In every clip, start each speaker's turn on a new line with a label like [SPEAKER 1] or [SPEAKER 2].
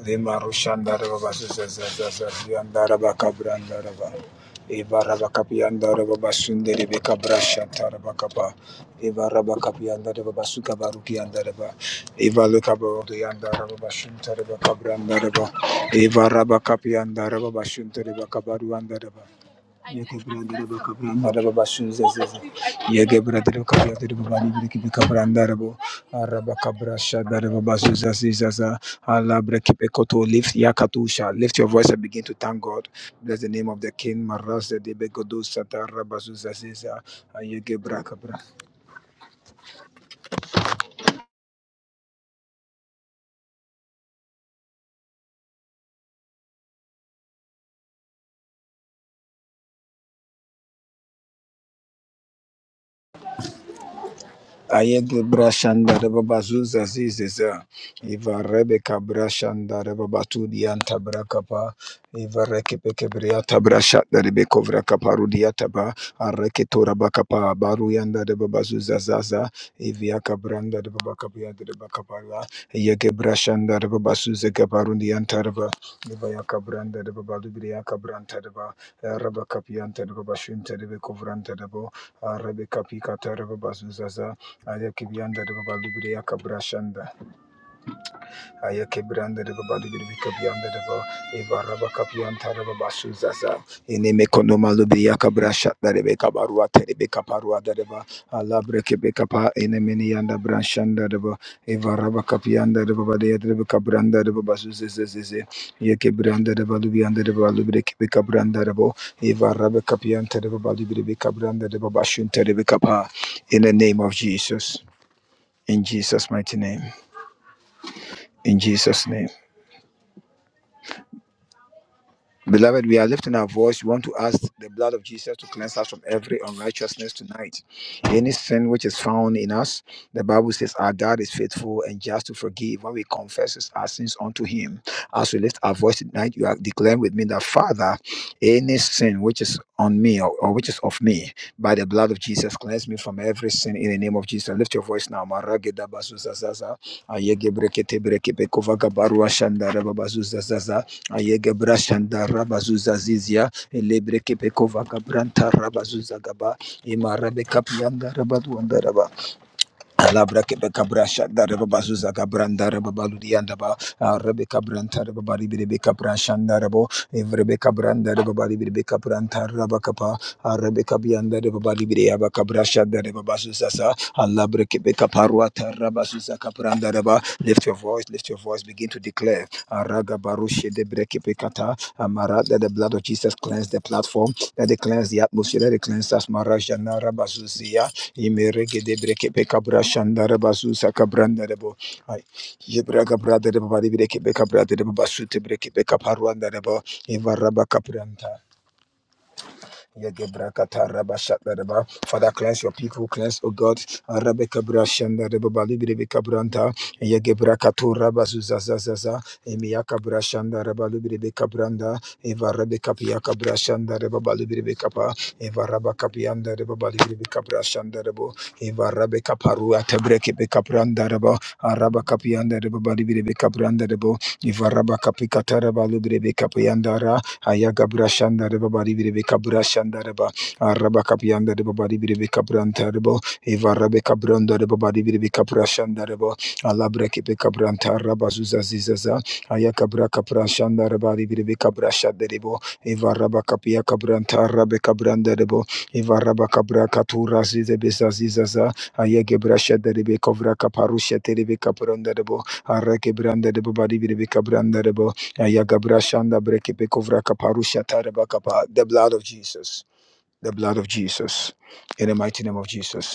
[SPEAKER 1] Limarushandara Basandara Bakabrandara Ibara Bakapiandara Basundari Bekabrashatara Bakapa Ivara Bakapiandara Basuka Barukiandara Ivalukabo Yandara Basuntara Bakabrandara Ivara Bakapiandara Basuntari Bakabaruandara lift your voice and begin to thank God bless the name of the king maraz de debe godo sata araba şunze zeze yeke braka Ayeg brashanda reba bazuza ziziza. Iva rebeka brashanda reba batudi anta brakapa. Iva rekepeke briata brashanda rebeko vrakapa rudiata ba. Areke tora bakapa baru yanda reba bazuza zaza. Ivia kabranda reba bakapia reba kapala. Yege brashanda reba bazuza kaparundi anta reba. Iva yakabranda reba balubri yakabranta reba. Reba kapianta reba bashunta reba kovranta reba. Rebe kapikata reba bazuza ayake biyanda da baba libri yaka brashanda the branda da baba libri bika biyanda da ba evara baka biyanta da baba suzaza ene mekono malu yaka brashanda da beka barua tere parua da da ba ala breke beka pa brashanda da ba evara baka biyanda da baba da yada da branda da baba suzazazaze yake branda da baba libiyanda da baba libri beka branda da ba branda da baba shunta in the name of Jesus. In Jesus' mighty name. In Jesus' name. Beloved, we are lifting our voice. We want to ask the blood of Jesus to cleanse us from every unrighteousness tonight. Any sin which is found in us, the Bible says our God is faithful and just to forgive when we confess our sins unto Him. As we lift our voice tonight, you are declaring with me that, Father, any sin which is on me or, or which is of me, by the blood of Jesus, cleanse me from every sin in the name of Jesus. Lift your voice now. Maragedabazuzazaza, ayegebreketeberekebekovagabaruashandarababazuzazaza. Ayegebra shanda rabazuza zizia elebre kepekova gabranta rabazuza gaba ima rabe kapianda rabaduanda raba Alabra kebe kabra shanda reba bazuza kabranda reba baludi anda ba ah, rebe kabranta reba bari bire kabra shanda rebo evre kabranda reba bari bire kabranta reba kapa ah, rebe kabianda reba bari bire yaba kabra shanda reba bazuza sa alabra kebe kaparwa tarra bazuza kabranda reba lift your voice lift your voice begin to declare araga barushe de breke kata amara that the blood of Jesus cleanse the platform that it cleanse the atmosphere that it cleanse us marajana reba zuzia Imerege de breke pe kabra shandara basu sakabranda rebo. Ay, yebra kabra de rebo bari breke pe kabra de rebo basu te breke pe kaparwanda rebo. Evara bakapranta. Yegebrakata Father, cleanse your people, cleanse, O God. Rebecca Brashanda Rebabali Rebecca Branta, Yegebrakato Rabazuzazazaza, Emiaka Brashanda Rebalu Rebecca Branda, Eva Rebecca Piaka Brashanda Rebabalu Rebecca Pa, Eva Rabaka Pianda Rebabali Rebecca Rebo, Eva Rebecca Parua Tebreke Becca Branda Rebo, Arabaka Pianda Rebabali Rebecca Branda Rebo, Eva Rabaka Picata Rebalu Rebecca Ayagabra Shandare Babari Rebecca Brashandareba, Arabaka Bianda reba Babari Rebecca Brantarebo, Eva Rebecca Branda de Babari Rebecca Brashandarebo, Alabreke Beca Branta Rabazuza Zizaza, Ayakabra Caprashandareba Rebecca Brashadarebo, Eva Rabaka Piaca Branta Rebecca Brandarebo, Eva Rabaka Bracatura Zizebeza Zizaza, Ayagebra Shadarebe Kovra Caparusha Terebeca Brandarebo, Arake Branda reba Babari Rebecca Branda rebo. Ayagabra shanda breke peko vraka tareba kapa. The blood of Jesus. The blood of Jesus. In the mighty name of Jesus.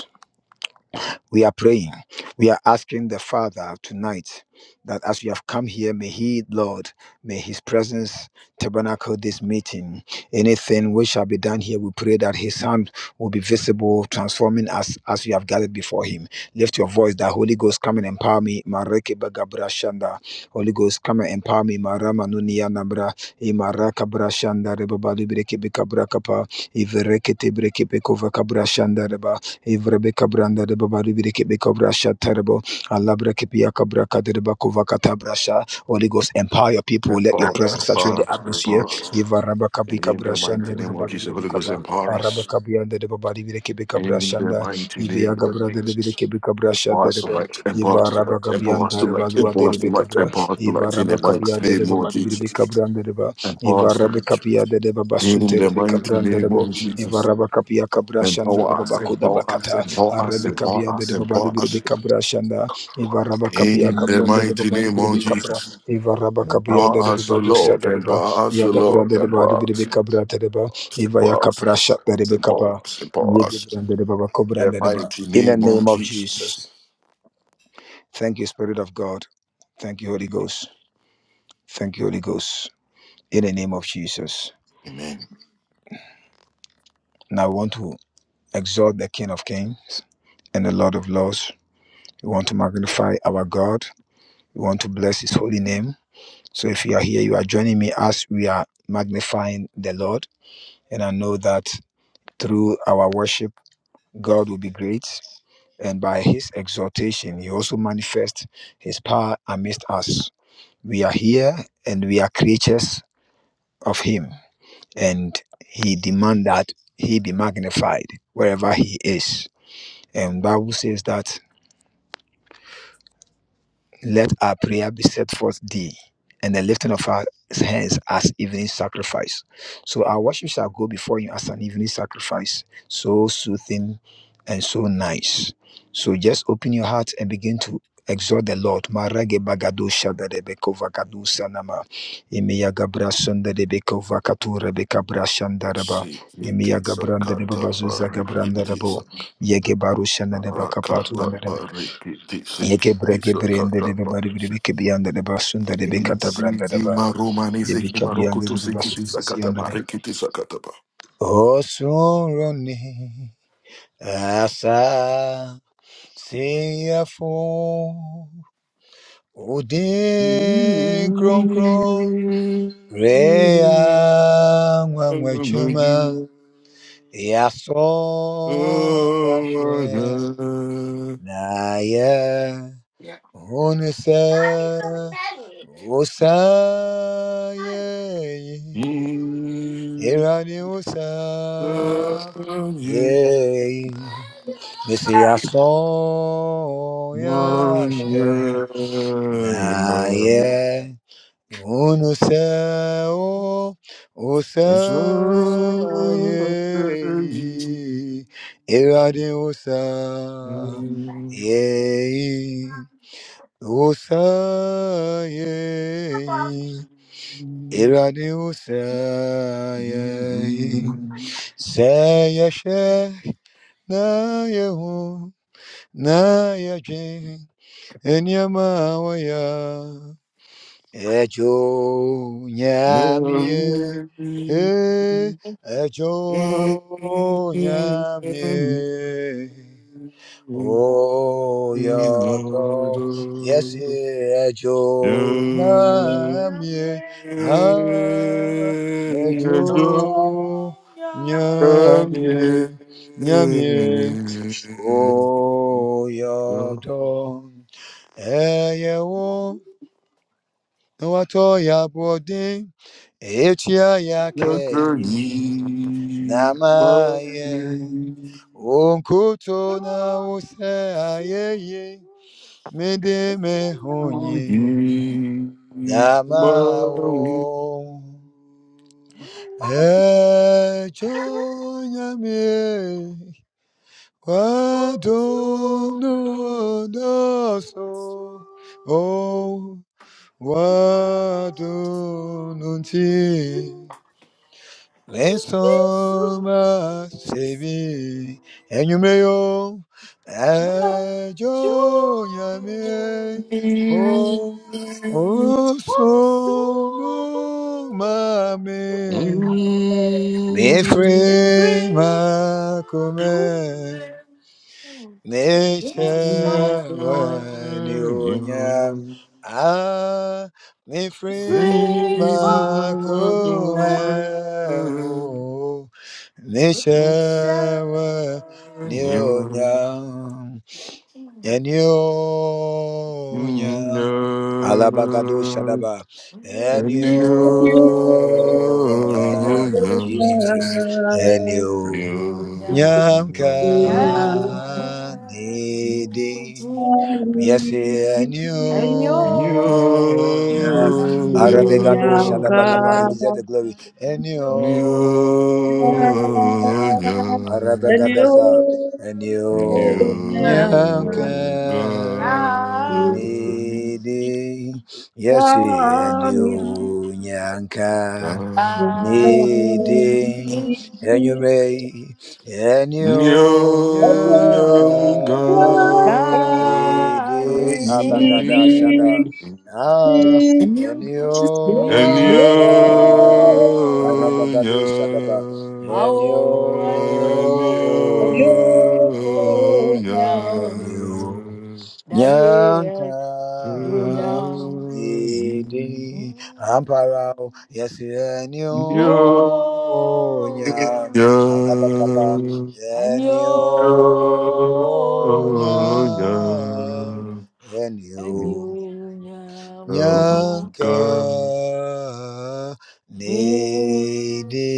[SPEAKER 1] We are praying. We are asking the Father tonight that as we have come here, may He, Lord, may His presence tabernacle this meeting. Anything which shall be done here, we pray that His hand will be visible, transforming us as we have gathered before Him. Lift your voice, that Holy Ghost come and empower me. Mareke bagabra shanda. Holy Ghost come and empower me. Marama nunia nabra. Imaraka brashanda reba balibireke brakapa. Ivereke tebreke pekova reba. Evrebe kabranda de babari bireke be kabra Alabra kepia kabra kadereba kovakata brasha. Holy Ghost, empower your people. Let
[SPEAKER 2] Empower
[SPEAKER 1] your
[SPEAKER 2] us,
[SPEAKER 1] presence saturate
[SPEAKER 2] empower
[SPEAKER 1] the
[SPEAKER 2] us,
[SPEAKER 1] atmosphere.
[SPEAKER 2] empower us.
[SPEAKER 1] Evaraba kabi
[SPEAKER 2] In
[SPEAKER 1] kabra
[SPEAKER 2] the mighty
[SPEAKER 1] de
[SPEAKER 2] name of
[SPEAKER 1] babari
[SPEAKER 2] Jesus,
[SPEAKER 1] bireke
[SPEAKER 2] Holy Ghost, empower
[SPEAKER 1] Araba
[SPEAKER 2] us.
[SPEAKER 1] kabi anda de babari bireke be kabra
[SPEAKER 2] In the mighty name
[SPEAKER 1] Ivia
[SPEAKER 2] of
[SPEAKER 1] gabra de
[SPEAKER 2] Jesus.
[SPEAKER 1] bireke be kabra
[SPEAKER 2] Empower us to light, empower us to
[SPEAKER 1] Evaraba
[SPEAKER 2] light,
[SPEAKER 1] kabi
[SPEAKER 2] empower
[SPEAKER 1] anda
[SPEAKER 2] us to
[SPEAKER 1] de
[SPEAKER 2] light,
[SPEAKER 1] balua
[SPEAKER 2] empower
[SPEAKER 1] de
[SPEAKER 2] us to
[SPEAKER 1] rebe
[SPEAKER 2] light,
[SPEAKER 1] kabra.
[SPEAKER 2] empower us to light. In the
[SPEAKER 1] Evaraba
[SPEAKER 2] mighty
[SPEAKER 1] kabi anda de
[SPEAKER 2] name of
[SPEAKER 1] babari bireke
[SPEAKER 2] Jesus,
[SPEAKER 1] kabra anda
[SPEAKER 2] empower us to
[SPEAKER 1] Evaraba
[SPEAKER 2] light.
[SPEAKER 1] kabi anda de
[SPEAKER 2] In
[SPEAKER 1] babasute
[SPEAKER 2] the
[SPEAKER 1] rebe
[SPEAKER 2] mighty
[SPEAKER 1] kabra anda
[SPEAKER 2] name of Jesus,
[SPEAKER 1] Ivarabakapia Kabrashanda de
[SPEAKER 2] empower us,
[SPEAKER 1] Babakoda
[SPEAKER 2] empower us,
[SPEAKER 1] Bakata,
[SPEAKER 2] empower us,
[SPEAKER 1] Arabica
[SPEAKER 2] empower
[SPEAKER 1] Bianda
[SPEAKER 2] us,
[SPEAKER 1] de Babadu
[SPEAKER 2] empower
[SPEAKER 1] Biribi
[SPEAKER 2] us.
[SPEAKER 1] Kabrashanda, Ivarabakapia
[SPEAKER 2] In the
[SPEAKER 1] Kabranda de
[SPEAKER 2] mighty
[SPEAKER 1] Babadu
[SPEAKER 2] name of
[SPEAKER 1] Biribi Kabra,
[SPEAKER 2] Jesus.
[SPEAKER 1] Ivarabakapia
[SPEAKER 2] Empower
[SPEAKER 1] de
[SPEAKER 2] us, O
[SPEAKER 1] Babadu
[SPEAKER 2] Lord.
[SPEAKER 1] Sadeba,
[SPEAKER 2] Empower us, O
[SPEAKER 1] Yagabranda
[SPEAKER 2] Lord.
[SPEAKER 1] de Babadu
[SPEAKER 2] Empower us.
[SPEAKER 1] Biribi Kabra Tedeba, Ivaya
[SPEAKER 2] Pause, and
[SPEAKER 1] Kaprasha de
[SPEAKER 2] pause, and
[SPEAKER 1] Bekapa,
[SPEAKER 2] pause, and pause.
[SPEAKER 1] Yegibranda de
[SPEAKER 2] That
[SPEAKER 1] Babakobranda de
[SPEAKER 2] mighty
[SPEAKER 1] In the
[SPEAKER 2] name of
[SPEAKER 1] name of
[SPEAKER 2] Jesus.
[SPEAKER 1] Jesus. Thank you, Spirit of God. Thank you, Holy Ghost. Thank you, Holy Ghost. In the name of Jesus.
[SPEAKER 2] Amen.
[SPEAKER 1] Now I want to exalt the King of Kings and the Lord of Lords We want to magnify our God. We want to bless His holy name. So if you are here, you are joining me as we are magnifying the Lord. And I know that through our worship, God will be great. And by His exhortation, He also manifests His power amidst us. We are here and we are creatures of Him. And He demands that He be magnified wherever He is. And Bible says that Let our prayer be set forth thee, and the lifting of our hands as evening sacrifice. So our worship shall go before you as an evening sacrifice, so soothing and so nice. So just open your heart and begin to exhort the Lord. Marage bagado shadarebeko vakadu sanama. Imiya gabra sandarebeko vakatu rebeka brashandaraba.
[SPEAKER 2] Shake it,
[SPEAKER 1] Imiya
[SPEAKER 2] this up,
[SPEAKER 1] gabranda
[SPEAKER 2] cut up,
[SPEAKER 1] debabazuza
[SPEAKER 2] break
[SPEAKER 1] gabranda
[SPEAKER 2] it, this
[SPEAKER 1] rebo.
[SPEAKER 2] up.
[SPEAKER 1] Yege
[SPEAKER 2] Rock, cut up,
[SPEAKER 1] barushandarebeka
[SPEAKER 2] break it, this up.
[SPEAKER 1] Yeke
[SPEAKER 2] It's
[SPEAKER 1] breke
[SPEAKER 2] a cut
[SPEAKER 1] brende de
[SPEAKER 2] up.
[SPEAKER 1] bari bari beke biyanda de basunda de
[SPEAKER 2] In
[SPEAKER 1] beka tabranda de
[SPEAKER 2] Siki
[SPEAKER 1] ba.
[SPEAKER 2] Maroma, Nisiki
[SPEAKER 1] Yebika
[SPEAKER 2] Maroko
[SPEAKER 1] biyanda
[SPEAKER 2] to
[SPEAKER 1] de
[SPEAKER 2] Siki
[SPEAKER 1] basuza siyanda
[SPEAKER 2] Tisakataba,
[SPEAKER 1] de.
[SPEAKER 2] Riki Tisakataba.
[SPEAKER 1] Osuroni asa siyafo udin kron kron rea ngwangwe chuma
[SPEAKER 2] You know.
[SPEAKER 1] yaso yashe
[SPEAKER 2] Oh, my God.
[SPEAKER 1] Naya
[SPEAKER 2] Yeah.
[SPEAKER 1] Onisa Osaye
[SPEAKER 2] Jesus,
[SPEAKER 1] Irani Osa
[SPEAKER 2] you
[SPEAKER 1] Ye Missy Asoya
[SPEAKER 2] wonder.
[SPEAKER 1] Naya Onusɛ o, osa
[SPEAKER 2] So
[SPEAKER 1] yeyi, erade osa yeyi, osa yeyi, erade osa yeyi. Sɛ na yehu na yɛgye enyama waya. Echo nyamye, eh, echo nyamye. Oh,
[SPEAKER 3] Thank
[SPEAKER 1] yato, yes,
[SPEAKER 2] you Yeah.
[SPEAKER 1] echo nyamye, ah, echo nyamye, nyamye. Oh, yato, eh, Nwato ya bụ ọdịn ya kenyi na maye onkoto na use ayeye medeme honye na mawo echo nyame wadom no doso oh. Wadununti Lesoma Sebi enyumeo Ajo Yame O Osomo
[SPEAKER 2] Mm-hmm.
[SPEAKER 1] Mame Befre Makome Nisha wa nyunya
[SPEAKER 3] It's
[SPEAKER 1] a ni free
[SPEAKER 3] Free Mokuba,
[SPEAKER 1] makumemu
[SPEAKER 3] it's a
[SPEAKER 1] Nisha wa
[SPEAKER 3] word.
[SPEAKER 1] nyunya Enyonya. Alabagado Shadaba. Enyonya.
[SPEAKER 3] You
[SPEAKER 4] Thank
[SPEAKER 3] know,
[SPEAKER 1] Jesus. Enyonya. Nidi. Yes,
[SPEAKER 3] and
[SPEAKER 2] New
[SPEAKER 1] Enyonya.
[SPEAKER 3] you're
[SPEAKER 2] year,
[SPEAKER 1] Arabegano Shadabakaba. He deserves the glory.
[SPEAKER 2] New
[SPEAKER 1] Enyonya.
[SPEAKER 2] year,
[SPEAKER 1] Arabagadaza. And
[SPEAKER 2] New
[SPEAKER 1] you,
[SPEAKER 2] year,
[SPEAKER 1] yeah,
[SPEAKER 2] New
[SPEAKER 1] okay.
[SPEAKER 4] you.
[SPEAKER 1] Mede
[SPEAKER 3] you're
[SPEAKER 1] yesi enyu nyanka mede enyumrei enyu nyanka mede
[SPEAKER 3] Kanidi
[SPEAKER 1] abagada shada
[SPEAKER 2] year.
[SPEAKER 1] ah
[SPEAKER 5] And
[SPEAKER 1] enyu
[SPEAKER 5] you
[SPEAKER 2] And you,
[SPEAKER 4] Now,
[SPEAKER 1] nyam
[SPEAKER 3] nyonya.
[SPEAKER 1] arabagado
[SPEAKER 2] yeah,
[SPEAKER 1] sadaba
[SPEAKER 3] Ao
[SPEAKER 1] enyu
[SPEAKER 2] and you,
[SPEAKER 1] nyam
[SPEAKER 2] yeah,
[SPEAKER 3] anyonya.
[SPEAKER 1] enyu
[SPEAKER 3] Daddy
[SPEAKER 1] Yanka
[SPEAKER 3] nyonya.
[SPEAKER 2] and
[SPEAKER 1] Nidi Amparao Yasienio
[SPEAKER 2] you, yeah,
[SPEAKER 3] Nyonya.
[SPEAKER 1] Nyam Arabakapa
[SPEAKER 3] Anyonya.
[SPEAKER 1] Enio Nyam Enio
[SPEAKER 2] yeah,
[SPEAKER 1] Nyaka
[SPEAKER 2] yeah, yeah.
[SPEAKER 3] ni.
[SPEAKER 1] Nede.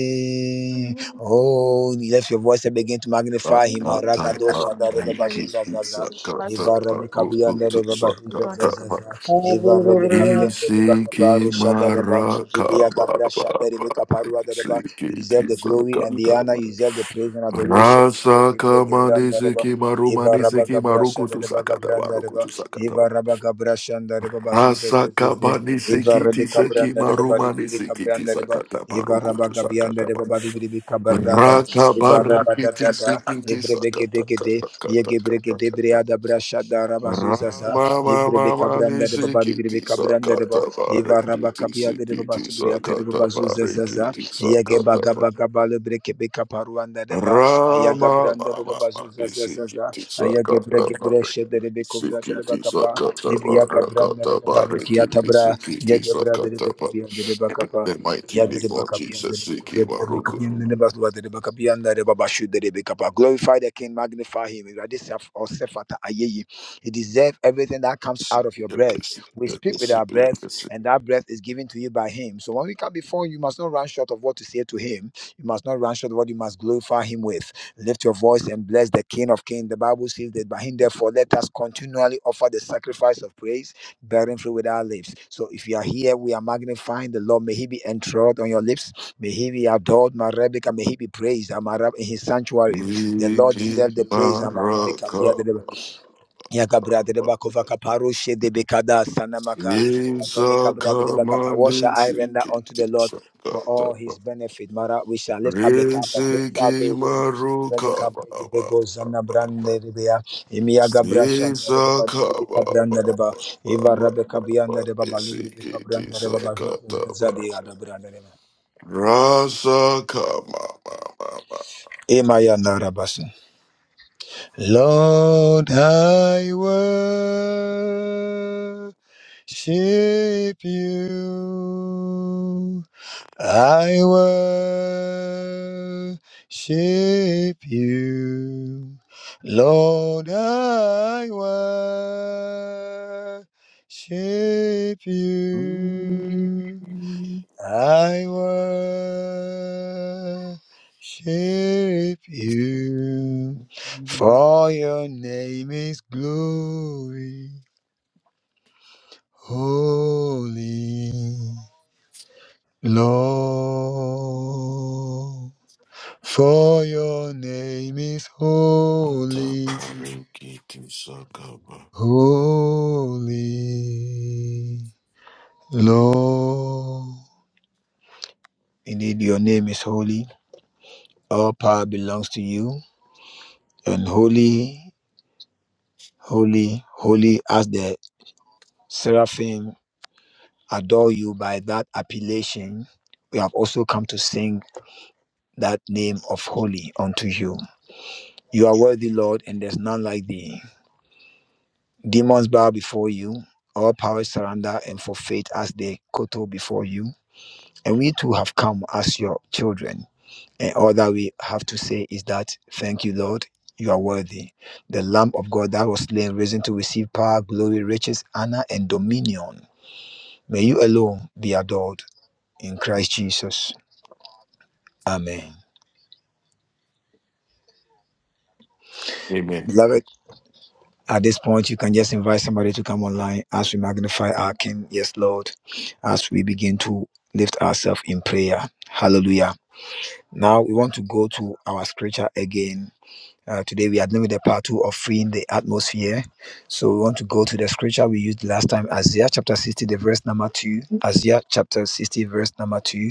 [SPEAKER 1] Oh, lift your voice and begin to
[SPEAKER 2] Suck,
[SPEAKER 1] magnify him.
[SPEAKER 2] cut, tight,
[SPEAKER 1] Aragado
[SPEAKER 3] Yes, I'm
[SPEAKER 2] fuck,
[SPEAKER 1] shadare
[SPEAKER 2] meat,
[SPEAKER 3] totally
[SPEAKER 1] babasu
[SPEAKER 2] keep, keep,
[SPEAKER 1] zazaza.
[SPEAKER 2] suck, cut,
[SPEAKER 3] blessed
[SPEAKER 2] tuck,
[SPEAKER 1] Eva rebe
[SPEAKER 2] tuck, root, coot,
[SPEAKER 1] kabiyande rebe
[SPEAKER 2] toot, suck,
[SPEAKER 1] babasu
[SPEAKER 3] with
[SPEAKER 2] cut, cut,
[SPEAKER 1] zazaza.
[SPEAKER 3] God.
[SPEAKER 2] fuck.
[SPEAKER 1] Eva rebe kabiyande rebe
[SPEAKER 2] Easy, key,
[SPEAKER 1] kabaru shadare ba. Eva
[SPEAKER 2] ba,
[SPEAKER 1] gabra
[SPEAKER 2] ba,
[SPEAKER 1] shadare
[SPEAKER 2] ba.
[SPEAKER 1] rebe kaparu adare
[SPEAKER 2] Easy,
[SPEAKER 1] ba.
[SPEAKER 2] key,
[SPEAKER 1] You deserve the
[SPEAKER 2] suck,
[SPEAKER 1] glory
[SPEAKER 2] cut,
[SPEAKER 1] and the
[SPEAKER 2] cut,
[SPEAKER 1] honor.
[SPEAKER 2] ba.
[SPEAKER 1] You deserve the praise and adoration.
[SPEAKER 2] Rasa,
[SPEAKER 1] Rebe
[SPEAKER 2] kama,
[SPEAKER 1] gebranda
[SPEAKER 2] nisi,
[SPEAKER 1] rebe.
[SPEAKER 2] maru,
[SPEAKER 1] Eva
[SPEAKER 2] manisi,
[SPEAKER 1] raba
[SPEAKER 2] key,
[SPEAKER 1] gabra
[SPEAKER 2] maru,
[SPEAKER 1] shanda
[SPEAKER 2] kutu,
[SPEAKER 1] reba
[SPEAKER 2] sakata,
[SPEAKER 1] gabra nda
[SPEAKER 2] maru, kutu,
[SPEAKER 1] reba.
[SPEAKER 2] sakata,
[SPEAKER 1] Eva
[SPEAKER 2] ba.
[SPEAKER 1] raba gabra shanda reba bazuze
[SPEAKER 2] Rasa,
[SPEAKER 1] zezeze.
[SPEAKER 2] kama, nisi,
[SPEAKER 1] Eva
[SPEAKER 2] key,
[SPEAKER 1] rebe
[SPEAKER 2] tisa,
[SPEAKER 1] kabra
[SPEAKER 2] key,
[SPEAKER 1] nda reba
[SPEAKER 2] maru,
[SPEAKER 1] bari biribi
[SPEAKER 2] manisi, key,
[SPEAKER 1] kabra nda
[SPEAKER 2] tisa,
[SPEAKER 1] reba.
[SPEAKER 2] kata, maru,
[SPEAKER 1] Eva raba
[SPEAKER 2] kutu,
[SPEAKER 1] gabia nda
[SPEAKER 2] sakata, ba.
[SPEAKER 1] reba bari biribi kabra da. Eva raba da da
[SPEAKER 2] Rakabarikiti
[SPEAKER 1] da.
[SPEAKER 2] sikiti
[SPEAKER 1] Evrebe gede
[SPEAKER 2] sakata
[SPEAKER 1] gede.
[SPEAKER 2] kata kata
[SPEAKER 1] Yege brege
[SPEAKER 2] kata kata.
[SPEAKER 1] de Shadara bazuzaza. Evrebeka
[SPEAKER 2] Ramamamamani
[SPEAKER 1] Branda de Baba
[SPEAKER 2] sikiti
[SPEAKER 1] Rebeka Branda de
[SPEAKER 2] sakata
[SPEAKER 1] Baba, Eva
[SPEAKER 2] barikiti
[SPEAKER 1] Rabakabia de Baba
[SPEAKER 2] sikiti
[SPEAKER 1] Subriata de
[SPEAKER 2] sakata
[SPEAKER 1] Baba Zuzazaza,
[SPEAKER 2] barikiti
[SPEAKER 1] Yageba
[SPEAKER 2] sakata ba.
[SPEAKER 1] Gaba Gabale Brekebeka Paruanda de Ba, Ayaga Branda de Baba
[SPEAKER 2] Ramamamamani
[SPEAKER 1] Zuzazaza,
[SPEAKER 2] sikiti sakata
[SPEAKER 1] Ayagebreke Breshe de
[SPEAKER 2] barikiti
[SPEAKER 1] Rebeko Vrata de
[SPEAKER 2] sikiti
[SPEAKER 1] Bakapa,
[SPEAKER 2] sakata
[SPEAKER 1] Eviaka Branda
[SPEAKER 2] barakata
[SPEAKER 1] de Baba
[SPEAKER 2] barikiti
[SPEAKER 1] Rukiatabra,
[SPEAKER 2] sikiti
[SPEAKER 1] Yagebra de
[SPEAKER 2] sakata
[SPEAKER 1] Rebeka
[SPEAKER 2] ba.
[SPEAKER 1] de Bakapa,
[SPEAKER 2] The mighty
[SPEAKER 1] Ya dere
[SPEAKER 2] name of
[SPEAKER 1] baka biyan dere
[SPEAKER 2] Jesus,
[SPEAKER 1] baka
[SPEAKER 2] Siki
[SPEAKER 1] biyan dere baka
[SPEAKER 2] Maruku.
[SPEAKER 1] biyan dere baka biyan dere baka biyan dere baba shu dere beka pa. Glorify the King, magnify Him. Awurade sɛ af- ɔsɛ fata ayɛ yie. He deserves everything that comes out of your breath. We speak with our breath, and that breath is given to you by Him. So when we come before Him, you, must not run short of what to say to Him. You must not run short of what you must glorify Him with. Lift your voice and bless the King of Kings. The Bible says that by him, therefore, let us continually offer the sacrifice of praise, bearing fruit with our lips. So if you are here, we are magnifying the Lord. May he be enthroned on your lips. May he be adored, my Rebecca. May he be praised Amarab, in his sanctuary. The Lord
[SPEAKER 2] Iti
[SPEAKER 1] deserves the praise. Amarabika.
[SPEAKER 2] maraka
[SPEAKER 1] Yakabra de Bakova Kaparoshe de Bekada Sanamaka
[SPEAKER 2] yesa
[SPEAKER 1] Rebecca Brad de Bakapa. What
[SPEAKER 2] kamande
[SPEAKER 1] shall I render unto
[SPEAKER 2] sikiti
[SPEAKER 1] the Lord for
[SPEAKER 2] shakata
[SPEAKER 1] all his benefit? Mara, we shall lift up the cup of
[SPEAKER 2] rese
[SPEAKER 1] his
[SPEAKER 2] ki
[SPEAKER 1] salvation.
[SPEAKER 2] maruka
[SPEAKER 1] Rebecca Brad de
[SPEAKER 2] baba
[SPEAKER 1] Bego Brande Rebea, Emia Gabra Shanda
[SPEAKER 2] yesa
[SPEAKER 1] de Baba
[SPEAKER 2] kaba
[SPEAKER 1] Rebecca Branda de Ba, Eva
[SPEAKER 2] baba
[SPEAKER 1] Rebecca Bianda de Baba Rebecca
[SPEAKER 2] sikiti
[SPEAKER 1] Branda de Baba
[SPEAKER 2] sakata ba
[SPEAKER 1] Zadia de Branda de Ba.
[SPEAKER 2] rasa kama baba
[SPEAKER 1] Emayanda Rabasin. Lord, I worship you. I worship you. Lord, I worship you. I worship you, for your name is glory, holy Lord. For your name is
[SPEAKER 2] ata
[SPEAKER 1] holy,
[SPEAKER 2] parikiti sakaba.
[SPEAKER 1] holy Lord. Indeed, your name is holy. All power belongs to you, and holy Holy, holy as the seraphim adore you by that appellation, we have also come to sing that name of holy unto you. You are worthy, Lord, and there's none like thee. Demons bow before you, all powers surrender and forfeit as they kowtow before you. And we too have come as your children. And all that we have to say is that, thank you, Lord, you are worthy. The Lamb of God that was slain, risen to receive power, glory, riches, honor, and dominion. May you alone be adored in Christ Jesus. Amen.
[SPEAKER 2] Amen.
[SPEAKER 1] Beloved, at this point, you can just invite somebody to come online as we magnify our King. Yes, Lord, as we begin to lift ourselves in prayer. Hallelujah. Now we want to go to our scripture again. Uh, today we are dealing with the part two of freeing the atmosphere. So we want to go to the scripture we used last time, Isaiah chapter 60, the verse number two. Isaiah chapter 60, verse number two.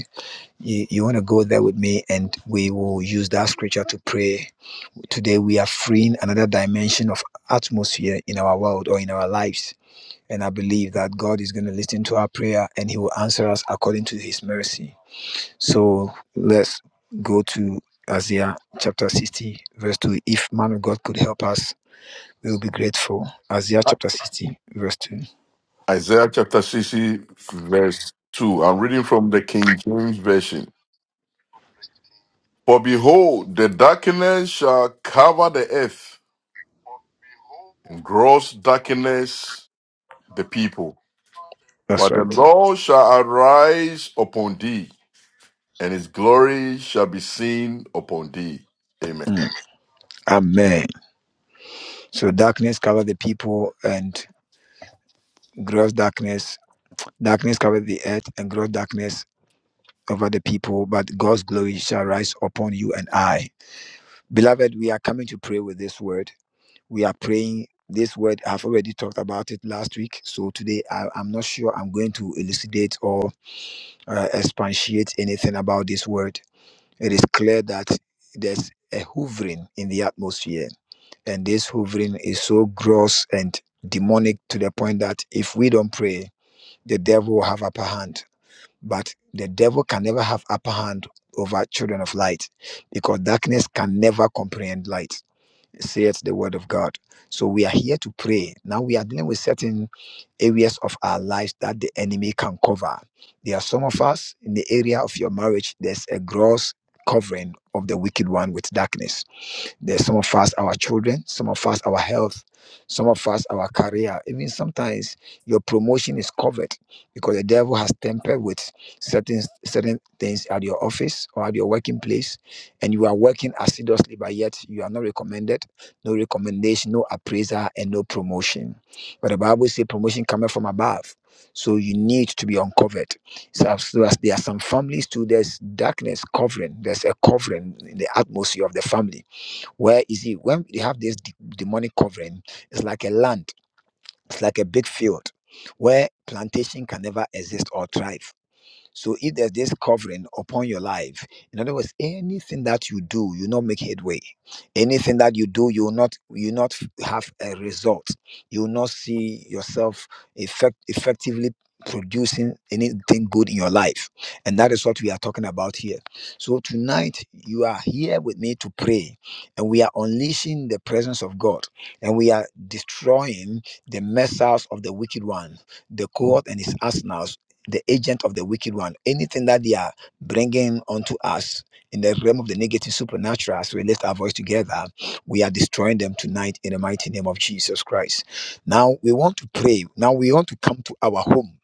[SPEAKER 1] You, you want to go there with me, and we will use that scripture to pray. Today, we are freeing another dimension of atmosphere in our world or in our lives. And I believe that God is going to listen to our prayer and He will answer us according to His mercy. So let's go to Isaiah chapter 60, verse 2. If man of God could help us, we will be grateful. Isaiah chapter 60, verse 2.
[SPEAKER 2] Isaiah chapter 60, verse 2. I'm reading from the King James Version. For behold, the darkness shall cover the earth, and gross darkness the people.
[SPEAKER 1] That's
[SPEAKER 2] But the
[SPEAKER 1] right.
[SPEAKER 2] Lord shall arise upon thee, and his glory shall be seen upon thee. Amen.
[SPEAKER 1] Mm. Amen. So darkness covered the people and gross darkness Darkness covered the earth and gross darkness over the people, but God's glory shall rise upon you and I. Beloved, we are coming to pray with this word. We are praying this word. I've already talked about it last week. So today I, I'm not sure I'm going to elucidate or uh, expatiate anything about this word. It is clear that there's a hovering in the atmosphere, and this hovering is so gross and demonic to the point that if we don't pray, the devil will have upper hand But the devil can never have upper hand over children of light because darkness can never comprehend light. Saith the word of God. So we are here to pray. Now we are dealing with certain areas of our lives that the enemy can cover. There are some of us in the area of your marriage, there's a gross covering of the wicked one with darkness there's some of us, our children, some of us, our health, some of us, our career. Even sometimes your promotion is covered because the devil has tempered with certain certain things at your office or at your working place, and you are working assiduously, but yet you are not recommended, no recommendation, no appraiser, and no promotion. But the Bible says promotion coming from above. So you need to be uncovered. So as so as there are some families too, there's darkness covering, there's a covering in the atmosphere of the family where you see when you have this de- demonic covering it's like a land it's like a big field where plantation can never exist or thrive so if there's this covering upon your life, in other words, anything that you do, you not make headway. Anything that you do, you will not you not have a result. You will not see yourself effect, effectively producing anything good in your life. And that is what we are talking about here. So tonight you are here with me to pray and we are unleashing the presence of God and we are destroying the missiles of the wicked one, the cohort and his arsenals the agent of the wicked one. Anything that they are bringing onto us in the realm of the negative supernatural, as we lift our voice together, we are destroying them tonight in the mighty name of Jesus Christ. Now we want to pray. Now we want to come to our home.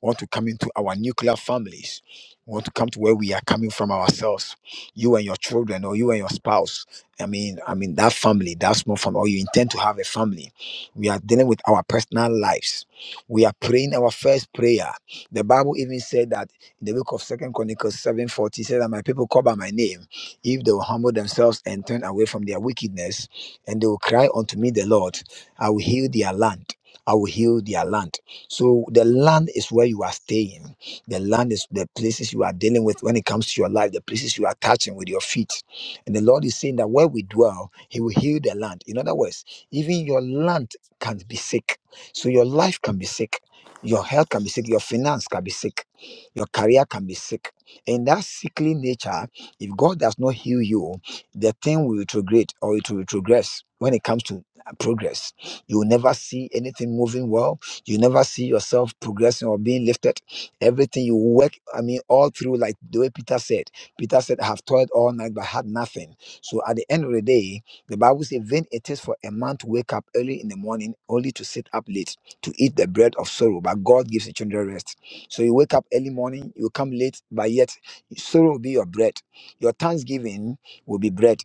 [SPEAKER 1] We want to come into our nuclear families. We want to come to where we are coming from ourselves. You and your children, or you and your spouse. I mean, I mean that family, that small family, or you intend to have a family. We are dealing with our personal lives. We are praying our first prayer the Bible even said that in the book of Second Chronicles 7:40 said that my people call by my name, if they will humble themselves and turn away from their wickedness, and they will cry unto me, the Lord, I will heal their land. I will heal their land. So the land is where you are staying. The land is the places you are dealing with when it comes to your life, the places you are touching with your feet. And the Lord is saying that where we dwell, He will heal the land. In other words, even your land can be sick. So your life can be sick your health can be sick. Your finance can be sick. Your career can be sick. In that sickly nature, if God does not heal you, the thing will retrograde or it will retrogress when it comes to uh, progress. You will never see anything moving well. You never see yourself progressing or being lifted. Everything you work, I mean, all through, like the way Peter said. Peter said, I have toiled all night but had nothing. So at the end of the day, the Bible says, Vain it is for a man to wake up early in the morning only to sit up late to eat the bread of sorrow, but God gives the children rest. So you wake up early morning, you come late, but yet sorrow will be your bread. Your thanksgiving will be bread.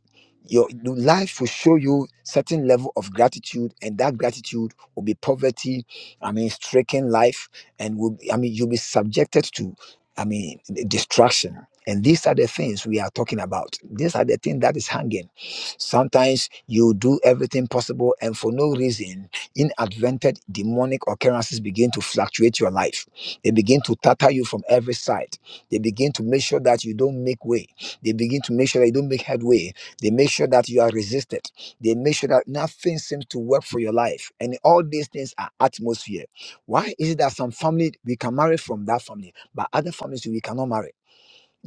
[SPEAKER 1] Your your life will show you certain level of gratitude, and that gratitude will be poverty. I mean, stricken life, and will I mean you'll be subjected to, I mean, distraction. And these are the things we are talking about. These are the things that is hanging. Sometimes you do everything possible, and for no reason, inadvertent demonic occurrences begin to fluctuate your life. They begin to tatter you from every side. They begin to make sure that you don't make way. They begin to make sure that you don't make headway. They make sure that you are resisted. They make sure that nothing seems to work for your life. And all these things are atmosphere. Why is it that some family we can marry from that family, but other families we cannot marry?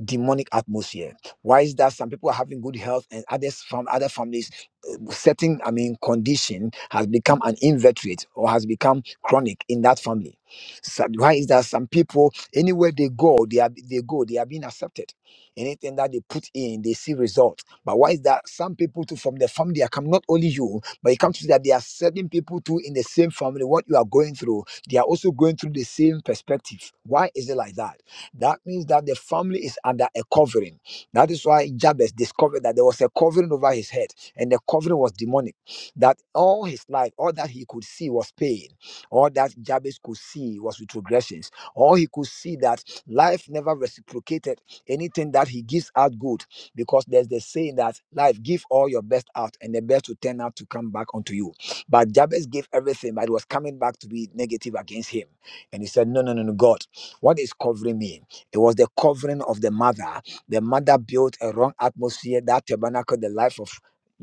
[SPEAKER 1] demonic atmosphere why is that some people are having good health and others from other families uh, certain i mean condition has become an invertebrate or has become chronic in that family so why is that some people anywhere they go they are they go they are being accepted anything that they put in they see results but why is that some people too from the family are come not only you but it comes to that there are certain people too in the same family what you are going through they are also going through the same perspective why is it like that that means that the family is under a covering. That is why Jabez discovered that there was a covering over his head, and the covering was demonic. That all his life, all that he could see was pain. All that Jabez could see was with regressions. All he could see that life never reciprocated anything that he gives out good, because there's the saying that life give all your best out, and the best will turn out to come back unto you. But Jabez gave everything, but it was coming back to be negative against him. And he said, No, no, no, no, God, what is covering me? It was the covering of the mother. The mother built a wrong atmosphere that tabernacle the life of,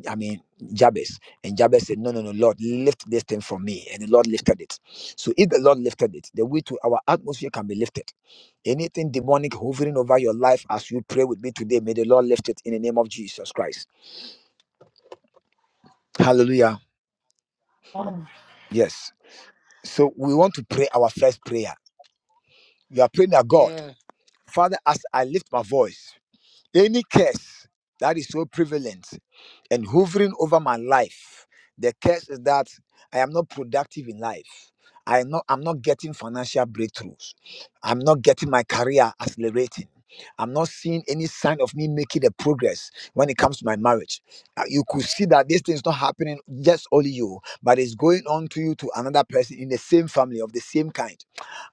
[SPEAKER 1] I mean, Jabez. And Jabez said, No, no, no, Lord, lift this thing from me. And the Lord lifted it. So if the Lord lifted it, the way to our atmosphere can be lifted. Anything demonic hovering over your life as you pray with me today, may the Lord lift it in the name of Jesus Christ. Hallelujah. Yes. So we want to pray our first prayer. You are praying that God, Father, as I lift my voice. Any curse that is so prevalent and hovering over my life, the curse is that I am not productive in life. I am not, I'm not getting financial breakthroughs. I'm not getting my career accelerating. I'm not seeing any sign of me making a progress when it comes to my marriage. Uh, You could see that this thing is not happening just only you, but it's going on to you to another person in the same family of the same kind.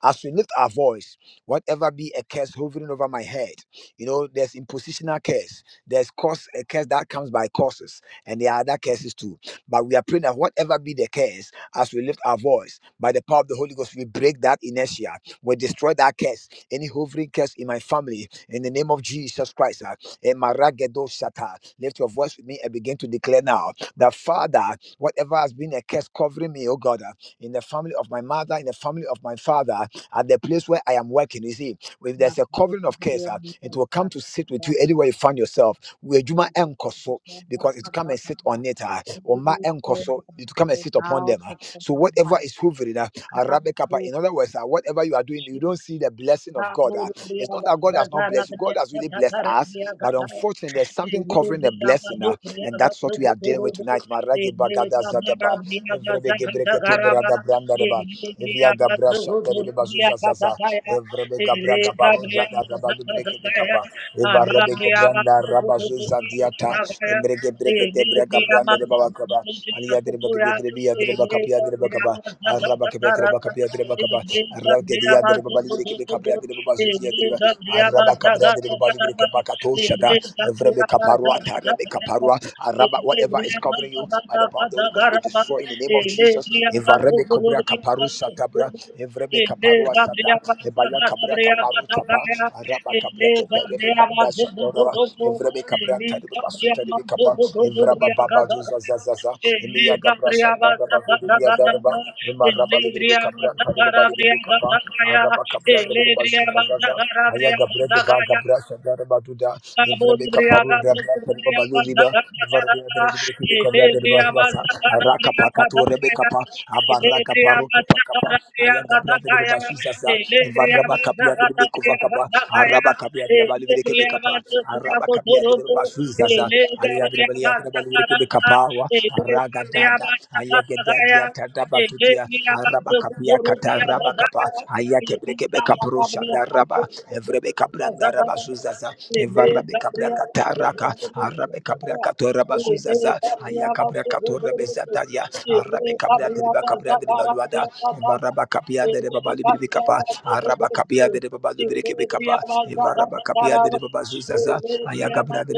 [SPEAKER 1] As we lift our voice, whatever be a curse hovering over my head, you know, there's impositional curse. There's cause a curse that comes by causes, and there are other curses too. But we are praying that whatever be the curse, as we lift our voice by the power of the Holy Ghost, we break that inertia. We destroy that curse. Any hovering curse in my family, in the name of Jesus Christ. ah, eh, Maragedo Shata. Lift your voice with me and begin to declare now that Father, whatever has been a curse covering me, oh God, ah, in the family of my mother, in the family of my father, at the place where I am working, you see, if there's a covering of curse, ah, it will come to sit with you anywhere you find yourself. Where Juma Enkoso, because it will come and sit on it. ah. Or Ma Enkoso, it will come and sit upon them. ah. So whatever is hovering, ah, Arabe Kappa, in other words, ah, whatever you are doing, you don't see the blessing of God. ah. It's not that God has not blessed you. God has really blessed us, but unfortunately, there's something covering the blessing. ah, And that's what we are dealing with tonight. Maragi Bagada Zadaba, Evrebe Gebreke Toberada Brandareba, Evia Gabra Shakdarebe Bazuzazaza. Evrebe Gabra Gabaroza Gabadu Breke Bekapa, Eva Rebe Gobranda Rabazuza Diata, Embreke Breke Tebre Gabranda de Babacaba, Alia de Bakabia de Bakapia de Bakaba, Araba Kebetre
[SPEAKER 4] Gabriel
[SPEAKER 1] Bakapia de
[SPEAKER 4] ले
[SPEAKER 1] Bakaba,
[SPEAKER 4] ले
[SPEAKER 1] Arabke
[SPEAKER 4] भैया
[SPEAKER 1] Dia
[SPEAKER 4] माँ
[SPEAKER 1] de
[SPEAKER 4] दो
[SPEAKER 1] Babali
[SPEAKER 4] दो
[SPEAKER 1] de
[SPEAKER 4] दो दो
[SPEAKER 1] Capria de
[SPEAKER 4] ले
[SPEAKER 1] Babazuzia
[SPEAKER 4] ले
[SPEAKER 1] de ba.
[SPEAKER 4] भैया माँ
[SPEAKER 1] Araba
[SPEAKER 4] जा गा
[SPEAKER 1] Cabra de
[SPEAKER 4] जा
[SPEAKER 1] Babali
[SPEAKER 4] गा
[SPEAKER 1] de
[SPEAKER 4] माँ
[SPEAKER 1] Capacato
[SPEAKER 4] ले ले
[SPEAKER 1] Shada,
[SPEAKER 4] भैया माँ जा
[SPEAKER 1] Evrebe
[SPEAKER 4] गा जा
[SPEAKER 1] Caparua,
[SPEAKER 4] गा
[SPEAKER 1] Tarebe
[SPEAKER 4] माँ
[SPEAKER 1] Caparua,
[SPEAKER 4] ले
[SPEAKER 1] Araba,
[SPEAKER 4] ले
[SPEAKER 1] whatever is
[SPEAKER 4] भैया माँ
[SPEAKER 1] covering
[SPEAKER 4] जा
[SPEAKER 1] you
[SPEAKER 4] गा
[SPEAKER 1] by
[SPEAKER 4] जा
[SPEAKER 1] the power of the
[SPEAKER 4] गा
[SPEAKER 1] Holy Ghost,
[SPEAKER 4] घर
[SPEAKER 1] we
[SPEAKER 4] माँ
[SPEAKER 1] destroy in the name
[SPEAKER 4] ले
[SPEAKER 1] of
[SPEAKER 4] ले
[SPEAKER 1] Jesus.
[SPEAKER 4] भैया माँ
[SPEAKER 1] Eva
[SPEAKER 4] दो
[SPEAKER 1] Rebe
[SPEAKER 4] दो दो
[SPEAKER 1] Cobra Caparusa Tabra,
[SPEAKER 4] दो
[SPEAKER 1] evrebe
[SPEAKER 4] ले ले
[SPEAKER 1] kaparua
[SPEAKER 4] भैया
[SPEAKER 1] sata
[SPEAKER 4] माँ जा
[SPEAKER 1] ebaya
[SPEAKER 4] गा जा
[SPEAKER 1] kabra
[SPEAKER 4] भैया जा
[SPEAKER 1] kaparu
[SPEAKER 4] जा
[SPEAKER 1] tapa
[SPEAKER 4] भैया
[SPEAKER 1] araba
[SPEAKER 4] ले
[SPEAKER 1] kabra
[SPEAKER 4] ले
[SPEAKER 1] keterebe
[SPEAKER 4] भैया माँ
[SPEAKER 1] kabra
[SPEAKER 4] दो दो
[SPEAKER 1] shatora
[SPEAKER 4] दो दो
[SPEAKER 1] evrebe
[SPEAKER 4] ले
[SPEAKER 1] kabra
[SPEAKER 4] ले
[SPEAKER 1] terebe basu
[SPEAKER 4] भैया माँ
[SPEAKER 1] terebe
[SPEAKER 4] दो
[SPEAKER 1] kapa
[SPEAKER 4] दो
[SPEAKER 1] evraba
[SPEAKER 4] दो
[SPEAKER 1] baba
[SPEAKER 4] दो
[SPEAKER 1] zuza zaza, Emiya Gabra Shanta Rabadu Divya Daraba, Emma Rabali Bibi Cabran, Tarabali Bibi Capa, Araba Cabran, Deriba Bazu Zaza, Aya Gabra Gaba
[SPEAKER 4] Elebriya
[SPEAKER 1] Gabra Shanta Rabaduda, Evrebe Caparu,
[SPEAKER 4] Gabriel,
[SPEAKER 1] Rabra, Deriba Bazu Ziba, the Varabia Deribi Cabra Deriba Zwasa, Araka Pacato Rebe Capa, Abaraga Baroque Pacapa, Aya Gabra Deriba Bazu Zaza, Varaba Capia Deribi Covacapa, Araba Capia Deribali Bibi Capa, Araba Capia Deriba Bazu Zaza, Aliagrabalia, Yadabalirik Kapawa, Ragadada, Ayagedadia Tadabakitia, Arabakapia Kata Rabakapa, Ayakebrekebe Kaprosha Daraba, Evrebe Kabranda Rabasuzaza,
[SPEAKER 4] Thank
[SPEAKER 1] Evarabe Kabraka Taraka, Arabe Kabraka Torabasuzaza, Ayakabraka Torabezataria, Arabe Kabraka de Bakabra de Baluada, Evaraba Kapia de Babalibikapa, Araba de Babalibikapa, Evaraba Kapia de Babazuzaza, Ayagabra de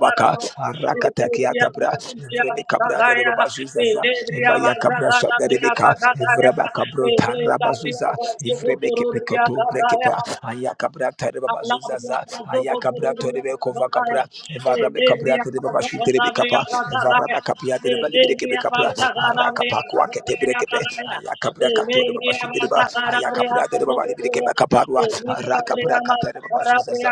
[SPEAKER 1] Baka, Arakata Kiatabra, Rebecca Brother Babazuzaza, Evaya Cabra Shabda Rebecca, Evreba Cabro Tarabazuza, Evrebeke Pecato Brekepa,
[SPEAKER 4] you.
[SPEAKER 1] Ayacabra Tarabazuzaza, Ayacabra Torebekova Capra, Evarabe Cabra Terebashu Terebecapa, Evaraba Capia de Balibeke Capra, Aracapacua Ketebrekepe, Ayacabra Cato de Babashu Dereba, Ayacabra de Babalibreke Bacaparua, Aracabra Catarabazuzaza,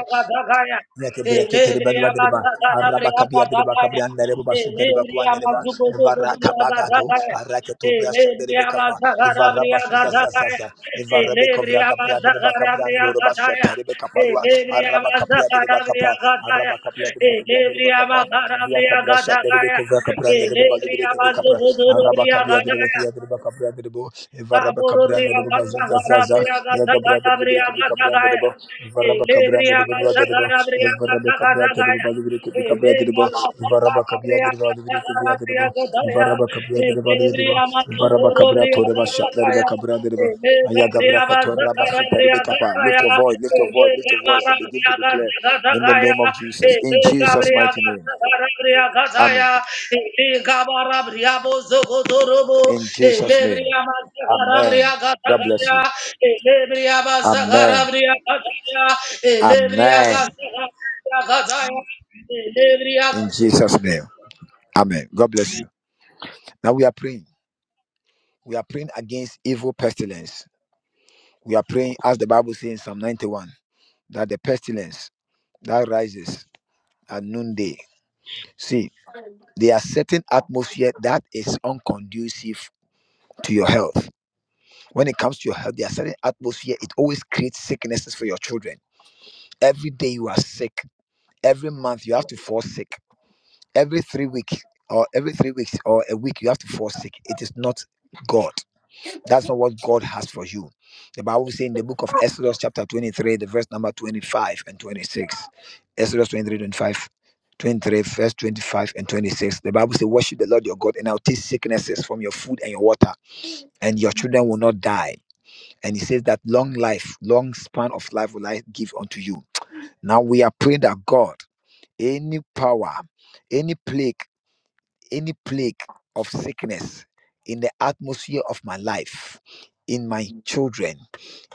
[SPEAKER 1] Yete breke tere ba lua dere ba. Araba kabia dere ba kabri an dere ba basu dere
[SPEAKER 4] Gabriel,
[SPEAKER 1] ba kuan dere ba. Ivara kabaga do. Arake to bria shek dere be kapa. Ivara basu za za za za. Ivara be kovra kabri an dere ba kabri an doro ba shek tere be kapa rua. Araba kapia dere ba kapa. Araba kapia dere ba kabia dere ba kapa. Via kabra shek dere be kovra kabri an dere ba balu dere tere be kapra. Araba kabia dere be kabia dere ba kabri an dere Varaba Cabranda de Mazuza Zaza, Yagabra de Vigric Cabranda de Bo, Varaba Cabranda de Bodua de Bo, Varaba Cabrata de Baligric Cabra de Bo, Varaba Cabia de Baligric Via de Bo, Varaba Cabia de Baligric de Bo, Varaba Cabrato de Basha de Cabra de Bo, Ayagabra Catoraba Superbecapa. Lift your voice, lift your voice, lift your voice and begin to declare in the name of Jesus, in Jesus' mighty name. Amen. In Jesus' name. Amen. God bless you. Amen. Amen.
[SPEAKER 4] Elebria या गाजा या लेवरिया
[SPEAKER 1] in
[SPEAKER 4] सुगु
[SPEAKER 1] Jesus'
[SPEAKER 4] सुगु
[SPEAKER 1] name. Amen. God bless you. Now we are praying. We are praying against evil pestilence. We are praying, as the Bible says in Psalm 91, that the pestilence that rises at noonday. See, there are certain atmosphere that is unconducive to your health. When it comes to your health, there are certain atmosphere, it always creates sicknesses for your children. Every day you are sick. Every month you have to fall sick. Every three weeks or every three weeks or a week you have to fall sick. It is not God. That's not what God has for you. The Bible says in the book of Exodus, chapter 23, the verse number 25 and 26. Exodus 23, twenty-five, twenty-three, verse 25 and 26. The Bible says, Worship the Lord your God, and I'll take sicknesses from your food and your water, and your children will not die. And he says that long life, long span of life will I give unto you. Now we are praying that God, any power, any plague, any plague of sickness in the atmosphere of my life, in my children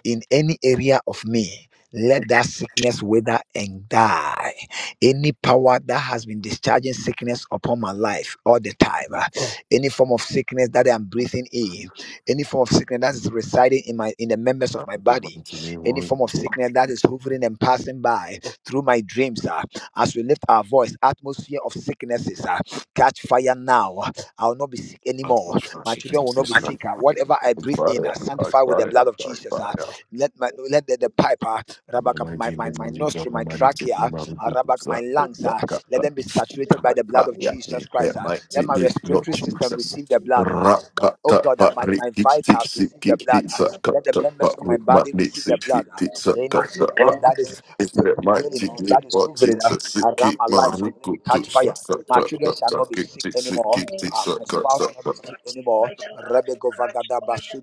[SPEAKER 1] in any area of me. Let that sickness wither and die. Any power that has been discharging sickness upon my life all the time, uh, any form of sickness that I'm breathing in, any form of sickness that is residing in my in the members of my body, any form of sickness that is hovering and passing by through my dreams. uh, as we lift our voice, atmosphere of sicknesses, uh, catch fire now. uh, I will not be sick anymore. My children will not be sick. uh, whatever I breathe in, uh, sanctify with the blood of Jesus. uh, let my let the, the pipe, uh, rabak up my, my, my nostril, my trachea, uh, rabak my lungs, uh, let them be saturated by the
[SPEAKER 2] Fire
[SPEAKER 1] blood of Jesus
[SPEAKER 2] in the
[SPEAKER 1] Christ. uh. Let
[SPEAKER 2] mighty
[SPEAKER 1] my
[SPEAKER 2] name of
[SPEAKER 1] respiratory system
[SPEAKER 2] Jesus.
[SPEAKER 1] receive the blood. uh. Let, oh
[SPEAKER 2] Rakata
[SPEAKER 1] God, uh, my,
[SPEAKER 2] pari
[SPEAKER 1] my
[SPEAKER 2] kiti
[SPEAKER 1] vitals receive the
[SPEAKER 2] siki
[SPEAKER 1] blood. uh.
[SPEAKER 2] tisa
[SPEAKER 1] Let the
[SPEAKER 2] kata
[SPEAKER 1] members of my
[SPEAKER 2] pari
[SPEAKER 1] body
[SPEAKER 2] mani
[SPEAKER 1] receive the
[SPEAKER 2] siki
[SPEAKER 1] blood. uh.
[SPEAKER 2] tisa
[SPEAKER 1] Any
[SPEAKER 2] kata
[SPEAKER 1] sickness
[SPEAKER 2] pa.
[SPEAKER 1] that is
[SPEAKER 2] In the
[SPEAKER 1] prevailing
[SPEAKER 2] mighty
[SPEAKER 1] or
[SPEAKER 2] name
[SPEAKER 1] that is
[SPEAKER 2] of
[SPEAKER 1] hovering uh,
[SPEAKER 2] Jesus,
[SPEAKER 1] around
[SPEAKER 2] siki
[SPEAKER 1] my life, uh, let
[SPEAKER 2] maruku
[SPEAKER 1] it
[SPEAKER 2] tu
[SPEAKER 1] catch fire.
[SPEAKER 2] sasa
[SPEAKER 1] My
[SPEAKER 2] kata
[SPEAKER 1] children shall
[SPEAKER 2] kata
[SPEAKER 1] not be sick
[SPEAKER 2] kiti
[SPEAKER 1] anymore.
[SPEAKER 2] siki
[SPEAKER 1] Uh,
[SPEAKER 2] pizza
[SPEAKER 1] my spouse
[SPEAKER 2] kata
[SPEAKER 1] will not
[SPEAKER 2] pa.
[SPEAKER 1] be sick anymore. Rebecca Vagada Basu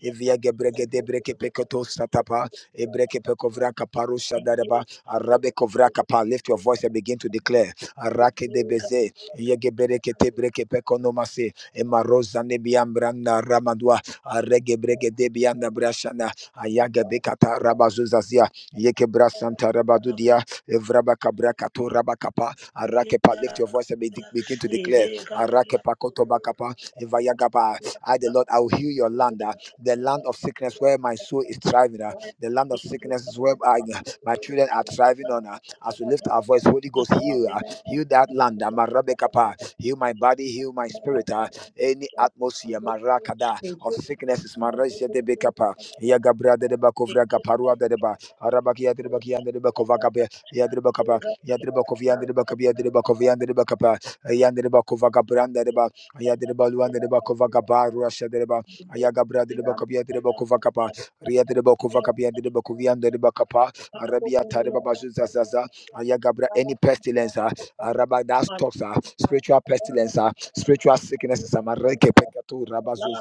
[SPEAKER 1] evia gebrege debreke pekoto satapa ebreke pekovra kaparu shadaraba arabe kovra kapa lift your voice and begin to declare arake debeze yegebereke tebreke pekonomase emaroza nebiambranda ramadwa arege brege debianda brashana ayaga bekata rabazuzazia yekebra santa rabadudia evraba kabra kato rabakapa arake
[SPEAKER 4] रबरिया
[SPEAKER 1] lift your voice and be- begin to
[SPEAKER 4] इले
[SPEAKER 1] declare
[SPEAKER 4] का
[SPEAKER 1] arake pakoto bakapa evayagaba I, the Lord, I will heal your land the land of sickness where my soul is thriving. ah. The land of sickness is where I, uh, my children are thriving on. ah. As we lift our voice, Holy Ghost, heal, ah. heal that land. ah. Marabekapa. Heal my body, heal my spirit. ah. Any atmosphere marakada, of sickness, sicknesses, Marashetebekapa. Yagabra de Bakovra Kaparua de Deba, Arabakia de Bakia de Bakovakabe, Yadribakapa, Yadribakovian de Bakabia de Bakovian de Bakapa, Yandribakovaka Branda deba, Yadribaluan de Bakovaka Barua Ayagabra de Bacovia de Bacovacapa, Ria de Bacovacapia de Bacovian de Bacapa, Arabia Tarabazuza Zaza, Ayagabra, any pestilence, ah, Araba that stocks, ah, spiritual pestilence, ah, spiritual sicknesses, Amareke Pecato Rabazuza.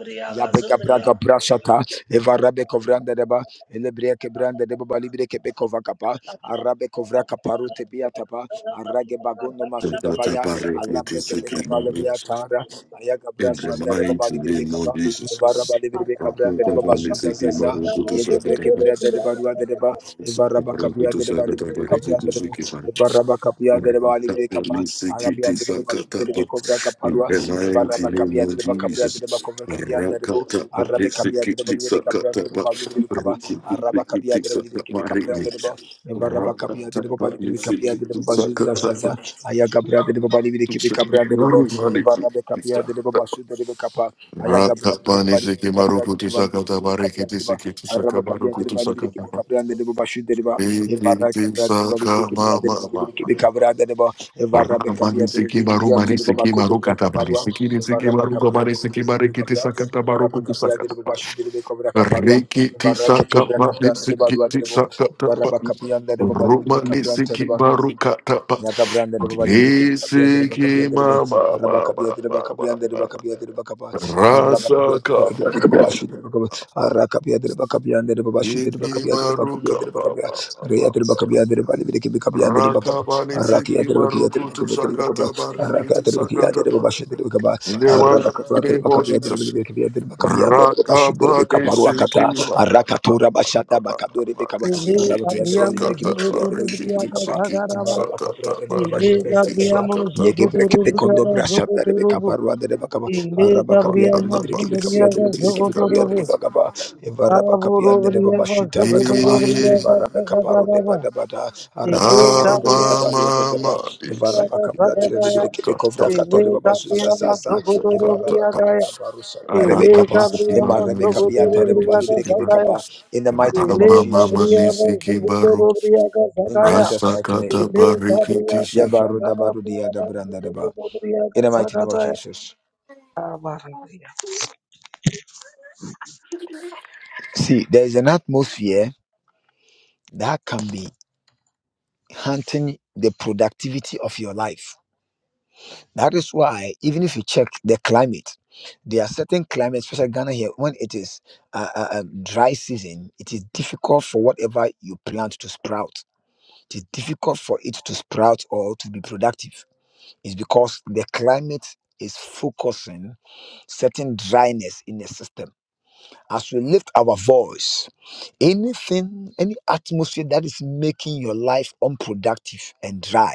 [SPEAKER 4] ब्रिया का
[SPEAKER 1] Yabeka braga
[SPEAKER 4] सुगुतुरु
[SPEAKER 1] brashata evarabe kovranda deba elebria kebranda deba balibre kebekova kapa arabe kovra kaparute biatapa arage bagondo masude
[SPEAKER 2] Kata
[SPEAKER 1] baya
[SPEAKER 2] pari kiti
[SPEAKER 1] alabre
[SPEAKER 2] siki
[SPEAKER 1] kebekova
[SPEAKER 2] mani.
[SPEAKER 1] lebria tara ayaga
[SPEAKER 2] In
[SPEAKER 1] brashata
[SPEAKER 2] the
[SPEAKER 1] deba
[SPEAKER 2] mighty
[SPEAKER 1] balibre
[SPEAKER 2] name of
[SPEAKER 1] kapa
[SPEAKER 2] Jesus.
[SPEAKER 1] evaraba libre kabranda
[SPEAKER 2] Rakata
[SPEAKER 1] deba
[SPEAKER 2] pari
[SPEAKER 1] bazuza
[SPEAKER 2] siki
[SPEAKER 1] zaza
[SPEAKER 2] maruku tu sasa
[SPEAKER 1] yegebre
[SPEAKER 2] kata pa.
[SPEAKER 1] kebranda deba dua de deba
[SPEAKER 2] Siki
[SPEAKER 1] evaraba
[SPEAKER 2] maruku
[SPEAKER 1] kapia
[SPEAKER 2] tu sasa
[SPEAKER 1] deba
[SPEAKER 2] kata
[SPEAKER 1] libre
[SPEAKER 2] pari kiti
[SPEAKER 1] kabranda deba
[SPEAKER 2] siki mani.
[SPEAKER 1] evaraba kapia
[SPEAKER 2] In
[SPEAKER 1] deba
[SPEAKER 2] the
[SPEAKER 1] libre kapa arabia deba bashude deba kovra kaparua
[SPEAKER 2] mighty
[SPEAKER 1] Ivaraba
[SPEAKER 2] name
[SPEAKER 1] kabia
[SPEAKER 2] of
[SPEAKER 1] de bakabia de
[SPEAKER 2] Jesus.
[SPEAKER 1] bakover kabia de bo arabe kabia de balu de kabia de bo balu de kaba araba kabia de balu de kebe kabia de bo ivaraba kabia de bo balu de kabia de bo bazu za za za aya kabia de bo balu de kebe kabia de bo ivarabe kabia de bo basu de bo kapa aya kabia de bo
[SPEAKER 2] Rakapani
[SPEAKER 1] balu de
[SPEAKER 2] siki
[SPEAKER 1] kabia de
[SPEAKER 2] maruku
[SPEAKER 1] bo balu
[SPEAKER 2] tisaka
[SPEAKER 1] de kebe
[SPEAKER 2] tabariki
[SPEAKER 1] kabia
[SPEAKER 2] tisiki
[SPEAKER 1] deba
[SPEAKER 2] tisaka
[SPEAKER 1] araba kapya
[SPEAKER 2] maruku
[SPEAKER 1] deba libri
[SPEAKER 2] tisaka
[SPEAKER 1] kibi
[SPEAKER 2] mama.
[SPEAKER 1] kapra ande deba bashu deba
[SPEAKER 2] Riki
[SPEAKER 1] evara kapra deba libri
[SPEAKER 2] tisaka
[SPEAKER 1] kibi ande deba
[SPEAKER 2] mama.
[SPEAKER 1] libri kibi kapra ande deba evara be kapya deba
[SPEAKER 2] Ramanisiki
[SPEAKER 1] libri
[SPEAKER 2] baru
[SPEAKER 1] kibi ande deba
[SPEAKER 2] manisiki
[SPEAKER 1] makoto
[SPEAKER 2] baru
[SPEAKER 1] bra
[SPEAKER 2] kata
[SPEAKER 1] kaparwa
[SPEAKER 2] manisiki nisiki
[SPEAKER 1] evara ba
[SPEAKER 2] baru goma
[SPEAKER 1] kapya deba
[SPEAKER 2] nisiki
[SPEAKER 1] libri
[SPEAKER 2] baru
[SPEAKER 1] kibi
[SPEAKER 2] kiti
[SPEAKER 1] kapra
[SPEAKER 2] sakata baru
[SPEAKER 1] evara ba
[SPEAKER 2] kuku
[SPEAKER 1] kapya
[SPEAKER 2] sakata.
[SPEAKER 1] deba bashu deba kapra kaparwa
[SPEAKER 2] Riki ti
[SPEAKER 1] evara keto
[SPEAKER 2] saka
[SPEAKER 1] bra
[SPEAKER 2] ma
[SPEAKER 1] kapra ande deba
[SPEAKER 2] nisiki
[SPEAKER 1] lua
[SPEAKER 2] ti
[SPEAKER 1] deba
[SPEAKER 2] saka
[SPEAKER 1] evara
[SPEAKER 2] tapa.
[SPEAKER 1] ba kapya ande deba libri kibi
[SPEAKER 2] Ruma
[SPEAKER 1] kapra
[SPEAKER 2] nisiki
[SPEAKER 1] deba
[SPEAKER 2] baru kata pa.
[SPEAKER 1] Yakabranda de Balibriki, Capia de Bacapia
[SPEAKER 2] Nisiki
[SPEAKER 1] de
[SPEAKER 2] ma ma ma ma
[SPEAKER 1] Arabacapia de Bacapia de Bacapia de Bacapa, Arabacapia
[SPEAKER 2] Rasa
[SPEAKER 1] de
[SPEAKER 2] ka.
[SPEAKER 1] Bacapia de Babashi de Bacapa, Aracapia de Bacapia de Babashi de
[SPEAKER 2] nisiki
[SPEAKER 1] Bacapia de
[SPEAKER 2] baru
[SPEAKER 1] Bacapia de
[SPEAKER 2] kapa
[SPEAKER 1] Bacapia,
[SPEAKER 2] ma ma ma
[SPEAKER 1] Rea de
[SPEAKER 2] ma.
[SPEAKER 1] Bacapia de Balibriki, Bicapia de
[SPEAKER 2] Raka
[SPEAKER 1] Bacapa, Arakia
[SPEAKER 2] manisiki
[SPEAKER 1] de
[SPEAKER 2] baru
[SPEAKER 1] Bacia de
[SPEAKER 2] kutu
[SPEAKER 1] Bacapa de Bacapa,
[SPEAKER 2] sakata baru
[SPEAKER 1] Araca
[SPEAKER 2] kiti
[SPEAKER 1] de Bacia de
[SPEAKER 2] sakata.
[SPEAKER 1] Babashi de Bacapa,
[SPEAKER 2] In the
[SPEAKER 1] Arabacapia
[SPEAKER 2] mighty
[SPEAKER 1] de
[SPEAKER 2] name of
[SPEAKER 1] Bacapia de
[SPEAKER 2] Jesus.
[SPEAKER 1] Bacapia de Bacapia de Babashi de
[SPEAKER 2] Rakapa
[SPEAKER 1] Bacaparuacata, Aracatura Bashata Bacadori Bicapa, Arabacapia de Libriki, Bicapia de Libriki,
[SPEAKER 4] ब्रिया का
[SPEAKER 1] Bicapa,
[SPEAKER 4] झागराब्रिया का
[SPEAKER 1] Maraba kapra de de baba
[SPEAKER 4] इले का
[SPEAKER 1] Jesus
[SPEAKER 4] Bria झागराब्रिया का सुगुतुरु ब्रिया का झागराब्रिया
[SPEAKER 1] sasa
[SPEAKER 4] में
[SPEAKER 1] ye gebre
[SPEAKER 4] सुगुतुरु
[SPEAKER 1] kete
[SPEAKER 4] ब्रिया
[SPEAKER 1] kondo
[SPEAKER 4] का
[SPEAKER 1] brasha de de kaparwa de de bakaba araba kapia
[SPEAKER 4] झागराब्रिया
[SPEAKER 1] de de
[SPEAKER 4] में
[SPEAKER 1] briki briki
[SPEAKER 4] सुगुतुरु
[SPEAKER 1] kapia
[SPEAKER 4] ब्रिया
[SPEAKER 1] de
[SPEAKER 4] का
[SPEAKER 1] de briki briki kapia
[SPEAKER 4] झागराब्रिया
[SPEAKER 1] de de
[SPEAKER 4] में सुगुतुरु
[SPEAKER 1] bakaba evaraba kapia de de baba shuta bakapa evaraba kaparo de bada bada araba kaparo
[SPEAKER 2] Ah,
[SPEAKER 1] de de
[SPEAKER 2] ma,
[SPEAKER 1] baru de
[SPEAKER 2] ma,
[SPEAKER 1] de
[SPEAKER 2] ma,
[SPEAKER 1] ba
[SPEAKER 2] di, si,
[SPEAKER 1] evaraba
[SPEAKER 2] di,
[SPEAKER 1] kapra de
[SPEAKER 2] di,
[SPEAKER 1] de
[SPEAKER 2] sa,
[SPEAKER 1] briki briki
[SPEAKER 2] ka, ta,
[SPEAKER 1] kovra kate
[SPEAKER 2] ta,
[SPEAKER 4] ब्रिया
[SPEAKER 1] de baba
[SPEAKER 4] का
[SPEAKER 2] si,
[SPEAKER 1] Jesus
[SPEAKER 2] di, di,
[SPEAKER 1] sasa
[SPEAKER 2] sa, ka, ta,
[SPEAKER 4] झागराब्रिया
[SPEAKER 1] evaraba
[SPEAKER 2] ta.
[SPEAKER 4] में
[SPEAKER 1] kapra kaparo sata de de
[SPEAKER 2] Rama
[SPEAKER 1] kapa
[SPEAKER 2] Nisiki Maru
[SPEAKER 1] emarebe
[SPEAKER 2] Manisiki
[SPEAKER 1] kapia de de
[SPEAKER 2] Mari
[SPEAKER 1] baba
[SPEAKER 2] Nisiki
[SPEAKER 1] briki briki
[SPEAKER 2] Mari
[SPEAKER 1] kapa in the mighty name of
[SPEAKER 2] Rama Mama
[SPEAKER 1] Jesus
[SPEAKER 2] Nisiki Baru
[SPEAKER 1] in Jesus
[SPEAKER 2] Rasa
[SPEAKER 1] mighty name
[SPEAKER 2] Kata Bariki Tisiki
[SPEAKER 1] Yabaru dabaru dia dabranda daba. In the mighty name of Jesus. See, there is an atmosphere that can be hunting the productivity of your life. That is why, even if you check the climate, there are certain climates, especially Ghana here, when it is a, a, a dry season, it is difficult for whatever you plant to sprout. It is difficult for it to sprout or to be productive. It's because the climate is focusing certain dryness in the system as we lift our voice, anything, any atmosphere that is making your life unproductive and dry.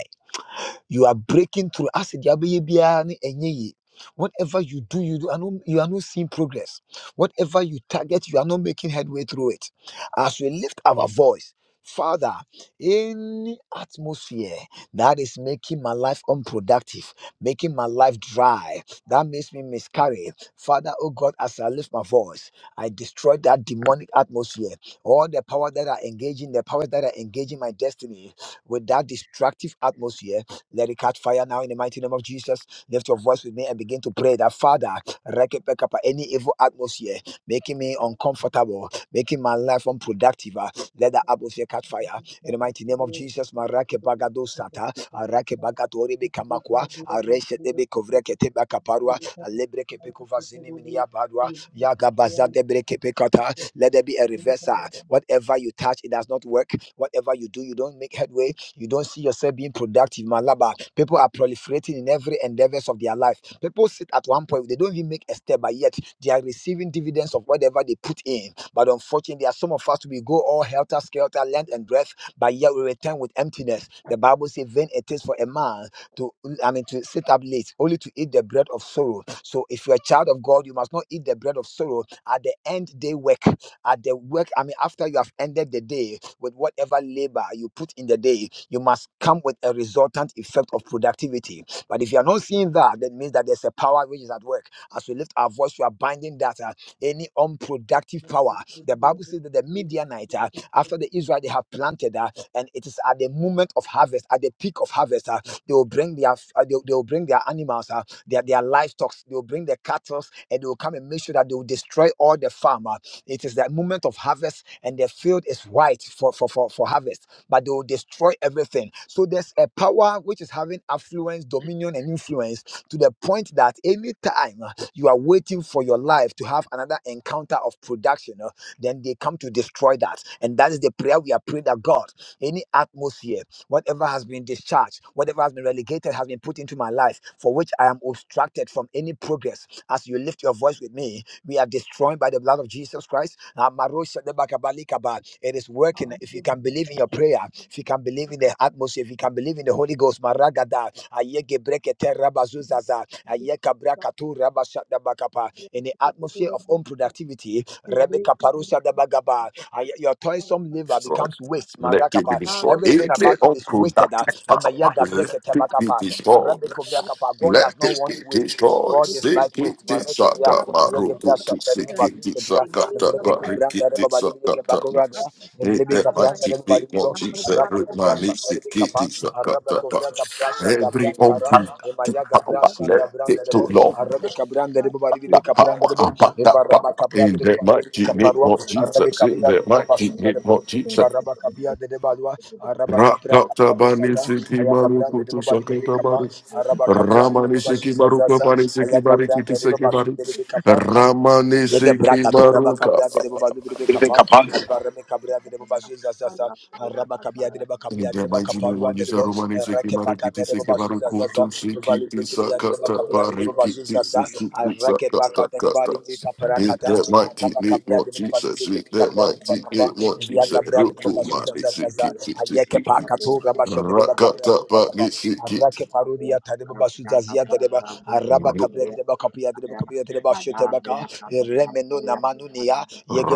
[SPEAKER 1] You are breaking through. As the abe biara ne ɛnyɛ yie. Whatever you do, you do, are not, you are not seeing progress. Whatever you target, you are not making headway through it. As we lift our voice, Father, any atmosphere that is making my life unproductive, making my life dry, that makes me miscarry. Father, oh God, as I lift my voice, I destroy that demonic atmosphere. All the power that are engaging, the power that are engaging my destiny with that destructive atmosphere. Let it catch fire now in the mighty name of Jesus. Lift your voice with me and begin to pray that Father, back up any evil atmosphere making me uncomfortable, making my life unproductive. uh, Let that atmosphere catch fire in the mighty name of Jesus. Marake bagado sata, arake bagato rebe kamakwa, areshe tebe kovreke tebe kaparwa, alebreke peko vazini minia badwa, yaga bazade breke pekata. Let there be a reversal. Whatever you touch, it does not work. Whatever you do, you don't make headway you don't see yourself being productive, Malaba. People are proliferating in every endeavors of their life. People sit at one point, they don't even make a step, but yet they are receiving dividends of whatever they put in. But unfortunately, there are some of us we go all helter skelter, length and breadth, but yet we return with emptiness. The Bible says, "Vain it is for a man to, I mean, to sit up late, only to eat the bread of sorrow." So, if you're a child of God, you must not eat the bread of sorrow. At the end, day work. At the work, I mean, after you have ended the day with whatever labor you put in the day, you must come with a resultant effect of productivity. But if you are not seeing that, that means that there's a power which is at work. As we lift our voice, we are binding that uh, any unproductive power. The Bible says that the Midianite, uh, after the Israel, they have planted, uh, and it is at the moment of harvest, at the peak of harvest, uh, they will bring their uh, they, they will bring their animals, uh, their their livestock, they will bring their cattle, and they will come and make sure that they will destroy all the farm. uh, it is the moment of harvest, and the field is white for for for, for harvest but they will destroy everything. So there's a power which is having affluence, dominion, and influence to the point that anytime uh, you are waiting for your life to have another encounter of production, uh, then they come to destroy that. And that is the prayer we are praying that God, any atmosphere, whatever has been discharged, whatever has been relegated, has been put into my life, for which I am obstructed from any progress. As you lift your voice with me, we are destroyed by the blood of Jesus Christ Amarosha de bakabalika ba. It is working. If you can believe in your prayer, if you can believe in the atmosphere, if you can believe in the Holy Ghost, maragada, ayege brekete rabazuzaza, ayeka brakatu rabashada bakapa. In the atmosphere of unproductivity, Rebecca Parusha de Bagaba, ay- your toilsome liver
[SPEAKER 2] destroyed.
[SPEAKER 1] becomes waste,
[SPEAKER 2] Let it be
[SPEAKER 1] marakapa.
[SPEAKER 2] destroyed.
[SPEAKER 1] Everything
[SPEAKER 2] Any
[SPEAKER 1] about you is wasted. ah.
[SPEAKER 2] unproductive power,
[SPEAKER 1] Emayaga
[SPEAKER 2] let
[SPEAKER 1] brekete
[SPEAKER 2] it be
[SPEAKER 1] bakapa,
[SPEAKER 2] destroyed.
[SPEAKER 1] arabeko vrakapa. God
[SPEAKER 2] Let
[SPEAKER 1] does not
[SPEAKER 2] it be
[SPEAKER 1] want waste.
[SPEAKER 2] destroyed.
[SPEAKER 1] God is like
[SPEAKER 2] Seek it,
[SPEAKER 1] waste,
[SPEAKER 2] it,
[SPEAKER 1] marekepia,
[SPEAKER 2] saka, maru,
[SPEAKER 1] ayege brashada,
[SPEAKER 2] to seek
[SPEAKER 1] remember,
[SPEAKER 2] it, it, saka,
[SPEAKER 1] Evrebe
[SPEAKER 2] tapa, riki,
[SPEAKER 1] kabranda reba
[SPEAKER 2] it,
[SPEAKER 1] bali bile
[SPEAKER 2] saka,
[SPEAKER 1] ke
[SPEAKER 2] tapa.
[SPEAKER 1] bagoraga.
[SPEAKER 2] It,
[SPEAKER 1] Evrebe
[SPEAKER 2] that, my,
[SPEAKER 1] kabranda
[SPEAKER 2] tick,
[SPEAKER 1] reba
[SPEAKER 2] it,
[SPEAKER 1] bali bile
[SPEAKER 2] more,
[SPEAKER 1] bo.
[SPEAKER 2] Jesus,
[SPEAKER 1] Araba
[SPEAKER 2] root, my,
[SPEAKER 1] kovra
[SPEAKER 2] knee,
[SPEAKER 1] shanda
[SPEAKER 2] seek
[SPEAKER 1] rebe
[SPEAKER 2] it,
[SPEAKER 1] kapa.
[SPEAKER 2] it, saka,
[SPEAKER 1] Araba
[SPEAKER 2] tapa.
[SPEAKER 1] kovra gabra shanda
[SPEAKER 2] Every
[SPEAKER 1] brantara.
[SPEAKER 2] unproductive
[SPEAKER 1] Emaya gabra
[SPEAKER 2] power,
[SPEAKER 1] shanda
[SPEAKER 2] let it
[SPEAKER 1] branda
[SPEAKER 2] to
[SPEAKER 1] rebo.
[SPEAKER 2] Lord
[SPEAKER 1] Araba kabranda balibi bali bile
[SPEAKER 2] power,
[SPEAKER 1] kabranda rebo.
[SPEAKER 2] about that power,
[SPEAKER 1] Evaraba kabranda
[SPEAKER 2] in
[SPEAKER 1] reba
[SPEAKER 2] that
[SPEAKER 1] balibi bile
[SPEAKER 2] mighty name
[SPEAKER 1] kaparwa.
[SPEAKER 2] of
[SPEAKER 1] Araba
[SPEAKER 2] Jesus, in
[SPEAKER 1] kabia
[SPEAKER 2] that
[SPEAKER 1] reba
[SPEAKER 2] mighty
[SPEAKER 1] basuta
[SPEAKER 2] name
[SPEAKER 1] rebo.
[SPEAKER 2] of Jesus.
[SPEAKER 1] Evaraba kabia reba lwa. Araba kabra
[SPEAKER 2] Rakata
[SPEAKER 1] kaparo
[SPEAKER 2] bani
[SPEAKER 1] sata.
[SPEAKER 2] seki
[SPEAKER 1] Aya
[SPEAKER 2] maru
[SPEAKER 1] gabranda
[SPEAKER 2] kutu
[SPEAKER 1] reba bali bile
[SPEAKER 2] shakata
[SPEAKER 1] kapa.
[SPEAKER 2] bari.
[SPEAKER 1] Araba kabia reba
[SPEAKER 2] Ramani seki
[SPEAKER 1] basuza
[SPEAKER 2] maru
[SPEAKER 1] zaza.
[SPEAKER 2] kapani
[SPEAKER 1] Aya
[SPEAKER 2] seki bari
[SPEAKER 1] gabranda
[SPEAKER 2] kiti
[SPEAKER 1] reba
[SPEAKER 2] seki bari.
[SPEAKER 1] basunde rebe kapa.
[SPEAKER 2] Ramani
[SPEAKER 1] Yege
[SPEAKER 2] seki
[SPEAKER 1] braka tora
[SPEAKER 2] maru
[SPEAKER 1] baka brada
[SPEAKER 2] kapa.
[SPEAKER 1] de baba bibri be kapa avara me kabra de baba zuza sasa araba kabia de baba
[SPEAKER 2] In
[SPEAKER 1] kapia
[SPEAKER 2] the
[SPEAKER 1] de baba
[SPEAKER 2] mighty name of
[SPEAKER 1] kaparuan de
[SPEAKER 2] Jesus,
[SPEAKER 1] baba
[SPEAKER 2] Romani seki
[SPEAKER 1] reke
[SPEAKER 2] maru
[SPEAKER 1] pakata
[SPEAKER 2] kiti
[SPEAKER 1] de
[SPEAKER 2] seki
[SPEAKER 1] baba
[SPEAKER 2] baru
[SPEAKER 1] zuza sasa
[SPEAKER 2] kutu siki
[SPEAKER 1] vali de
[SPEAKER 2] tisa
[SPEAKER 1] kibia de baba
[SPEAKER 2] kata
[SPEAKER 1] kapia de
[SPEAKER 2] bari
[SPEAKER 1] baba
[SPEAKER 2] kiti
[SPEAKER 1] zuza sasa
[SPEAKER 2] seki tisa
[SPEAKER 1] arake
[SPEAKER 2] kata
[SPEAKER 1] pakata de
[SPEAKER 2] kata.
[SPEAKER 1] bali de kapara
[SPEAKER 2] In
[SPEAKER 1] kata
[SPEAKER 2] the mighty
[SPEAKER 1] araba
[SPEAKER 2] name
[SPEAKER 1] kabia
[SPEAKER 2] of
[SPEAKER 1] de baba
[SPEAKER 2] Jesus,
[SPEAKER 1] bibri de
[SPEAKER 2] in the
[SPEAKER 1] kabia de baba
[SPEAKER 2] mighty
[SPEAKER 1] kapa
[SPEAKER 2] name of
[SPEAKER 1] via
[SPEAKER 2] Jesus,
[SPEAKER 1] gabra de
[SPEAKER 2] Ruku
[SPEAKER 1] baba zuza
[SPEAKER 2] mani
[SPEAKER 1] sasa
[SPEAKER 2] seki siki
[SPEAKER 1] ayeke
[SPEAKER 2] seki. kiti.
[SPEAKER 1] pakato raba shade de baba kabra de
[SPEAKER 2] Rakata
[SPEAKER 1] baba kapa
[SPEAKER 2] bani siki.
[SPEAKER 1] arake parudia ta de baba zuza zia de baba araba kabia de baba kapia de baba kapia de baba shete Remeno na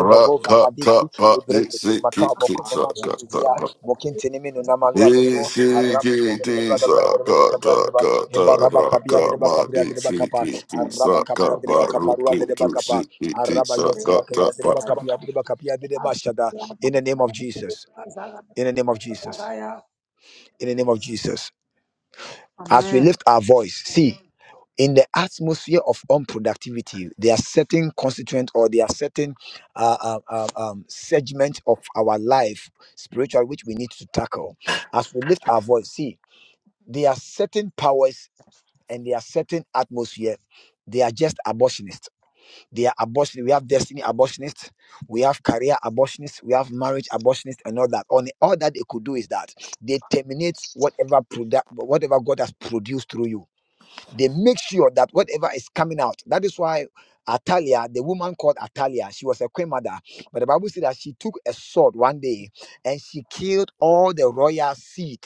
[SPEAKER 2] Rakata
[SPEAKER 1] vagadibi ebrekete maka mokono mazuzia mokintini minu na malua derebo araba dereba dereba dereba dereba dereba eva raba kabia dereba kabria dereba kapa araba kabia dereba kaparua dereba kapa araba ya dereba kaya dereba kapia dereba kapia dereba shada in the name of Jesus in the name of Jesus in the name of Jesus as we lift our voice see in the atmosphere of unproductivity, there are certain constituent or there are certain uh, uh, uh, um, segments of our life, spiritual, which we need to tackle. As we lift our voice, see, there are certain powers and there are certain atmosphere. They are just abortionists. They are abortionists. We have destiny abortionists. We have career abortionists. We have marriage abortionists and all that. Only all that they could do is that they terminate whatever product, whatever God has produced through you they make sure that whatever is coming out. That is why Atalia, the woman called Atalia, she was a queen mother. But the Bible said that she took a sword one day and she killed all the royal seed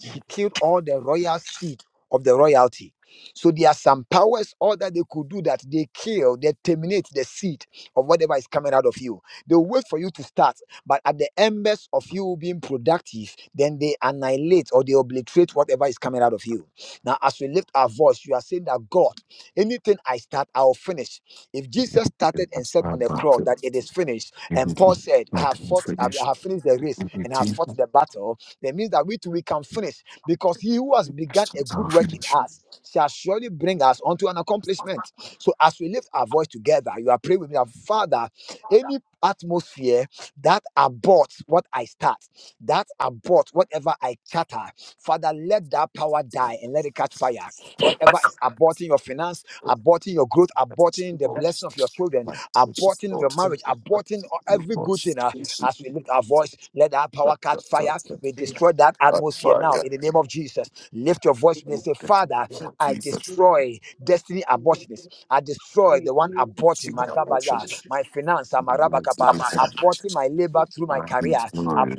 [SPEAKER 1] she killed all the royal seed of the royalty. So there are some powers, all that they could do that they kill, they terminate the seed of whatever is coming out of you. They wait for you to start, but at the embers of you being productive, then they annihilate or they obliterate whatever is coming out of you. Now, as we lift our voice, you are saying that God, anything I start, I will finish. If Jesus started and said on the cross that it is finished, and Paul said, I have fought, I have I have finished the race and I have fought the battle, that means that we too we can finish because he who has begun a good work in us shall surely bring us unto an accomplishment. So as we lift our voice together, you are praying with me, Father, any atmosphere that aborts what I start, that aborts whatever I chatter, Father, let that power die and let it catch fire. Whatever is aborting your finance, aborting your growth, aborting the blessing of your children, aborting your marriage, aborting every good thing. ah, as we lift our voice, let our power catch fire. We destroy that atmosphere now in the name of Jesus. Lift your voice and say, Father, I
[SPEAKER 2] Jesus.
[SPEAKER 1] destroy destiny abortionists. I destroy the one
[SPEAKER 2] See
[SPEAKER 1] aborting my
[SPEAKER 2] my
[SPEAKER 1] gabaya, my finance, and my rabakapa, aborting my labor through my career,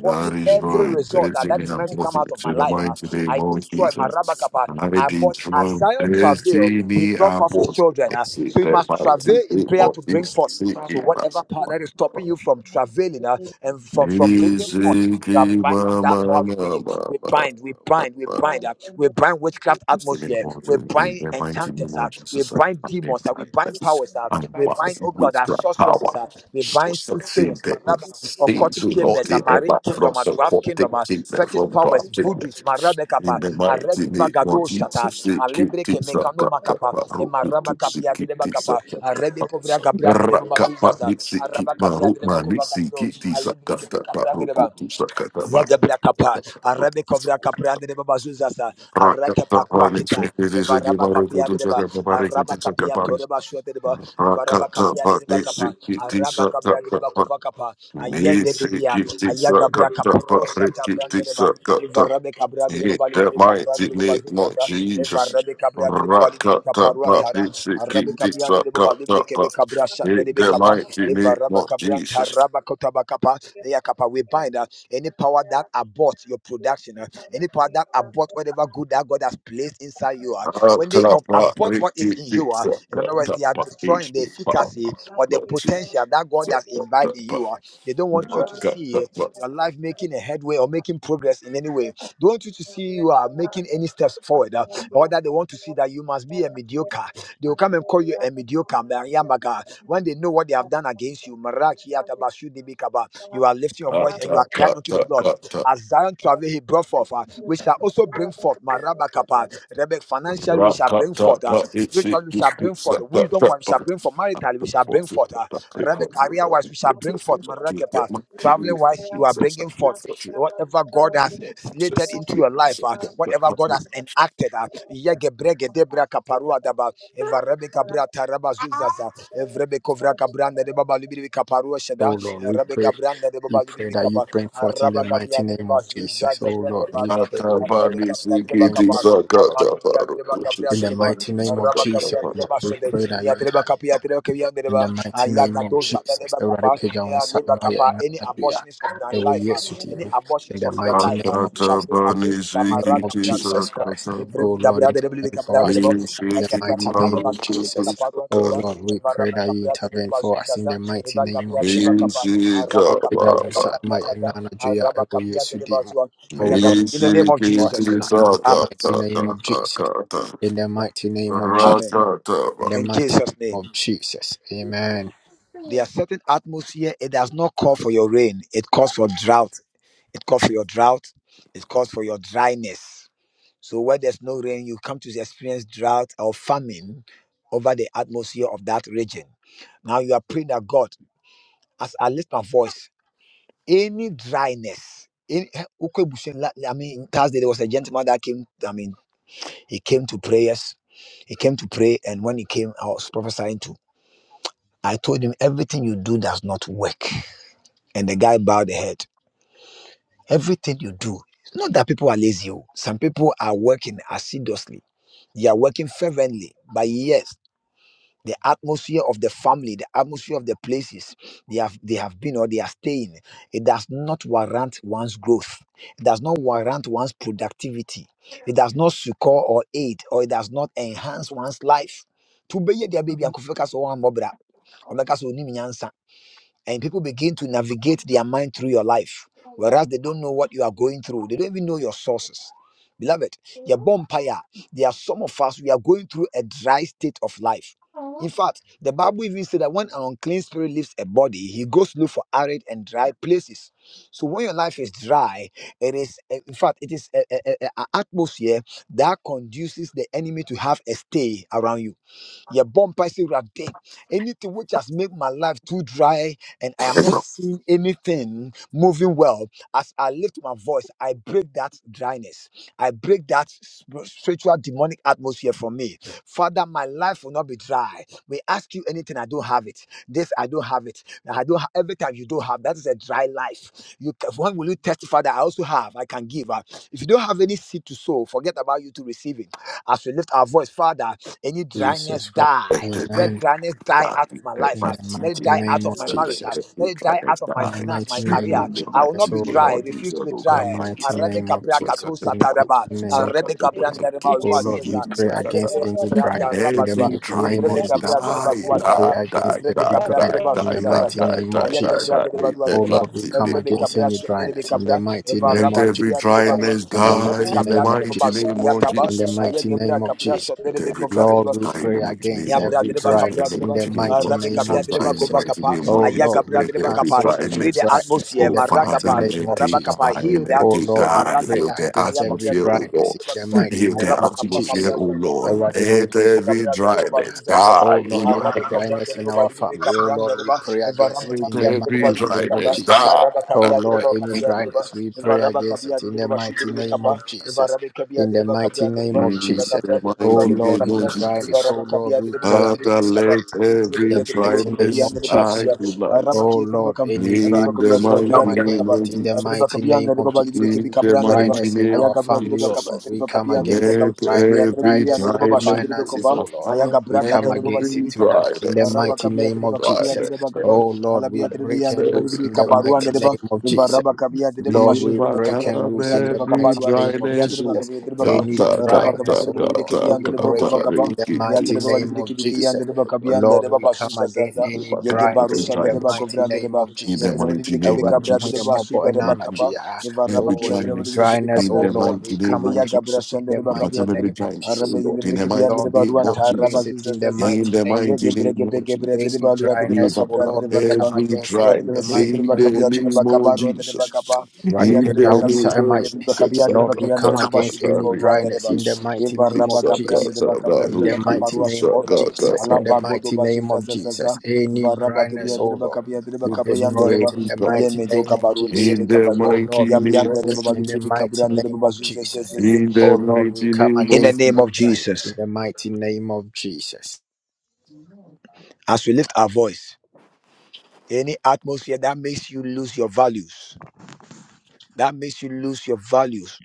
[SPEAKER 2] That is
[SPEAKER 1] every
[SPEAKER 2] right.
[SPEAKER 1] result uh, that
[SPEAKER 2] Destiny
[SPEAKER 1] is meant to come
[SPEAKER 2] abortion.
[SPEAKER 1] out of my
[SPEAKER 2] In the
[SPEAKER 1] life. uh.
[SPEAKER 2] mighty name
[SPEAKER 1] I
[SPEAKER 2] of
[SPEAKER 1] destroy my
[SPEAKER 2] Jesus.
[SPEAKER 1] rabakapa.
[SPEAKER 2] That is
[SPEAKER 1] I abort
[SPEAKER 2] right.
[SPEAKER 1] as Zion
[SPEAKER 2] Destiny abortion.
[SPEAKER 1] travail.
[SPEAKER 2] See the
[SPEAKER 1] He brought
[SPEAKER 2] mighty
[SPEAKER 1] forth his children. uh,
[SPEAKER 2] name
[SPEAKER 1] so you must travail in prayer
[SPEAKER 2] of
[SPEAKER 1] to bring
[SPEAKER 2] Jesus.
[SPEAKER 1] forth.
[SPEAKER 2] See
[SPEAKER 1] So
[SPEAKER 2] it, my
[SPEAKER 1] whatever
[SPEAKER 2] son.
[SPEAKER 1] power that is stopping you from travailing uh, and from, from bringing forth,
[SPEAKER 2] Nisi
[SPEAKER 1] you are
[SPEAKER 2] ki
[SPEAKER 1] binding
[SPEAKER 2] mama
[SPEAKER 1] that power with
[SPEAKER 2] mama
[SPEAKER 1] me. We
[SPEAKER 2] mama
[SPEAKER 1] bind, we bind, we
[SPEAKER 2] mama
[SPEAKER 1] bind. Uh, we bind witchcraft
[SPEAKER 2] We Just in
[SPEAKER 1] atmosphere.
[SPEAKER 2] order
[SPEAKER 1] We
[SPEAKER 2] in
[SPEAKER 1] bind
[SPEAKER 2] the mighty name
[SPEAKER 1] enchanters.
[SPEAKER 2] of
[SPEAKER 1] Uh, we
[SPEAKER 2] Jesus and
[SPEAKER 1] bind demons. Uh, we bind
[SPEAKER 2] that's
[SPEAKER 1] powers. Uh,
[SPEAKER 2] and why
[SPEAKER 1] we bind, oh God, our
[SPEAKER 2] witchcraft power
[SPEAKER 1] sorceresses. Uh, we bind
[SPEAKER 2] was seen
[SPEAKER 1] soothsayers,
[SPEAKER 2] that the
[SPEAKER 1] maraba,
[SPEAKER 2] saints who
[SPEAKER 1] occultic
[SPEAKER 2] Lord
[SPEAKER 1] chambers, uh,
[SPEAKER 2] they
[SPEAKER 1] marine
[SPEAKER 2] ever
[SPEAKER 1] kingdom, a
[SPEAKER 2] cross a
[SPEAKER 1] draft
[SPEAKER 2] court
[SPEAKER 1] kingdom, uh,
[SPEAKER 2] taking them
[SPEAKER 1] fetish
[SPEAKER 2] from to
[SPEAKER 1] powers,
[SPEAKER 2] obtain
[SPEAKER 1] voodoos,
[SPEAKER 2] it. in
[SPEAKER 1] marabekapa,
[SPEAKER 2] the
[SPEAKER 1] a
[SPEAKER 2] mighty name of
[SPEAKER 1] reggae
[SPEAKER 2] Jesus, the
[SPEAKER 1] alebre
[SPEAKER 2] guilty
[SPEAKER 1] ke mekano
[SPEAKER 2] Sakata
[SPEAKER 1] makapa
[SPEAKER 2] Baru
[SPEAKER 1] emaraba
[SPEAKER 2] to
[SPEAKER 1] kapia de
[SPEAKER 2] Sikiti
[SPEAKER 1] bakapa arebe
[SPEAKER 2] Sakata
[SPEAKER 1] kovra gabrande de
[SPEAKER 2] Rakapa
[SPEAKER 1] babazuzaza
[SPEAKER 2] Nitsiki
[SPEAKER 1] araba kapia
[SPEAKER 2] Baru
[SPEAKER 1] de
[SPEAKER 2] Mani
[SPEAKER 1] bakova kapro
[SPEAKER 2] Sikiti
[SPEAKER 1] alebre ke
[SPEAKER 2] Sakata
[SPEAKER 1] mekapra
[SPEAKER 2] Baru
[SPEAKER 1] de
[SPEAKER 2] Kutu Sakata
[SPEAKER 1] Yagabra kapa,
[SPEAKER 2] Baru
[SPEAKER 1] arabe kovra kapra de baba zuzasa,
[SPEAKER 2] in the
[SPEAKER 1] pakua
[SPEAKER 2] mighty
[SPEAKER 1] kita,
[SPEAKER 2] name of
[SPEAKER 1] evaraba kapia de ba, araba kapia
[SPEAKER 2] Jesus.
[SPEAKER 1] toreba shwete de ba, evaraba kapia de ba kapa, araba kapra de ba
[SPEAKER 2] Rakatapapisikitisatatapa.
[SPEAKER 1] kova kapa,
[SPEAKER 2] In
[SPEAKER 1] ayeg de bidia, ayagabra kapro shata de ba, evarabe kapra de baba
[SPEAKER 2] the
[SPEAKER 1] libri kapra
[SPEAKER 2] mighty
[SPEAKER 1] de baba
[SPEAKER 2] name
[SPEAKER 1] evarabe kapra de baba libri kaparua tara, arabe kapia de baba libri kebe kabra shat de be kapa, evaraba
[SPEAKER 2] of
[SPEAKER 1] kapra
[SPEAKER 2] Jesus.
[SPEAKER 1] taraba kotaba kapa, yakapa we bind uh, any power that abort your production, uh, any power that abort whatever good that God has placed inside you, uh, when they ab- abort what is in you, uh, in other words, they are destroying the
[SPEAKER 2] Ataparikitisatatapa.
[SPEAKER 1] efficacy or the
[SPEAKER 2] Lord Jesus.
[SPEAKER 1] potential that God has imbibed in you. uh, they don't want you to
[SPEAKER 2] Rakata
[SPEAKER 1] see uh, your life making a headway or making progress in any way. They want you to see you are making any steps forward, uh, or that they want to see that you must be a mediocre. They will come and call you a mediocre, Mariamaga, when they know what they have done against you. Maraki atabashu you are lifting your voice and you are crying unto the Lord. As Zion travel, he brought forth. uh, We shall also bring forth. Marabakapa. Rebek financially, we shall
[SPEAKER 2] Insikimaru
[SPEAKER 1] bring forth. uh, Spiritually, we shall bring forth. Wisdom wise, we shall bring forth. Maritally, we shall bring forth. uh, Rebek career wise, we shall bring forth. Marakepa. Traveling wise, you are bringing forth whatever God has slated into your life, uh, whatever God has enacted. Uh, yegebrege debra kaparua daba, evarebe kabra taraba zuzaza, evrebe kovra kabra nde deba balibiri kaparua sheda,
[SPEAKER 6] Oh Lord, we
[SPEAKER 1] Rabbe
[SPEAKER 6] pray.
[SPEAKER 1] Gabrianda de
[SPEAKER 6] We
[SPEAKER 1] Baba
[SPEAKER 6] pray
[SPEAKER 1] Libri
[SPEAKER 6] that you
[SPEAKER 1] Capa,
[SPEAKER 6] bring forth in the mighty
[SPEAKER 1] Gabianda de
[SPEAKER 6] name of
[SPEAKER 1] Bazuza
[SPEAKER 6] Jesus. Oh
[SPEAKER 1] Gabra de
[SPEAKER 6] Lord, we
[SPEAKER 1] Barua,
[SPEAKER 6] pray. We pray
[SPEAKER 1] Rabbe
[SPEAKER 6] that
[SPEAKER 1] Capia
[SPEAKER 6] you
[SPEAKER 1] de
[SPEAKER 6] bring
[SPEAKER 1] Bacapa,
[SPEAKER 6] forth Lord.
[SPEAKER 1] Amalia de Bacabria
[SPEAKER 6] in the
[SPEAKER 1] de Ba,
[SPEAKER 6] mighty name of
[SPEAKER 1] Araba
[SPEAKER 6] Jesus.
[SPEAKER 1] Capia de
[SPEAKER 6] Lord, we
[SPEAKER 1] Basede,
[SPEAKER 6] pray that you
[SPEAKER 1] Yadreba
[SPEAKER 6] intervene for
[SPEAKER 1] Capia
[SPEAKER 6] us.
[SPEAKER 1] de Ocavia de
[SPEAKER 6] in the
[SPEAKER 1] Ba,
[SPEAKER 6] mighty name of
[SPEAKER 1] Ayagato Shada de
[SPEAKER 6] Jesus. Awurade,
[SPEAKER 1] Bacapa,
[SPEAKER 6] pagya wo nsa
[SPEAKER 1] Yadreba
[SPEAKER 6] mma yɛ
[SPEAKER 1] Capa,
[SPEAKER 6] ɛna
[SPEAKER 1] any
[SPEAKER 6] anadwo yi a,
[SPEAKER 1] abortionist of thy
[SPEAKER 6] ɛwɔ
[SPEAKER 1] life, ah,
[SPEAKER 6] Yesu din
[SPEAKER 1] any
[SPEAKER 6] mu. In
[SPEAKER 1] abortionist
[SPEAKER 6] the
[SPEAKER 1] of your
[SPEAKER 6] mighty
[SPEAKER 1] life, ah,
[SPEAKER 6] name of
[SPEAKER 1] you are
[SPEAKER 6] Jesus.
[SPEAKER 1] praying
[SPEAKER 6] In the
[SPEAKER 1] against it.
[SPEAKER 6] mighty name
[SPEAKER 1] Amara
[SPEAKER 6] of
[SPEAKER 1] Gabria
[SPEAKER 6] Jesus
[SPEAKER 1] Shadara,
[SPEAKER 6] Christ. Oh
[SPEAKER 1] Invreme
[SPEAKER 6] Lord,
[SPEAKER 1] Gabria de Libri
[SPEAKER 6] intervene for
[SPEAKER 1] de
[SPEAKER 6] us
[SPEAKER 1] Ba,
[SPEAKER 6] tonight. In the
[SPEAKER 1] Rakabria
[SPEAKER 6] mighty
[SPEAKER 1] Catana
[SPEAKER 6] name of
[SPEAKER 1] Basude de
[SPEAKER 6] Jesus.
[SPEAKER 1] Caparua de
[SPEAKER 6] Oh
[SPEAKER 1] Ba,
[SPEAKER 6] Lord, we pray
[SPEAKER 1] Varama
[SPEAKER 6] that you
[SPEAKER 1] Capria de
[SPEAKER 6] intervene for
[SPEAKER 1] Bazuza,
[SPEAKER 6] us in the mighty
[SPEAKER 1] Eva
[SPEAKER 6] name
[SPEAKER 1] Capia
[SPEAKER 6] of
[SPEAKER 1] de
[SPEAKER 6] Jesus.
[SPEAKER 1] Bacapa.
[SPEAKER 2] Nishika
[SPEAKER 6] Rebega
[SPEAKER 2] Baba.
[SPEAKER 6] Wusadmai and Nana Joya Ewo Yesu Dimo. O Lord,
[SPEAKER 1] In the
[SPEAKER 6] have
[SPEAKER 1] name
[SPEAKER 6] mercy
[SPEAKER 2] Nishiki
[SPEAKER 1] of
[SPEAKER 6] for us
[SPEAKER 1] Jesus.
[SPEAKER 6] tonight in the
[SPEAKER 1] Amen.
[SPEAKER 2] Tisaka
[SPEAKER 6] mighty name of
[SPEAKER 2] Taka
[SPEAKER 6] Jesus.
[SPEAKER 2] Taka Taka
[SPEAKER 6] In the mighty name of Jesus.
[SPEAKER 1] Amen.
[SPEAKER 6] In
[SPEAKER 2] Rakataba.
[SPEAKER 6] the
[SPEAKER 1] In
[SPEAKER 6] mighty
[SPEAKER 1] Jesus'
[SPEAKER 6] name
[SPEAKER 1] name.
[SPEAKER 6] of Jesus. Amen.
[SPEAKER 1] There are certain atmosphere, it does not call for your rain. It calls for drought. It calls for your drought. It calls for your dryness. So where there's no rain, you come to experience drought or famine over the atmosphere of that region. Now you are praying that God, as I lift my voice, any dryness. In, I mean, Thursday there was a gentleman that came. I mean, he came to prayers. He came to pray, and when he came, I was prophesying to. I told him everything you do does not work, and the guy bowed the head. Everything you do. It's not that people are lazy. oh. Some people are working assiduously. They are working fervently. but yes. the atmosphere of the family, the atmosphere of the places they have they have been or they are staying, it does not warrant one's growth. It does not warrant one's productivity. It does not succor or aid, or it does not enhance one's life. To be there, baby, and focus on one mobra, and people begin to navigate their mind through your life, whereas they don't know what you are going through. They don't even know your sources. Beloved, your bonfire, there are some of us, we are going through a dry state of life. In fact, the Bible even said that when an unclean spirit leaves a body, he goes to look for arid and dry places. So when your life is dry, it is, eh, in fact, it is an atmosphere that conduces the enemy to have a stay around you. Your mpa sɛ Awurade, anything which has made my life too dry and I am not seeing anything moving well, as I lift my voice, I break that dryness. I break that sp- spiritual demonic atmosphere from me. Father, my life will not be dry. We ask you anything, I don't have it. This, I don't have it. I don't have, every time you don't have, that is a dry life. You ca- When will you testify that I also have, I can give. Uh, If you don't have any seed to sow, forget about you to receive it. As we lift our voice, Father, any dryness
[SPEAKER 6] Jesus Christ.
[SPEAKER 2] and
[SPEAKER 1] die.
[SPEAKER 2] every
[SPEAKER 1] Let
[SPEAKER 6] Amen.
[SPEAKER 1] dryness die out
[SPEAKER 2] time
[SPEAKER 1] of my
[SPEAKER 2] that
[SPEAKER 1] life.
[SPEAKER 6] In
[SPEAKER 1] ah.
[SPEAKER 2] my
[SPEAKER 6] the
[SPEAKER 1] Let it
[SPEAKER 6] mighty
[SPEAKER 2] TV
[SPEAKER 1] die out
[SPEAKER 6] name
[SPEAKER 1] of
[SPEAKER 6] of
[SPEAKER 2] watches
[SPEAKER 1] my
[SPEAKER 2] that they
[SPEAKER 1] marriage. ah.
[SPEAKER 6] Jesus.
[SPEAKER 2] get
[SPEAKER 1] Let
[SPEAKER 2] me
[SPEAKER 1] it die
[SPEAKER 2] trying
[SPEAKER 1] out
[SPEAKER 2] to
[SPEAKER 1] of my
[SPEAKER 6] In the
[SPEAKER 2] die.
[SPEAKER 1] finance, my
[SPEAKER 6] mighty name
[SPEAKER 1] career.
[SPEAKER 2] Really,
[SPEAKER 1] ah.
[SPEAKER 6] of
[SPEAKER 2] they
[SPEAKER 1] I
[SPEAKER 2] might
[SPEAKER 1] will not
[SPEAKER 6] Jesus,
[SPEAKER 1] be
[SPEAKER 6] oh
[SPEAKER 2] TV
[SPEAKER 1] dry.
[SPEAKER 6] Lord.
[SPEAKER 1] I
[SPEAKER 2] watches
[SPEAKER 1] Refuse to
[SPEAKER 2] that
[SPEAKER 1] be
[SPEAKER 2] look
[SPEAKER 6] In the
[SPEAKER 2] at
[SPEAKER 1] dry.
[SPEAKER 2] my
[SPEAKER 6] mighty
[SPEAKER 1] Arabe
[SPEAKER 2] sicky,
[SPEAKER 6] name of
[SPEAKER 1] kabra
[SPEAKER 2] suck
[SPEAKER 6] Jesus.
[SPEAKER 1] kato
[SPEAKER 2] at that,
[SPEAKER 6] In the
[SPEAKER 2] I
[SPEAKER 6] mighty
[SPEAKER 1] satareba.
[SPEAKER 6] name
[SPEAKER 1] Arabe
[SPEAKER 6] of
[SPEAKER 1] kabra
[SPEAKER 6] Jesus.
[SPEAKER 1] ndereba
[SPEAKER 6] Oh
[SPEAKER 1] uwa
[SPEAKER 6] Lord, we
[SPEAKER 1] zeza.
[SPEAKER 6] pray against
[SPEAKER 1] Ayebe
[SPEAKER 6] any
[SPEAKER 1] kabra
[SPEAKER 6] dryness. In
[SPEAKER 1] daraba
[SPEAKER 6] the
[SPEAKER 1] dua.
[SPEAKER 2] Every
[SPEAKER 6] mighty name
[SPEAKER 1] Evrebe
[SPEAKER 6] of
[SPEAKER 2] dryness
[SPEAKER 6] Jesus.
[SPEAKER 1] kabra dereba
[SPEAKER 2] die,
[SPEAKER 6] We pray
[SPEAKER 2] die,
[SPEAKER 1] kuataba.
[SPEAKER 6] against
[SPEAKER 2] die,
[SPEAKER 1] Evrebe
[SPEAKER 6] every
[SPEAKER 2] die,
[SPEAKER 1] kabra
[SPEAKER 6] dryness.
[SPEAKER 2] die,
[SPEAKER 1] dereba
[SPEAKER 6] In
[SPEAKER 2] die,
[SPEAKER 6] the
[SPEAKER 1] zuza
[SPEAKER 2] die,
[SPEAKER 6] mighty
[SPEAKER 1] zaza.
[SPEAKER 2] die,
[SPEAKER 6] name of
[SPEAKER 1] Aya
[SPEAKER 2] die, die,
[SPEAKER 6] Jesus.
[SPEAKER 1] kabra dereba
[SPEAKER 2] die, in
[SPEAKER 1] dua
[SPEAKER 2] the
[SPEAKER 6] Oh
[SPEAKER 1] dereba.
[SPEAKER 6] Lord, we
[SPEAKER 2] mighty
[SPEAKER 6] come
[SPEAKER 2] name
[SPEAKER 1] Evrebe
[SPEAKER 6] against
[SPEAKER 1] kabra
[SPEAKER 6] any
[SPEAKER 1] shut derebe
[SPEAKER 6] dryness. In the
[SPEAKER 1] kabra.
[SPEAKER 6] mighty
[SPEAKER 1] Eva
[SPEAKER 6] name
[SPEAKER 2] Let
[SPEAKER 6] of
[SPEAKER 1] raba
[SPEAKER 6] Jesus.
[SPEAKER 2] every
[SPEAKER 1] lubria dereba dua.
[SPEAKER 2] dryness
[SPEAKER 6] In the
[SPEAKER 2] die
[SPEAKER 1] Evrebe
[SPEAKER 6] mighty
[SPEAKER 2] in the
[SPEAKER 1] kabra
[SPEAKER 6] name of
[SPEAKER 1] dereba
[SPEAKER 2] mighty
[SPEAKER 6] Jesus.
[SPEAKER 1] bazu
[SPEAKER 2] name
[SPEAKER 1] biya
[SPEAKER 2] of
[SPEAKER 1] kaba.
[SPEAKER 6] In the
[SPEAKER 2] Jesus.
[SPEAKER 1] Aya
[SPEAKER 6] mighty
[SPEAKER 1] gebra
[SPEAKER 6] name of
[SPEAKER 1] kapra
[SPEAKER 6] Jesus.
[SPEAKER 2] At
[SPEAKER 1] shotere be
[SPEAKER 2] every
[SPEAKER 1] kovra
[SPEAKER 2] time,
[SPEAKER 6] Lord,
[SPEAKER 1] dereba
[SPEAKER 2] it's
[SPEAKER 6] we
[SPEAKER 2] dying
[SPEAKER 6] pray
[SPEAKER 2] the mighty
[SPEAKER 6] against
[SPEAKER 1] ya
[SPEAKER 2] name of
[SPEAKER 1] bra
[SPEAKER 6] every
[SPEAKER 1] dereba
[SPEAKER 2] Jesus,
[SPEAKER 1] kapra
[SPEAKER 2] dying
[SPEAKER 6] dryness
[SPEAKER 2] the
[SPEAKER 6] in
[SPEAKER 1] dereba
[SPEAKER 6] the
[SPEAKER 2] mighty name
[SPEAKER 6] mighty
[SPEAKER 2] of
[SPEAKER 1] rabe
[SPEAKER 6] name
[SPEAKER 1] kapia
[SPEAKER 2] Jesus,
[SPEAKER 6] of
[SPEAKER 1] dereba
[SPEAKER 2] dying the
[SPEAKER 1] kova
[SPEAKER 6] Jesus.
[SPEAKER 2] mighty
[SPEAKER 1] kapa
[SPEAKER 2] name
[SPEAKER 6] Oh
[SPEAKER 2] of
[SPEAKER 1] aya
[SPEAKER 2] Jesus,
[SPEAKER 6] Lord,
[SPEAKER 1] gabra
[SPEAKER 6] we
[SPEAKER 2] at
[SPEAKER 1] dereba
[SPEAKER 2] every
[SPEAKER 1] kapa
[SPEAKER 6] cancel every
[SPEAKER 1] free
[SPEAKER 2] dryness,
[SPEAKER 1] the
[SPEAKER 6] dryness
[SPEAKER 1] atmosphere
[SPEAKER 6] in
[SPEAKER 2] oh
[SPEAKER 6] the
[SPEAKER 1] mara
[SPEAKER 6] mighty
[SPEAKER 2] Father,
[SPEAKER 1] kapa
[SPEAKER 6] name
[SPEAKER 2] let
[SPEAKER 6] of
[SPEAKER 1] araba
[SPEAKER 2] it
[SPEAKER 6] Jesus.
[SPEAKER 1] kapa
[SPEAKER 2] die,
[SPEAKER 1] heal the
[SPEAKER 6] Oh
[SPEAKER 2] let it
[SPEAKER 1] atmosphere
[SPEAKER 6] Lord, we
[SPEAKER 2] die,
[SPEAKER 1] mara
[SPEAKER 6] pray
[SPEAKER 2] heal
[SPEAKER 1] kapa
[SPEAKER 2] the
[SPEAKER 6] against
[SPEAKER 1] aya kapia
[SPEAKER 6] every
[SPEAKER 2] atmosphere,
[SPEAKER 1] dereba
[SPEAKER 2] oh
[SPEAKER 1] kapia
[SPEAKER 6] dryness in the
[SPEAKER 1] dereba
[SPEAKER 2] Lord,
[SPEAKER 6] mighty
[SPEAKER 2] heal
[SPEAKER 6] name
[SPEAKER 2] the
[SPEAKER 1] Araba
[SPEAKER 6] of
[SPEAKER 1] kapa
[SPEAKER 2] atmosphere,
[SPEAKER 6] Jesus.
[SPEAKER 1] kabra
[SPEAKER 2] oh
[SPEAKER 1] shaka de badwa.
[SPEAKER 2] Lord,
[SPEAKER 6] Erade hoye
[SPEAKER 2] let
[SPEAKER 1] Zebe
[SPEAKER 2] every
[SPEAKER 1] kabra de de bazu
[SPEAKER 2] dryness
[SPEAKER 1] za za za.
[SPEAKER 6] Oh
[SPEAKER 2] die, oh
[SPEAKER 6] Lord, any
[SPEAKER 1] Araba
[SPEAKER 2] Lord.
[SPEAKER 1] kabra de
[SPEAKER 6] dryness
[SPEAKER 1] de
[SPEAKER 6] in our
[SPEAKER 1] bali de
[SPEAKER 6] family, oh
[SPEAKER 1] kabra de
[SPEAKER 6] Lord,
[SPEAKER 1] de
[SPEAKER 6] we
[SPEAKER 1] ba.
[SPEAKER 6] pray against
[SPEAKER 1] Varaba
[SPEAKER 6] it
[SPEAKER 2] let
[SPEAKER 6] in
[SPEAKER 1] kabra
[SPEAKER 6] the
[SPEAKER 1] de de
[SPEAKER 2] every
[SPEAKER 6] mighty
[SPEAKER 1] bali de
[SPEAKER 6] name of
[SPEAKER 1] kabra.
[SPEAKER 2] dryness
[SPEAKER 6] Jesus.
[SPEAKER 2] die.
[SPEAKER 1] Araba
[SPEAKER 6] Oh
[SPEAKER 1] kabia de de
[SPEAKER 6] Lord,
[SPEAKER 1] ba
[SPEAKER 6] any
[SPEAKER 1] kabia de de ba.
[SPEAKER 6] dryness, we pray
[SPEAKER 1] Varaba
[SPEAKER 6] against
[SPEAKER 1] kabia
[SPEAKER 6] it
[SPEAKER 1] de
[SPEAKER 6] in
[SPEAKER 1] de
[SPEAKER 6] the
[SPEAKER 1] ba shi
[SPEAKER 6] mighty
[SPEAKER 1] de de
[SPEAKER 6] name
[SPEAKER 1] kapa.
[SPEAKER 6] of Jesus.
[SPEAKER 1] Varaba kabia
[SPEAKER 6] In
[SPEAKER 1] de de
[SPEAKER 6] the
[SPEAKER 1] ba
[SPEAKER 6] mighty
[SPEAKER 1] kabra de de ba.
[SPEAKER 6] name of
[SPEAKER 2] In
[SPEAKER 1] Ya
[SPEAKER 6] Jesus.
[SPEAKER 1] kabra
[SPEAKER 2] the
[SPEAKER 1] de de
[SPEAKER 6] Oh
[SPEAKER 1] ba
[SPEAKER 2] mighty
[SPEAKER 1] de de ba
[SPEAKER 2] name
[SPEAKER 6] Lord,
[SPEAKER 2] of
[SPEAKER 1] kabia.
[SPEAKER 6] any dryness,
[SPEAKER 2] Jesus,
[SPEAKER 1] Varaba
[SPEAKER 6] oh Lord,
[SPEAKER 1] kabia de
[SPEAKER 6] we pray
[SPEAKER 1] Bobali
[SPEAKER 2] Father,
[SPEAKER 6] against
[SPEAKER 1] Capra,
[SPEAKER 2] let
[SPEAKER 1] the
[SPEAKER 6] it in
[SPEAKER 2] every
[SPEAKER 1] Little
[SPEAKER 6] the
[SPEAKER 1] Cabia de
[SPEAKER 6] mighty
[SPEAKER 1] bali
[SPEAKER 6] name
[SPEAKER 2] dryness
[SPEAKER 6] of Jesus.
[SPEAKER 2] die
[SPEAKER 1] Masuda,
[SPEAKER 2] tonight.
[SPEAKER 6] Oh
[SPEAKER 1] Arabaki
[SPEAKER 6] Lord,
[SPEAKER 1] Atribakam,
[SPEAKER 2] In
[SPEAKER 6] any
[SPEAKER 1] Atribakabi
[SPEAKER 2] the
[SPEAKER 6] dryness, we
[SPEAKER 1] Atribakabi
[SPEAKER 6] come
[SPEAKER 2] mighty
[SPEAKER 6] against
[SPEAKER 2] name
[SPEAKER 1] Atribakaba,
[SPEAKER 6] it
[SPEAKER 2] of
[SPEAKER 6] in the
[SPEAKER 2] Jesus.
[SPEAKER 6] mighty
[SPEAKER 1] Atribakabian,
[SPEAKER 6] name
[SPEAKER 1] the
[SPEAKER 6] of
[SPEAKER 1] Riba
[SPEAKER 6] Jesus.
[SPEAKER 1] Libiki
[SPEAKER 2] In the
[SPEAKER 1] Cabran, the Riba,
[SPEAKER 2] mighty
[SPEAKER 6] Dryness in
[SPEAKER 2] name
[SPEAKER 6] our
[SPEAKER 2] of
[SPEAKER 1] Ayagabra
[SPEAKER 6] family, oh
[SPEAKER 2] Jesus.
[SPEAKER 1] Ribakaba,
[SPEAKER 6] Lord, we come
[SPEAKER 1] Ribakabian, the
[SPEAKER 6] against it.
[SPEAKER 1] Ribakam,
[SPEAKER 2] Let
[SPEAKER 6] Dryness,
[SPEAKER 2] every
[SPEAKER 1] Riatribian,
[SPEAKER 6] dryness
[SPEAKER 1] the
[SPEAKER 6] in our
[SPEAKER 1] Riba
[SPEAKER 2] dryness be
[SPEAKER 6] finances,
[SPEAKER 1] Shidribakova,
[SPEAKER 6] oh Lord,
[SPEAKER 2] upon
[SPEAKER 6] we
[SPEAKER 1] Ayagabraka,
[SPEAKER 6] come
[SPEAKER 1] the Riba
[SPEAKER 6] against it
[SPEAKER 2] every
[SPEAKER 6] tonight
[SPEAKER 1] Libikaba,
[SPEAKER 6] in the
[SPEAKER 2] dryness.
[SPEAKER 6] mighty
[SPEAKER 1] Arabakabia, the
[SPEAKER 6] name of
[SPEAKER 1] Ribakabia, the
[SPEAKER 6] Jesus.
[SPEAKER 2] Dryness.
[SPEAKER 1] Ribakaba,
[SPEAKER 6] Oh Lord, we
[SPEAKER 1] Alabia
[SPEAKER 6] break
[SPEAKER 1] Trilia,
[SPEAKER 2] Dryness.
[SPEAKER 1] the
[SPEAKER 6] and
[SPEAKER 1] Riba
[SPEAKER 6] loose
[SPEAKER 2] Every
[SPEAKER 6] in the
[SPEAKER 1] Libikabaruan, the
[SPEAKER 6] mighty
[SPEAKER 2] dryness.
[SPEAKER 1] Riba,
[SPEAKER 6] name of
[SPEAKER 1] Riva
[SPEAKER 6] Jesus.
[SPEAKER 1] Rabakabia, the Riba
[SPEAKER 6] Lord,
[SPEAKER 2] We
[SPEAKER 6] we break
[SPEAKER 1] Shidribakabia, the
[SPEAKER 6] and
[SPEAKER 2] overcome
[SPEAKER 6] loose
[SPEAKER 1] Riba
[SPEAKER 6] in the
[SPEAKER 2] every
[SPEAKER 6] mighty
[SPEAKER 1] Yadribakabarua,
[SPEAKER 6] name of
[SPEAKER 2] dryness.
[SPEAKER 1] Ayadribaka
[SPEAKER 6] Jesus.
[SPEAKER 1] Yadribaka
[SPEAKER 6] Any
[SPEAKER 2] Kata kata
[SPEAKER 1] Rabaka
[SPEAKER 6] dryness, oh
[SPEAKER 1] Batribiki
[SPEAKER 6] Lord,
[SPEAKER 2] kata
[SPEAKER 1] Kibian
[SPEAKER 6] we
[SPEAKER 1] de Bogo
[SPEAKER 2] kata
[SPEAKER 6] break it in
[SPEAKER 1] Vagaba
[SPEAKER 6] the
[SPEAKER 2] rikiti.
[SPEAKER 6] mighty
[SPEAKER 1] Ayadriba
[SPEAKER 6] name of
[SPEAKER 1] Libiki and
[SPEAKER 6] Jesus.
[SPEAKER 1] the Bakabian
[SPEAKER 6] Lord,
[SPEAKER 1] the
[SPEAKER 6] we
[SPEAKER 1] Baba
[SPEAKER 6] come against
[SPEAKER 2] We
[SPEAKER 1] Suzaza
[SPEAKER 6] any
[SPEAKER 1] Yege
[SPEAKER 2] overcome every
[SPEAKER 6] dryness
[SPEAKER 1] Barusha
[SPEAKER 6] in
[SPEAKER 1] the
[SPEAKER 6] the
[SPEAKER 2] dryness.
[SPEAKER 6] mighty
[SPEAKER 1] Bakovran the
[SPEAKER 6] name
[SPEAKER 1] Deba
[SPEAKER 6] of
[SPEAKER 2] In the
[SPEAKER 6] Jesus.
[SPEAKER 1] Yadriba
[SPEAKER 2] mighty
[SPEAKER 1] Libiki
[SPEAKER 2] name of
[SPEAKER 6] Awurade
[SPEAKER 1] Cabra
[SPEAKER 6] hu
[SPEAKER 1] de
[SPEAKER 6] yɛn
[SPEAKER 2] Jesus.
[SPEAKER 1] Basu
[SPEAKER 6] mmɔbɔ
[SPEAKER 1] the
[SPEAKER 6] ɛna anadwo
[SPEAKER 1] Bakapa
[SPEAKER 6] yi ara.
[SPEAKER 1] Eva
[SPEAKER 2] every
[SPEAKER 1] Rabaki
[SPEAKER 6] Oh, any
[SPEAKER 1] Yadriba
[SPEAKER 2] dryness
[SPEAKER 1] Libiki
[SPEAKER 6] dryness,
[SPEAKER 2] in
[SPEAKER 1] Capra
[SPEAKER 6] oh
[SPEAKER 2] the
[SPEAKER 1] de Deba
[SPEAKER 6] Lord, we
[SPEAKER 2] mighty
[SPEAKER 6] come
[SPEAKER 2] name
[SPEAKER 1] Eva
[SPEAKER 2] of
[SPEAKER 6] against
[SPEAKER 1] Yagabra
[SPEAKER 6] it
[SPEAKER 2] Jesus.
[SPEAKER 6] in
[SPEAKER 1] Shan the
[SPEAKER 6] the
[SPEAKER 1] Bakabia
[SPEAKER 6] mighty
[SPEAKER 2] Overcome every
[SPEAKER 1] de
[SPEAKER 6] name of
[SPEAKER 2] dryness, oh
[SPEAKER 1] Arabe
[SPEAKER 6] Jesus.
[SPEAKER 2] Lord, in the
[SPEAKER 1] Yadribiki Bian
[SPEAKER 2] mighty
[SPEAKER 1] the
[SPEAKER 6] Lord, we
[SPEAKER 2] name
[SPEAKER 1] Baduan
[SPEAKER 2] of
[SPEAKER 6] come
[SPEAKER 2] Jesus.
[SPEAKER 6] against it in the
[SPEAKER 1] Tarabazuzaza
[SPEAKER 2] In
[SPEAKER 6] mighty
[SPEAKER 2] the
[SPEAKER 6] name of
[SPEAKER 2] mighty
[SPEAKER 1] Ayege
[SPEAKER 6] Jesus.
[SPEAKER 2] name
[SPEAKER 1] Breke
[SPEAKER 2] of
[SPEAKER 1] Beke Bre de
[SPEAKER 2] Jesus.
[SPEAKER 6] Any
[SPEAKER 1] Balu at the
[SPEAKER 2] We
[SPEAKER 6] dryness, oh
[SPEAKER 1] Bakapra de
[SPEAKER 2] overcome
[SPEAKER 6] Lord, we come
[SPEAKER 1] Bakaba
[SPEAKER 2] every
[SPEAKER 6] against
[SPEAKER 1] in
[SPEAKER 6] it
[SPEAKER 1] the
[SPEAKER 6] in the
[SPEAKER 2] dryness
[SPEAKER 6] mighty
[SPEAKER 2] in
[SPEAKER 6] name of
[SPEAKER 2] the
[SPEAKER 6] Jesus.
[SPEAKER 2] name of Jesus.
[SPEAKER 6] Awurade,
[SPEAKER 2] In the
[SPEAKER 6] pagya wo
[SPEAKER 2] name of
[SPEAKER 6] nsa
[SPEAKER 2] Jesus.
[SPEAKER 6] Lord, we come
[SPEAKER 2] Sakata,
[SPEAKER 6] against any
[SPEAKER 2] sakari,
[SPEAKER 6] dryness in the
[SPEAKER 2] kutus,
[SPEAKER 6] mighty name of Jesus.
[SPEAKER 2] sakata,
[SPEAKER 6] In
[SPEAKER 2] baru,
[SPEAKER 6] the mighty
[SPEAKER 2] kutus,
[SPEAKER 6] name of
[SPEAKER 2] sakata,
[SPEAKER 6] Jesus. In
[SPEAKER 2] baru.
[SPEAKER 6] the mighty name of Jesus. Any dryness, oh Lord, we destroy it in the mighty name of Jesus.
[SPEAKER 2] In the
[SPEAKER 6] Oh
[SPEAKER 2] mighty
[SPEAKER 6] Lord, we
[SPEAKER 2] name
[SPEAKER 6] break
[SPEAKER 2] of
[SPEAKER 6] it in the
[SPEAKER 2] Jesus.
[SPEAKER 6] mighty name of Jesus.
[SPEAKER 2] In
[SPEAKER 6] Oh
[SPEAKER 2] the
[SPEAKER 6] Lord, we
[SPEAKER 2] mighty
[SPEAKER 6] come
[SPEAKER 2] name
[SPEAKER 6] against
[SPEAKER 2] of
[SPEAKER 1] name
[SPEAKER 6] any
[SPEAKER 1] of
[SPEAKER 6] dryness in
[SPEAKER 1] Jesus,
[SPEAKER 6] the mighty name of Jesus.
[SPEAKER 1] as we lift our voice, any atmosphere that makes you lose your values, that makes you lose your values,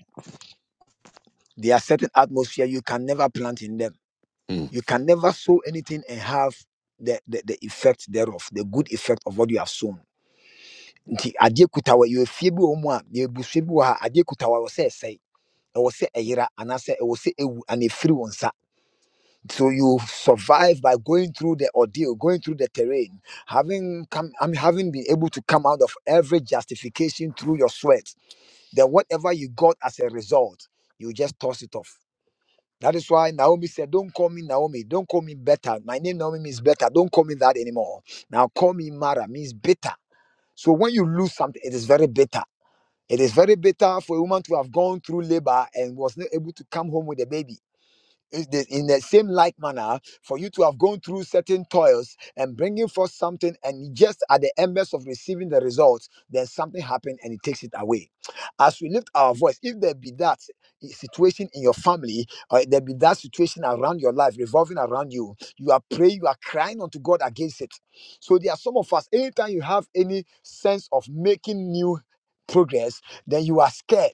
[SPEAKER 1] There are certain atmosphere you can never plant in them.
[SPEAKER 2] Jesus.
[SPEAKER 1] You can never sow anything and have the, the, the effect thereof, the good effect of what you have sown. Nti adeɛ kuta wɔ yɛfie bi wɔ mu a yɛabusua bi wɔ ha adeɛ kuta wɔ a ɛwɔ sɛ ɛsɛe. Ɛwɔ sɛ ɛyera anaasɛ ɛwɔ sɛ ɛwu ana ɛfiri wo nsa. So you survive by going through the ordeal, going through the terrain, having come, I mean, having been able to come out of every justification through your sweat. Then whatever you got as a result, you just toss it off That is why Naomi said, Don't call me Naomi. Don't call me better. My name Naomi means better. Don't call me that anymore. Now call me Mara means bitter. So when you lose something, it is very bitter. It is very bitter for a woman to have gone through labor and was not able to come home with a baby is this- in the same like manner for you to have gone through certain toils and bringing forth something and just at the embers of receiving the results then something happened and it takes it away as we lift our voice if there be that situation in your family or there be that situation around your life revolving around you you are praying you are crying unto god against it so there are some of us anytime you have any sense of making new progress then you are scared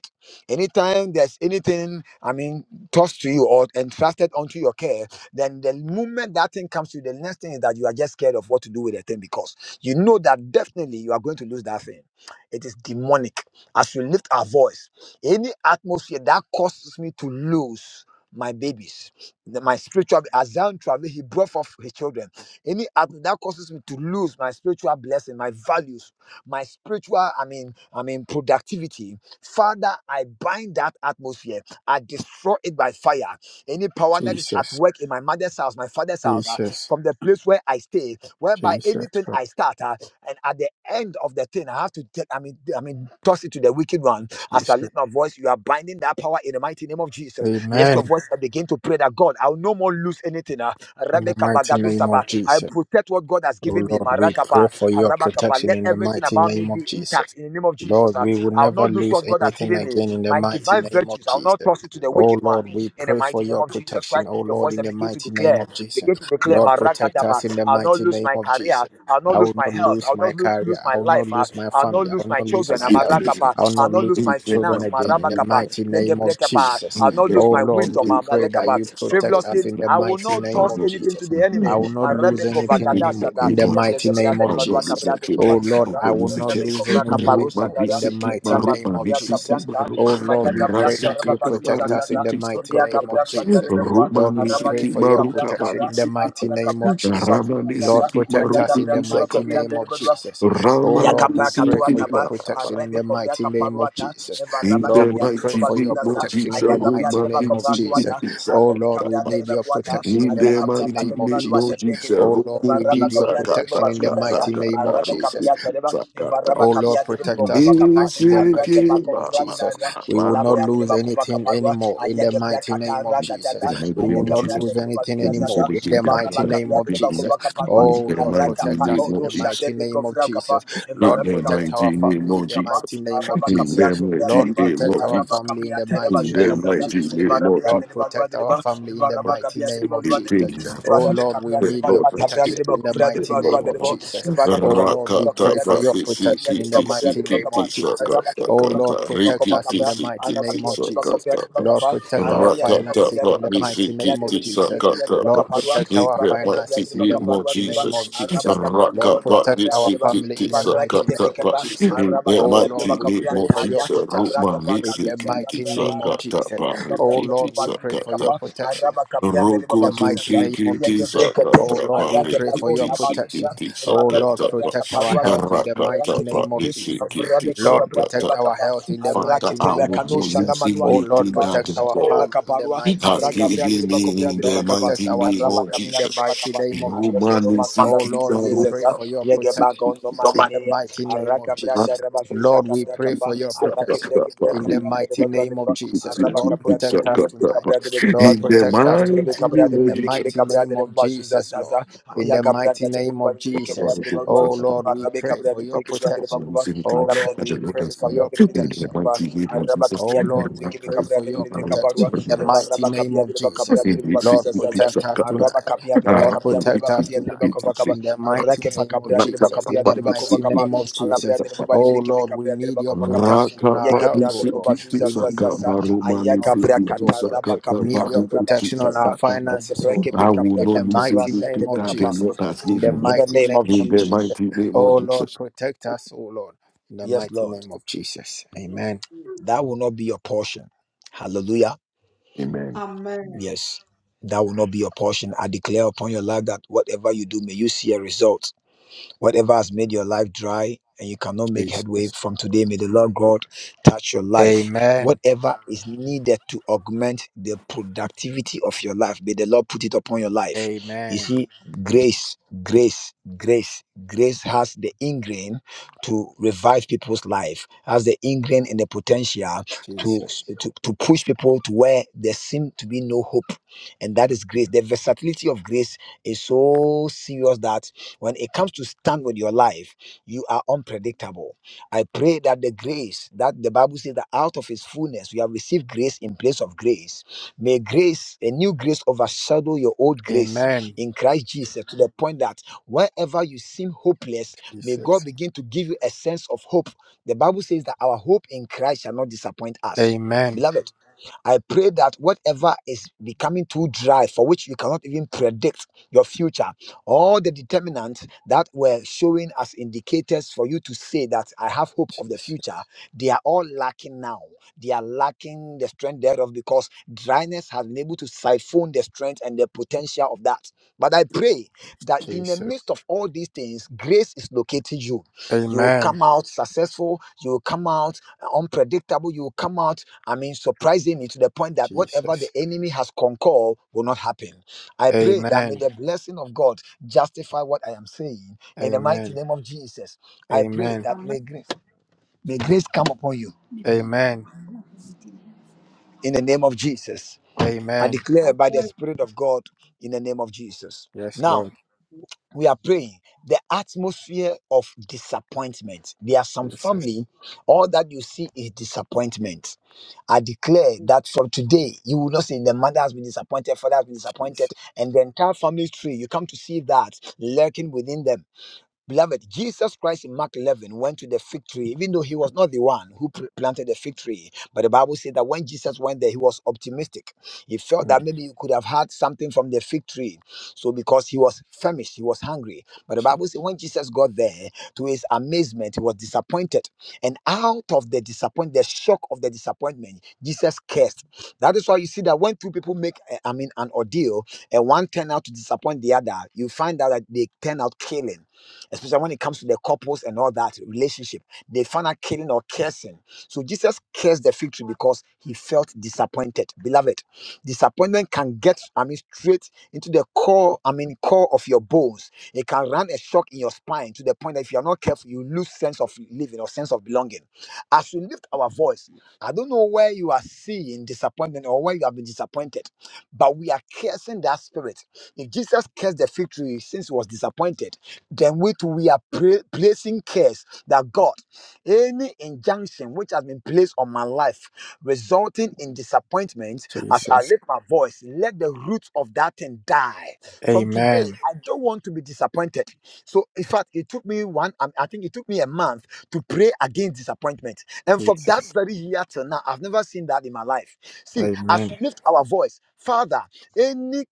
[SPEAKER 1] anytime there's anything I mean tossed to you or entrusted onto your care, then the moment that thing comes to you, the next thing is that you are just scared of what to do with the thing because you know that definitely you are going to lose that thing. It is demonic. As we lift our voice, any atmosphere that causes me to lose my babies, the- my spiritual as Zion travel, he brought forth his children. Any atmosphere that causes me to lose my spiritual blessing, my values, my spiritual, I mean, I mean productivity. Father, I bind that atmosphere I destroy it by fire. Any power that is at
[SPEAKER 6] Jesus,
[SPEAKER 1] work in my mother's house, my father's house, ah,
[SPEAKER 6] Jesus,
[SPEAKER 1] from the place where I stay, whereby
[SPEAKER 6] Jesus
[SPEAKER 1] anything
[SPEAKER 6] Christ,
[SPEAKER 1] I start, ah, and at the end of the thing, I have to take, I mean, I mean, toss it to the wicked one. As I
[SPEAKER 6] Jesus.
[SPEAKER 1] lift my voice, you are binding that power in the mighty name of Jesus. Lift your
[SPEAKER 6] Amen.
[SPEAKER 1] voice and begin to pray that God, I will no more lose anything. ah.
[SPEAKER 6] In the
[SPEAKER 1] Rebecca
[SPEAKER 6] mighty
[SPEAKER 1] Bagadu
[SPEAKER 6] name
[SPEAKER 1] Saba,
[SPEAKER 6] of
[SPEAKER 1] I
[SPEAKER 6] Jesus.
[SPEAKER 1] protect what God has
[SPEAKER 6] Oh
[SPEAKER 1] given me.
[SPEAKER 6] Lord, we pray
[SPEAKER 1] Marakapa,
[SPEAKER 6] for your
[SPEAKER 1] Arabakapa.
[SPEAKER 6] protection
[SPEAKER 1] Let
[SPEAKER 6] in the
[SPEAKER 1] everything
[SPEAKER 6] mighty
[SPEAKER 1] about me
[SPEAKER 6] name of
[SPEAKER 1] be
[SPEAKER 6] Jesus.
[SPEAKER 1] intact in the name of Jesus.
[SPEAKER 6] Lord,
[SPEAKER 1] ah.
[SPEAKER 6] we will
[SPEAKER 1] I will
[SPEAKER 6] never
[SPEAKER 1] not lose
[SPEAKER 6] lose
[SPEAKER 1] what God has
[SPEAKER 6] anything
[SPEAKER 1] given me.
[SPEAKER 6] again in the
[SPEAKER 1] My
[SPEAKER 6] mighty
[SPEAKER 1] divine
[SPEAKER 6] name of
[SPEAKER 1] virtues, I will not
[SPEAKER 6] Jesus.
[SPEAKER 1] toss it to the
[SPEAKER 6] Oh
[SPEAKER 1] wicked one.
[SPEAKER 6] Lord, we
[SPEAKER 1] In the
[SPEAKER 6] pray for
[SPEAKER 1] mighty name
[SPEAKER 6] your
[SPEAKER 1] of Jesus
[SPEAKER 6] protection,
[SPEAKER 1] Christ,
[SPEAKER 6] oh
[SPEAKER 1] lift your
[SPEAKER 6] Lord,
[SPEAKER 1] voice
[SPEAKER 6] in
[SPEAKER 1] and
[SPEAKER 6] the
[SPEAKER 1] begin to
[SPEAKER 6] mighty name
[SPEAKER 1] declare.
[SPEAKER 6] of Jesus.
[SPEAKER 1] Begin to declare,
[SPEAKER 6] Lord, protect us in
[SPEAKER 1] Maragadaba,
[SPEAKER 6] the
[SPEAKER 1] I'll not
[SPEAKER 6] mighty
[SPEAKER 1] lose
[SPEAKER 6] name
[SPEAKER 1] my
[SPEAKER 6] of
[SPEAKER 1] career.
[SPEAKER 6] Jesus.
[SPEAKER 1] I'll not
[SPEAKER 6] I
[SPEAKER 1] lose
[SPEAKER 6] will
[SPEAKER 1] my
[SPEAKER 6] not
[SPEAKER 1] health.
[SPEAKER 6] lose
[SPEAKER 1] I'll
[SPEAKER 6] my
[SPEAKER 1] not lose, lose
[SPEAKER 6] career.
[SPEAKER 1] my
[SPEAKER 6] I will
[SPEAKER 1] life.
[SPEAKER 6] not
[SPEAKER 1] ah.
[SPEAKER 6] lose my
[SPEAKER 1] I'll not
[SPEAKER 6] family. I
[SPEAKER 1] lose
[SPEAKER 6] will
[SPEAKER 1] my
[SPEAKER 6] not lose
[SPEAKER 2] I'll
[SPEAKER 1] children.
[SPEAKER 2] not
[SPEAKER 1] ah,
[SPEAKER 6] my health.
[SPEAKER 2] lose my
[SPEAKER 1] Marakapa.
[SPEAKER 6] I will
[SPEAKER 1] I'll
[SPEAKER 6] not
[SPEAKER 1] not
[SPEAKER 6] lose
[SPEAKER 1] lose
[SPEAKER 6] my
[SPEAKER 2] children.
[SPEAKER 1] my
[SPEAKER 2] I'll
[SPEAKER 6] children
[SPEAKER 1] finance.
[SPEAKER 6] again in the
[SPEAKER 1] Marabakapa.
[SPEAKER 6] mighty name of
[SPEAKER 1] Yegebrekapa.
[SPEAKER 6] Jesus.
[SPEAKER 1] I'll not lose
[SPEAKER 6] Oh
[SPEAKER 1] my
[SPEAKER 6] Lord,
[SPEAKER 1] wisdom.
[SPEAKER 6] we
[SPEAKER 1] ah,
[SPEAKER 6] pray that
[SPEAKER 1] Malekapa.
[SPEAKER 6] you protect
[SPEAKER 1] Frivolously,
[SPEAKER 6] us in the
[SPEAKER 1] I will
[SPEAKER 6] mighty
[SPEAKER 1] not
[SPEAKER 6] name
[SPEAKER 1] toss
[SPEAKER 6] of
[SPEAKER 1] anything to
[SPEAKER 6] Jesus.
[SPEAKER 1] the
[SPEAKER 6] I
[SPEAKER 1] enemy.
[SPEAKER 6] will not
[SPEAKER 1] Ah,
[SPEAKER 6] lose
[SPEAKER 1] Rebeko
[SPEAKER 6] anything anymore in the
[SPEAKER 1] Vagadashata.
[SPEAKER 6] mighty
[SPEAKER 1] Embrega
[SPEAKER 6] name
[SPEAKER 1] brada de
[SPEAKER 6] of
[SPEAKER 1] Badua
[SPEAKER 6] Jesus.
[SPEAKER 1] Cabrada de
[SPEAKER 6] Oh Lord,
[SPEAKER 1] Babazuzaza,
[SPEAKER 6] I
[SPEAKER 2] not
[SPEAKER 6] will
[SPEAKER 2] lose the
[SPEAKER 6] not
[SPEAKER 2] church.
[SPEAKER 1] Embrameco
[SPEAKER 6] lose
[SPEAKER 1] Vaca
[SPEAKER 6] anything
[SPEAKER 1] Parusa
[SPEAKER 2] Roma
[SPEAKER 6] anymore in
[SPEAKER 1] Dara,
[SPEAKER 6] the
[SPEAKER 2] Bisiki
[SPEAKER 6] mighty name
[SPEAKER 2] Maruma
[SPEAKER 6] of
[SPEAKER 1] Embrabacuia
[SPEAKER 2] Bisiki
[SPEAKER 6] Jesus.
[SPEAKER 1] Cabranta,
[SPEAKER 2] Maru
[SPEAKER 6] Oh
[SPEAKER 1] Emaya
[SPEAKER 6] Lord, we pray
[SPEAKER 1] Gabranta
[SPEAKER 6] that you
[SPEAKER 2] Rasika
[SPEAKER 6] protect us in the
[SPEAKER 1] Rababazuzazaza,
[SPEAKER 2] Kabariki
[SPEAKER 6] mighty
[SPEAKER 1] Elia
[SPEAKER 6] name
[SPEAKER 2] Sakataba
[SPEAKER 1] Gabra
[SPEAKER 6] of Jesus.
[SPEAKER 1] Sandarebequa,
[SPEAKER 2] Roma
[SPEAKER 6] Lord, we
[SPEAKER 1] Araba
[SPEAKER 6] pray
[SPEAKER 2] Nisiki
[SPEAKER 6] for
[SPEAKER 1] Libre
[SPEAKER 6] your
[SPEAKER 2] Maru
[SPEAKER 6] protection in
[SPEAKER 1] Cabrantara,
[SPEAKER 6] the
[SPEAKER 2] Kabanis
[SPEAKER 6] mighty
[SPEAKER 1] Araba
[SPEAKER 6] name of
[SPEAKER 1] Cabrata de
[SPEAKER 6] Jesus.
[SPEAKER 2] Rama
[SPEAKER 6] Lord,
[SPEAKER 1] Babazuzazaza,
[SPEAKER 2] Nisiki
[SPEAKER 6] protect
[SPEAKER 1] Aya
[SPEAKER 2] Maru
[SPEAKER 6] us in
[SPEAKER 1] Gabra
[SPEAKER 2] Kutu
[SPEAKER 6] the
[SPEAKER 1] de
[SPEAKER 6] mighty
[SPEAKER 1] Bacovia
[SPEAKER 6] name
[SPEAKER 2] Sakataba
[SPEAKER 6] of
[SPEAKER 1] and
[SPEAKER 6] Jesus. Oh
[SPEAKER 2] Rama
[SPEAKER 6] Lord,
[SPEAKER 1] Yakapa
[SPEAKER 6] we pray
[SPEAKER 1] katua
[SPEAKER 6] for
[SPEAKER 2] Nisiki
[SPEAKER 6] your
[SPEAKER 1] taba
[SPEAKER 2] Maru
[SPEAKER 6] protection in
[SPEAKER 1] arebe
[SPEAKER 6] the
[SPEAKER 1] kovria
[SPEAKER 6] mighty name of
[SPEAKER 1] kaparuata
[SPEAKER 6] Jesus.
[SPEAKER 1] eva
[SPEAKER 2] In
[SPEAKER 1] raba
[SPEAKER 6] Lord,
[SPEAKER 2] the
[SPEAKER 1] kapia
[SPEAKER 6] we
[SPEAKER 1] tebe
[SPEAKER 6] pray
[SPEAKER 2] mighty
[SPEAKER 6] for your
[SPEAKER 2] name
[SPEAKER 1] bazuza
[SPEAKER 2] of
[SPEAKER 1] za
[SPEAKER 6] protection
[SPEAKER 2] Jesus,
[SPEAKER 6] in
[SPEAKER 1] aya
[SPEAKER 6] the
[SPEAKER 2] who
[SPEAKER 1] gabria
[SPEAKER 6] mighty
[SPEAKER 1] tebe
[SPEAKER 2] might be
[SPEAKER 6] name of
[SPEAKER 1] bakova
[SPEAKER 2] sick
[SPEAKER 6] Jesus.
[SPEAKER 1] kuata
[SPEAKER 2] inside.
[SPEAKER 6] Oh
[SPEAKER 1] arebe
[SPEAKER 6] Lord, we
[SPEAKER 1] kapria
[SPEAKER 6] need
[SPEAKER 1] tebe
[SPEAKER 6] your
[SPEAKER 1] kuata
[SPEAKER 6] protection in
[SPEAKER 2] In
[SPEAKER 6] the
[SPEAKER 1] aya
[SPEAKER 2] the
[SPEAKER 6] mighty
[SPEAKER 1] kapria
[SPEAKER 2] mighty
[SPEAKER 6] name
[SPEAKER 1] katebe
[SPEAKER 6] of
[SPEAKER 2] name
[SPEAKER 1] balua
[SPEAKER 6] Jesus.
[SPEAKER 2] of
[SPEAKER 1] tebe
[SPEAKER 2] Jesus,
[SPEAKER 1] kebe
[SPEAKER 6] Oh
[SPEAKER 2] who
[SPEAKER 6] Lord,
[SPEAKER 1] eva
[SPEAKER 6] we
[SPEAKER 2] could be
[SPEAKER 1] raba
[SPEAKER 6] need your
[SPEAKER 1] gabria tebe
[SPEAKER 6] protection
[SPEAKER 2] sakata.
[SPEAKER 6] in the
[SPEAKER 1] bazuza za
[SPEAKER 2] kata,
[SPEAKER 6] mighty name of
[SPEAKER 2] kata,
[SPEAKER 1] arebe
[SPEAKER 2] who
[SPEAKER 6] Jesus.
[SPEAKER 2] could
[SPEAKER 1] kapia
[SPEAKER 2] be
[SPEAKER 1] tebe eva
[SPEAKER 2] sakata.
[SPEAKER 1] raba
[SPEAKER 6] Oh Lord,
[SPEAKER 1] kapia tebe
[SPEAKER 6] protect us
[SPEAKER 1] bokova
[SPEAKER 6] tonight
[SPEAKER 1] kapa
[SPEAKER 2] This
[SPEAKER 6] in the
[SPEAKER 2] is
[SPEAKER 1] areke
[SPEAKER 6] mighty name
[SPEAKER 2] the
[SPEAKER 6] of
[SPEAKER 1] bakovra
[SPEAKER 2] mama.
[SPEAKER 6] Jesus.
[SPEAKER 1] ndara
[SPEAKER 6] We will not
[SPEAKER 2] mama.
[SPEAKER 1] alabria tebe
[SPEAKER 6] lose
[SPEAKER 1] bakova
[SPEAKER 6] anything
[SPEAKER 1] kaparua
[SPEAKER 6] anymore in
[SPEAKER 1] aya
[SPEAKER 6] the
[SPEAKER 1] gabria
[SPEAKER 6] mighty name of
[SPEAKER 1] katara
[SPEAKER 2] In
[SPEAKER 6] Jesus.
[SPEAKER 2] the
[SPEAKER 1] katata
[SPEAKER 6] We
[SPEAKER 2] mighty
[SPEAKER 6] will
[SPEAKER 1] aya
[SPEAKER 2] name of
[SPEAKER 6] not
[SPEAKER 1] kapria
[SPEAKER 2] Jesus,
[SPEAKER 6] lose
[SPEAKER 1] tebe
[SPEAKER 6] anything
[SPEAKER 2] who
[SPEAKER 1] bazuza
[SPEAKER 2] be sick
[SPEAKER 1] za
[SPEAKER 6] anymore in
[SPEAKER 2] in
[SPEAKER 6] the
[SPEAKER 2] the
[SPEAKER 1] eva
[SPEAKER 2] heart
[SPEAKER 6] mighty
[SPEAKER 1] raba
[SPEAKER 2] of
[SPEAKER 6] name
[SPEAKER 2] the
[SPEAKER 1] kapia
[SPEAKER 6] of
[SPEAKER 1] tebe
[SPEAKER 2] people.
[SPEAKER 1] bakova
[SPEAKER 6] Jesus.
[SPEAKER 1] kaparua
[SPEAKER 6] Oh
[SPEAKER 2] In the
[SPEAKER 6] Lord,
[SPEAKER 2] mighty
[SPEAKER 1] araka
[SPEAKER 6] protect us
[SPEAKER 2] name
[SPEAKER 6] in
[SPEAKER 2] of
[SPEAKER 6] the
[SPEAKER 1] pagodo
[SPEAKER 2] Jesus.
[SPEAKER 1] shade
[SPEAKER 6] mighty name of
[SPEAKER 1] bekovra kapa
[SPEAKER 6] Jesus.
[SPEAKER 2] In
[SPEAKER 6] Lord,
[SPEAKER 1] evarabe
[SPEAKER 2] the
[SPEAKER 1] kabra
[SPEAKER 6] protect our
[SPEAKER 2] mighty name
[SPEAKER 6] family
[SPEAKER 2] of
[SPEAKER 6] in the
[SPEAKER 1] kapa
[SPEAKER 2] Jesus.
[SPEAKER 6] mighty name of
[SPEAKER 1] araba
[SPEAKER 2] In
[SPEAKER 6] Jesus.
[SPEAKER 1] kapia
[SPEAKER 2] the
[SPEAKER 1] to brada
[SPEAKER 6] Lord,
[SPEAKER 2] mighty
[SPEAKER 1] deba
[SPEAKER 2] name
[SPEAKER 6] protect
[SPEAKER 2] of
[SPEAKER 6] our
[SPEAKER 1] araba
[SPEAKER 2] Jesus.
[SPEAKER 6] family in
[SPEAKER 1] kapia
[SPEAKER 6] the
[SPEAKER 1] tereba
[SPEAKER 6] mighty
[SPEAKER 2] In
[SPEAKER 1] shuza
[SPEAKER 2] the
[SPEAKER 6] name of
[SPEAKER 1] zaza
[SPEAKER 2] mighty
[SPEAKER 6] Jesus.
[SPEAKER 2] name
[SPEAKER 1] evarabe
[SPEAKER 2] of
[SPEAKER 1] ya
[SPEAKER 2] Jesus.
[SPEAKER 6] Lord,
[SPEAKER 1] deba lua
[SPEAKER 6] protect our
[SPEAKER 1] deba
[SPEAKER 6] family in the
[SPEAKER 1] evaraba
[SPEAKER 6] mighty
[SPEAKER 1] kapia
[SPEAKER 6] name
[SPEAKER 1] deba
[SPEAKER 6] of
[SPEAKER 1] lua deba
[SPEAKER 6] Jesus. Oh
[SPEAKER 1] evarabe
[SPEAKER 6] Lord, we
[SPEAKER 1] kapia
[SPEAKER 6] need
[SPEAKER 1] deba
[SPEAKER 6] your
[SPEAKER 1] lua tabra
[SPEAKER 6] protection
[SPEAKER 1] deba
[SPEAKER 6] in the
[SPEAKER 1] kovra
[SPEAKER 6] mighty
[SPEAKER 1] deba lua
[SPEAKER 6] name of
[SPEAKER 1] deba
[SPEAKER 6] Jesus.
[SPEAKER 1] evarabe
[SPEAKER 6] Oh
[SPEAKER 1] kapia
[SPEAKER 6] Lord, we
[SPEAKER 1] deba
[SPEAKER 2] Rakata
[SPEAKER 6] pray
[SPEAKER 1] kapia
[SPEAKER 6] for your
[SPEAKER 1] deba
[SPEAKER 2] fahisi
[SPEAKER 1] Alebia
[SPEAKER 6] protection in the
[SPEAKER 2] kiti
[SPEAKER 1] driba kovia
[SPEAKER 6] mighty
[SPEAKER 1] driba
[SPEAKER 6] name
[SPEAKER 2] sikiti
[SPEAKER 1] kapa.
[SPEAKER 6] of Jesus.
[SPEAKER 1] Araba
[SPEAKER 2] sakata
[SPEAKER 1] kevia
[SPEAKER 6] Oh
[SPEAKER 1] driba
[SPEAKER 2] kata
[SPEAKER 6] Lord,
[SPEAKER 1] kovia driba
[SPEAKER 6] protect
[SPEAKER 1] kova
[SPEAKER 6] us
[SPEAKER 2] rikiti
[SPEAKER 6] in
[SPEAKER 1] kapa.
[SPEAKER 6] the mighty
[SPEAKER 1] Araba
[SPEAKER 2] sikiti
[SPEAKER 6] name
[SPEAKER 1] kia
[SPEAKER 6] of
[SPEAKER 1] driba
[SPEAKER 6] Jesus.
[SPEAKER 1] kovia
[SPEAKER 2] sakata
[SPEAKER 1] driba
[SPEAKER 6] Lord,
[SPEAKER 1] kapa.
[SPEAKER 6] protect our
[SPEAKER 1] Arabia driba
[SPEAKER 2] rakata
[SPEAKER 6] finances
[SPEAKER 1] kovia
[SPEAKER 6] in
[SPEAKER 1] driba
[SPEAKER 6] the
[SPEAKER 1] kapi.
[SPEAKER 2] fahisi
[SPEAKER 6] mighty
[SPEAKER 1] Ya
[SPEAKER 6] name of
[SPEAKER 2] kiti
[SPEAKER 1] driba libiri kivi
[SPEAKER 6] Jesus.
[SPEAKER 1] kapia
[SPEAKER 2] sakata
[SPEAKER 1] driba
[SPEAKER 6] Lord,
[SPEAKER 1] kaparua.
[SPEAKER 6] protect
[SPEAKER 2] in
[SPEAKER 6] our
[SPEAKER 2] the
[SPEAKER 1] Ibaraba kevia
[SPEAKER 2] mighty
[SPEAKER 6] finances
[SPEAKER 1] driba
[SPEAKER 6] in the
[SPEAKER 2] name of
[SPEAKER 1] kaparua
[SPEAKER 6] mighty
[SPEAKER 1] driba.
[SPEAKER 6] name
[SPEAKER 2] Jesus
[SPEAKER 6] of
[SPEAKER 1] Araba
[SPEAKER 6] Jesus.
[SPEAKER 1] kabria driba
[SPEAKER 6] Lord,
[SPEAKER 2] rakata
[SPEAKER 1] lua
[SPEAKER 6] protect
[SPEAKER 1] tabria
[SPEAKER 6] our
[SPEAKER 2] fahisi
[SPEAKER 1] driba.
[SPEAKER 6] family
[SPEAKER 2] kiti
[SPEAKER 6] in the
[SPEAKER 1] Ibarra
[SPEAKER 6] mighty
[SPEAKER 2] sakata
[SPEAKER 1] ketebe
[SPEAKER 6] name of
[SPEAKER 1] kepa.
[SPEAKER 6] Jesus.
[SPEAKER 2] in
[SPEAKER 1] Araba
[SPEAKER 2] the
[SPEAKER 6] Oh
[SPEAKER 1] kavia
[SPEAKER 6] Lord,
[SPEAKER 2] mighty
[SPEAKER 1] driba
[SPEAKER 6] we
[SPEAKER 2] name
[SPEAKER 1] kovia
[SPEAKER 6] pray
[SPEAKER 2] of
[SPEAKER 6] for your
[SPEAKER 1] ndaya.
[SPEAKER 2] Jesus
[SPEAKER 6] protection.
[SPEAKER 1] Araka
[SPEAKER 2] Rukmani
[SPEAKER 6] In
[SPEAKER 1] baka
[SPEAKER 6] the
[SPEAKER 1] duza
[SPEAKER 2] sikiti
[SPEAKER 6] mighty
[SPEAKER 1] kapia
[SPEAKER 6] name of
[SPEAKER 1] ndaya.
[SPEAKER 2] sakata
[SPEAKER 6] Jesus. Oh Lord, we pray for
[SPEAKER 2] rikiti
[SPEAKER 6] your protection.
[SPEAKER 1] Arba kapian deneba
[SPEAKER 6] In
[SPEAKER 2] Roku
[SPEAKER 6] the
[SPEAKER 2] tu
[SPEAKER 6] mighty
[SPEAKER 1] bazuzazza.
[SPEAKER 6] name
[SPEAKER 2] siki
[SPEAKER 6] of
[SPEAKER 1] Iye
[SPEAKER 2] ti
[SPEAKER 6] Jesus.
[SPEAKER 1] kubere
[SPEAKER 2] saka
[SPEAKER 6] Oh
[SPEAKER 1] kote.
[SPEAKER 6] Lord,
[SPEAKER 2] trapa
[SPEAKER 1] Ara
[SPEAKER 6] we pray
[SPEAKER 2] riki
[SPEAKER 6] for
[SPEAKER 1] kembako
[SPEAKER 6] your
[SPEAKER 2] ti
[SPEAKER 1] daba du
[SPEAKER 2] siki
[SPEAKER 6] protection.
[SPEAKER 2] ti
[SPEAKER 1] diatu.
[SPEAKER 6] Oh
[SPEAKER 1] Imbaro
[SPEAKER 2] saka
[SPEAKER 1] mi
[SPEAKER 6] Lord,
[SPEAKER 1] kubere
[SPEAKER 2] trapa
[SPEAKER 6] protect our
[SPEAKER 1] kaparuwa.
[SPEAKER 6] health in the
[SPEAKER 2] raka
[SPEAKER 1] Ara
[SPEAKER 6] mighty
[SPEAKER 2] trapa
[SPEAKER 1] kete
[SPEAKER 6] name
[SPEAKER 2] ti
[SPEAKER 6] of
[SPEAKER 1] kete.
[SPEAKER 6] Jesus.
[SPEAKER 2] siki ti
[SPEAKER 1] Arba
[SPEAKER 6] Lord,
[SPEAKER 1] koto
[SPEAKER 2] saka
[SPEAKER 1] bera
[SPEAKER 6] protect
[SPEAKER 1] deneba
[SPEAKER 2] trapa
[SPEAKER 6] our
[SPEAKER 1] kapa.
[SPEAKER 6] health in the
[SPEAKER 1] Ara
[SPEAKER 2] fakta
[SPEAKER 6] mighty
[SPEAKER 1] kete
[SPEAKER 6] name
[SPEAKER 2] awu
[SPEAKER 6] of
[SPEAKER 1] bakanu
[SPEAKER 2] monu
[SPEAKER 6] Jesus.
[SPEAKER 1] shanda manwa.
[SPEAKER 6] Oh
[SPEAKER 2] sini ti
[SPEAKER 6] Lord,
[SPEAKER 1] Imbaru
[SPEAKER 2] dante
[SPEAKER 6] protect our
[SPEAKER 1] shanda deneba
[SPEAKER 2] ko
[SPEAKER 6] family in the
[SPEAKER 1] kaparuwa.
[SPEAKER 6] mighty
[SPEAKER 2] has
[SPEAKER 1] Ara
[SPEAKER 6] name of
[SPEAKER 1] kubere
[SPEAKER 2] given
[SPEAKER 6] Jesus.
[SPEAKER 2] me
[SPEAKER 1] deneba kubere
[SPEAKER 2] in the
[SPEAKER 6] Lord,
[SPEAKER 1] deneba kapa.
[SPEAKER 6] protect
[SPEAKER 2] mighty
[SPEAKER 6] our
[SPEAKER 2] name
[SPEAKER 1] Arba
[SPEAKER 2] of
[SPEAKER 6] children in
[SPEAKER 1] kapian
[SPEAKER 6] the
[SPEAKER 2] Jesus
[SPEAKER 1] deneba
[SPEAKER 6] mighty
[SPEAKER 1] kapa.
[SPEAKER 6] name of
[SPEAKER 1] Ara
[SPEAKER 6] Jesus.
[SPEAKER 1] keno
[SPEAKER 2] Romani
[SPEAKER 6] Oh
[SPEAKER 2] siki
[SPEAKER 1] makuzazuzese.
[SPEAKER 6] Lord,
[SPEAKER 2] na
[SPEAKER 6] we pray
[SPEAKER 2] ruka
[SPEAKER 6] for your protection
[SPEAKER 2] siki
[SPEAKER 1] Yegebagondo
[SPEAKER 2] ti
[SPEAKER 6] in the
[SPEAKER 1] Manenia,
[SPEAKER 6] mighty name of
[SPEAKER 1] Araka Branda
[SPEAKER 6] Jesus.
[SPEAKER 1] Rabashuza
[SPEAKER 6] Lord, we
[SPEAKER 1] Capra
[SPEAKER 6] pray
[SPEAKER 1] Capa,
[SPEAKER 6] for your
[SPEAKER 1] Arake
[SPEAKER 6] protection
[SPEAKER 1] Breke Breka
[SPEAKER 6] in the
[SPEAKER 1] Branda de
[SPEAKER 6] mighty name of
[SPEAKER 1] Baguadreba,
[SPEAKER 6] Jesus.
[SPEAKER 1] Araba
[SPEAKER 6] Lord,
[SPEAKER 1] Capia de
[SPEAKER 6] protect us
[SPEAKER 1] Libriki de
[SPEAKER 6] tonight.
[SPEAKER 1] Cabra de
[SPEAKER 6] Lord,
[SPEAKER 2] in the
[SPEAKER 1] Baguadreba,
[SPEAKER 6] protect us
[SPEAKER 1] Nevrebe
[SPEAKER 6] tonight.
[SPEAKER 2] mighty
[SPEAKER 1] Cabra
[SPEAKER 2] name
[SPEAKER 1] de
[SPEAKER 6] In
[SPEAKER 2] of
[SPEAKER 6] the
[SPEAKER 1] Libriki de
[SPEAKER 6] mighty
[SPEAKER 2] Jesus
[SPEAKER 1] Cabra
[SPEAKER 6] name
[SPEAKER 1] de
[SPEAKER 6] of
[SPEAKER 1] Bazuza
[SPEAKER 6] Jesus,
[SPEAKER 1] Zaza,
[SPEAKER 6] Lord. In the
[SPEAKER 1] Yagabra
[SPEAKER 6] mighty
[SPEAKER 1] de
[SPEAKER 6] name of
[SPEAKER 2] Talk
[SPEAKER 1] Baguadreba
[SPEAKER 6] Jesus.
[SPEAKER 2] about it,
[SPEAKER 1] de
[SPEAKER 2] focus
[SPEAKER 1] Bagua,
[SPEAKER 2] on
[SPEAKER 6] Oh
[SPEAKER 2] what I
[SPEAKER 6] Lord,
[SPEAKER 2] want
[SPEAKER 6] we
[SPEAKER 2] to
[SPEAKER 1] Marabe
[SPEAKER 2] do.
[SPEAKER 6] pray
[SPEAKER 1] Cabra
[SPEAKER 6] for
[SPEAKER 1] de
[SPEAKER 2] I
[SPEAKER 6] your
[SPEAKER 1] Libriki
[SPEAKER 2] just don't
[SPEAKER 1] de
[SPEAKER 6] protection.
[SPEAKER 2] want
[SPEAKER 1] Bacuba,
[SPEAKER 2] to do
[SPEAKER 6] Oh
[SPEAKER 2] Anything
[SPEAKER 1] Alabra
[SPEAKER 6] Lord,
[SPEAKER 1] de
[SPEAKER 2] that the
[SPEAKER 6] we
[SPEAKER 2] Lord
[SPEAKER 1] Libriki
[SPEAKER 6] pray
[SPEAKER 1] de
[SPEAKER 2] has been
[SPEAKER 6] for
[SPEAKER 1] Cabra
[SPEAKER 6] your
[SPEAKER 1] de
[SPEAKER 2] in
[SPEAKER 1] Libriki de
[SPEAKER 2] the
[SPEAKER 6] protection.
[SPEAKER 1] Capa,
[SPEAKER 2] mighty name of Jesus,
[SPEAKER 6] Oh
[SPEAKER 2] I don't
[SPEAKER 1] in
[SPEAKER 6] Lord, we
[SPEAKER 2] want to be
[SPEAKER 6] pray for your
[SPEAKER 2] in my way,
[SPEAKER 6] protection in
[SPEAKER 2] but my
[SPEAKER 6] the
[SPEAKER 2] heart
[SPEAKER 6] mighty
[SPEAKER 2] says,
[SPEAKER 6] name of
[SPEAKER 2] "I
[SPEAKER 6] Jesus.
[SPEAKER 2] think it's a
[SPEAKER 6] Lord,
[SPEAKER 2] good
[SPEAKER 6] protect
[SPEAKER 2] picture,
[SPEAKER 6] us
[SPEAKER 2] but
[SPEAKER 6] tonight.
[SPEAKER 2] that's- I
[SPEAKER 6] Lord,
[SPEAKER 2] don't want to be
[SPEAKER 6] protect
[SPEAKER 2] in
[SPEAKER 6] us
[SPEAKER 2] the
[SPEAKER 6] tonight
[SPEAKER 2] picture."
[SPEAKER 6] in the
[SPEAKER 2] I don't
[SPEAKER 6] mighty name of
[SPEAKER 2] want
[SPEAKER 6] Jesus. In the
[SPEAKER 2] to be in
[SPEAKER 6] mighty
[SPEAKER 2] the
[SPEAKER 6] name of Jesus.
[SPEAKER 2] picture.
[SPEAKER 6] Oh Lord, we need your protection on
[SPEAKER 2] Raka
[SPEAKER 6] our health,
[SPEAKER 2] pati
[SPEAKER 6] oh Lord.
[SPEAKER 2] siki
[SPEAKER 6] We need
[SPEAKER 2] saka
[SPEAKER 6] your
[SPEAKER 2] baru
[SPEAKER 6] protection
[SPEAKER 2] mani
[SPEAKER 6] on our family,
[SPEAKER 2] siki ti
[SPEAKER 6] oh Lord.
[SPEAKER 2] saka
[SPEAKER 6] We need your
[SPEAKER 2] baru kutu
[SPEAKER 6] protection
[SPEAKER 2] ta
[SPEAKER 6] on our
[SPEAKER 2] ta ta ta.
[SPEAKER 6] finances, oh Lord.
[SPEAKER 2] I will
[SPEAKER 6] In
[SPEAKER 2] not
[SPEAKER 6] the
[SPEAKER 2] lose
[SPEAKER 6] mighty
[SPEAKER 2] any
[SPEAKER 6] name of
[SPEAKER 2] that the
[SPEAKER 6] Jesus.
[SPEAKER 2] Lord has
[SPEAKER 6] In the
[SPEAKER 2] given me.
[SPEAKER 1] the
[SPEAKER 6] mighty
[SPEAKER 1] name of
[SPEAKER 6] name
[SPEAKER 2] In
[SPEAKER 6] of
[SPEAKER 2] the
[SPEAKER 6] Jesus.
[SPEAKER 1] Jesus.
[SPEAKER 2] mighty name of
[SPEAKER 6] Oh Lord,
[SPEAKER 2] Jesus.
[SPEAKER 6] protect us, oh Lord. In the
[SPEAKER 1] Yes,
[SPEAKER 6] mighty
[SPEAKER 1] Lord.
[SPEAKER 6] name of Jesus. Amen.
[SPEAKER 1] That will not be. Hallelujah.
[SPEAKER 2] Amen.
[SPEAKER 1] Yes, that will not be your portion. I declare upon your life that whatever you do, may you see a result. Whatever has made your life dry and you can
[SPEAKER 6] Jesus.
[SPEAKER 1] today, may the Lord God touch your life.
[SPEAKER 6] Amen.
[SPEAKER 1] Whatever is needed to augment the productivity of your life, may the Lord put it upon your life. You
[SPEAKER 6] Amen.
[SPEAKER 1] see, grace, grace, grace, grace has the ingrain to revive people's life, has the ingrain and the potential to,
[SPEAKER 6] Jesus.
[SPEAKER 1] to, to push people to where there seem to be no hope. And that is grace. The versatility of grace is so serious that when it comes to stand with your life, you are unpredictable. I pray that the grace that the Bible says that out of his fullness we have received grace in place of grace. May grace, a new grace, overshadow your old grace
[SPEAKER 6] Amen.
[SPEAKER 1] in Christ Jesus to the point that wherever you seem hopeless, may God
[SPEAKER 6] Jesus.
[SPEAKER 1] begin to give you a sense of hope. The Bible says that our hope in Christ shall not disappoint us.
[SPEAKER 6] Amen.
[SPEAKER 1] Beloved, I pray that whatever is becoming too dry, for which you cannot even predict your future, all the determinants that were showing as indicators for you to say that I have hope of the
[SPEAKER 6] Jesus.
[SPEAKER 1] future, they are all lacking now. They are lacking the strength thereof because dryness has been able to siphon the strength and the potential of that. But I pray that in the
[SPEAKER 6] Jesus.
[SPEAKER 1] midst of all these things, grace is locating you. You will
[SPEAKER 6] Amen.
[SPEAKER 1] come out successful. You will come out uh, unpredictable. You will come out, I mean, surprising me to the point that whatever the
[SPEAKER 6] Jesus.
[SPEAKER 1] enemy has conquered will not happen. I pray that may
[SPEAKER 6] Amen.
[SPEAKER 1] the blessing of God justify what I am saying in the mighty
[SPEAKER 6] Amen.
[SPEAKER 1] name of Jesus. I pray
[SPEAKER 6] Amen.
[SPEAKER 1] that may grace, may grace come upon you
[SPEAKER 6] Amen.
[SPEAKER 1] in the name of Jesus. I
[SPEAKER 6] Amen.
[SPEAKER 1] declare by the Spirit of God in the name of Jesus.
[SPEAKER 6] Yes,
[SPEAKER 1] Now,
[SPEAKER 6] Lord.
[SPEAKER 1] we are praying the atmosphere of disappointment there are some
[SPEAKER 6] Jesus.
[SPEAKER 1] family all that you see is disappointment i declare that from today you will not see the mother has been disappointed father has been disappointed
[SPEAKER 6] Jesus.
[SPEAKER 1] and the entire family tree you come to see that lurking within them Beloved, Jesus Christ in Mark 11 went to the fig tree, even though he was not the one who pl- planted the fig tree. But the Bible said that when Jesus went there, he was optimistic. He felt that
[SPEAKER 6] Mm.
[SPEAKER 1] maybe he could have had something from the fig tree. So, because he was famished, he was hungry. But the Bible said when Jesus got there, to his amazement, he was disappointed. And out of the disappointment, the shock of the disappointment, Jesus cursed. That is why you see that when two people make, eh, I mean, an ordeal, and one turn out to disappoint the other, you find out that they turn out killing especially when it comes to the couples and all that relationship. They found out killing or cursing. So Jesus cursed the fig tree because he felt disappointed. Beloved, disappointment can get, I mean, straight into the core, I mean, core of your bones. It can run a shock in your spine to the point that if you are not careful, you lose sense of living or sense of belonging. As we lift our voice, I don't know where you are seeing disappointment or where you have been disappointed, but we are cursing that spirit. If Jesus cursed the fig tree since he was disappointed, then we too we are pra- placing cares that God, any injunction which has been placed on my life, resulting in disappointment, as I
[SPEAKER 6] Jesus.
[SPEAKER 1] lift my voice, let the roots of that thing die. From today,
[SPEAKER 6] Amen.
[SPEAKER 1] I don't want to be disappointed. So, in fact, it took me one, I I think it took me a month to pray against disappointment. And from that
[SPEAKER 6] Jesus.
[SPEAKER 1] very year till now, I've never seen that in my life. See, as
[SPEAKER 6] Amen.
[SPEAKER 1] we lift our voice, Father, any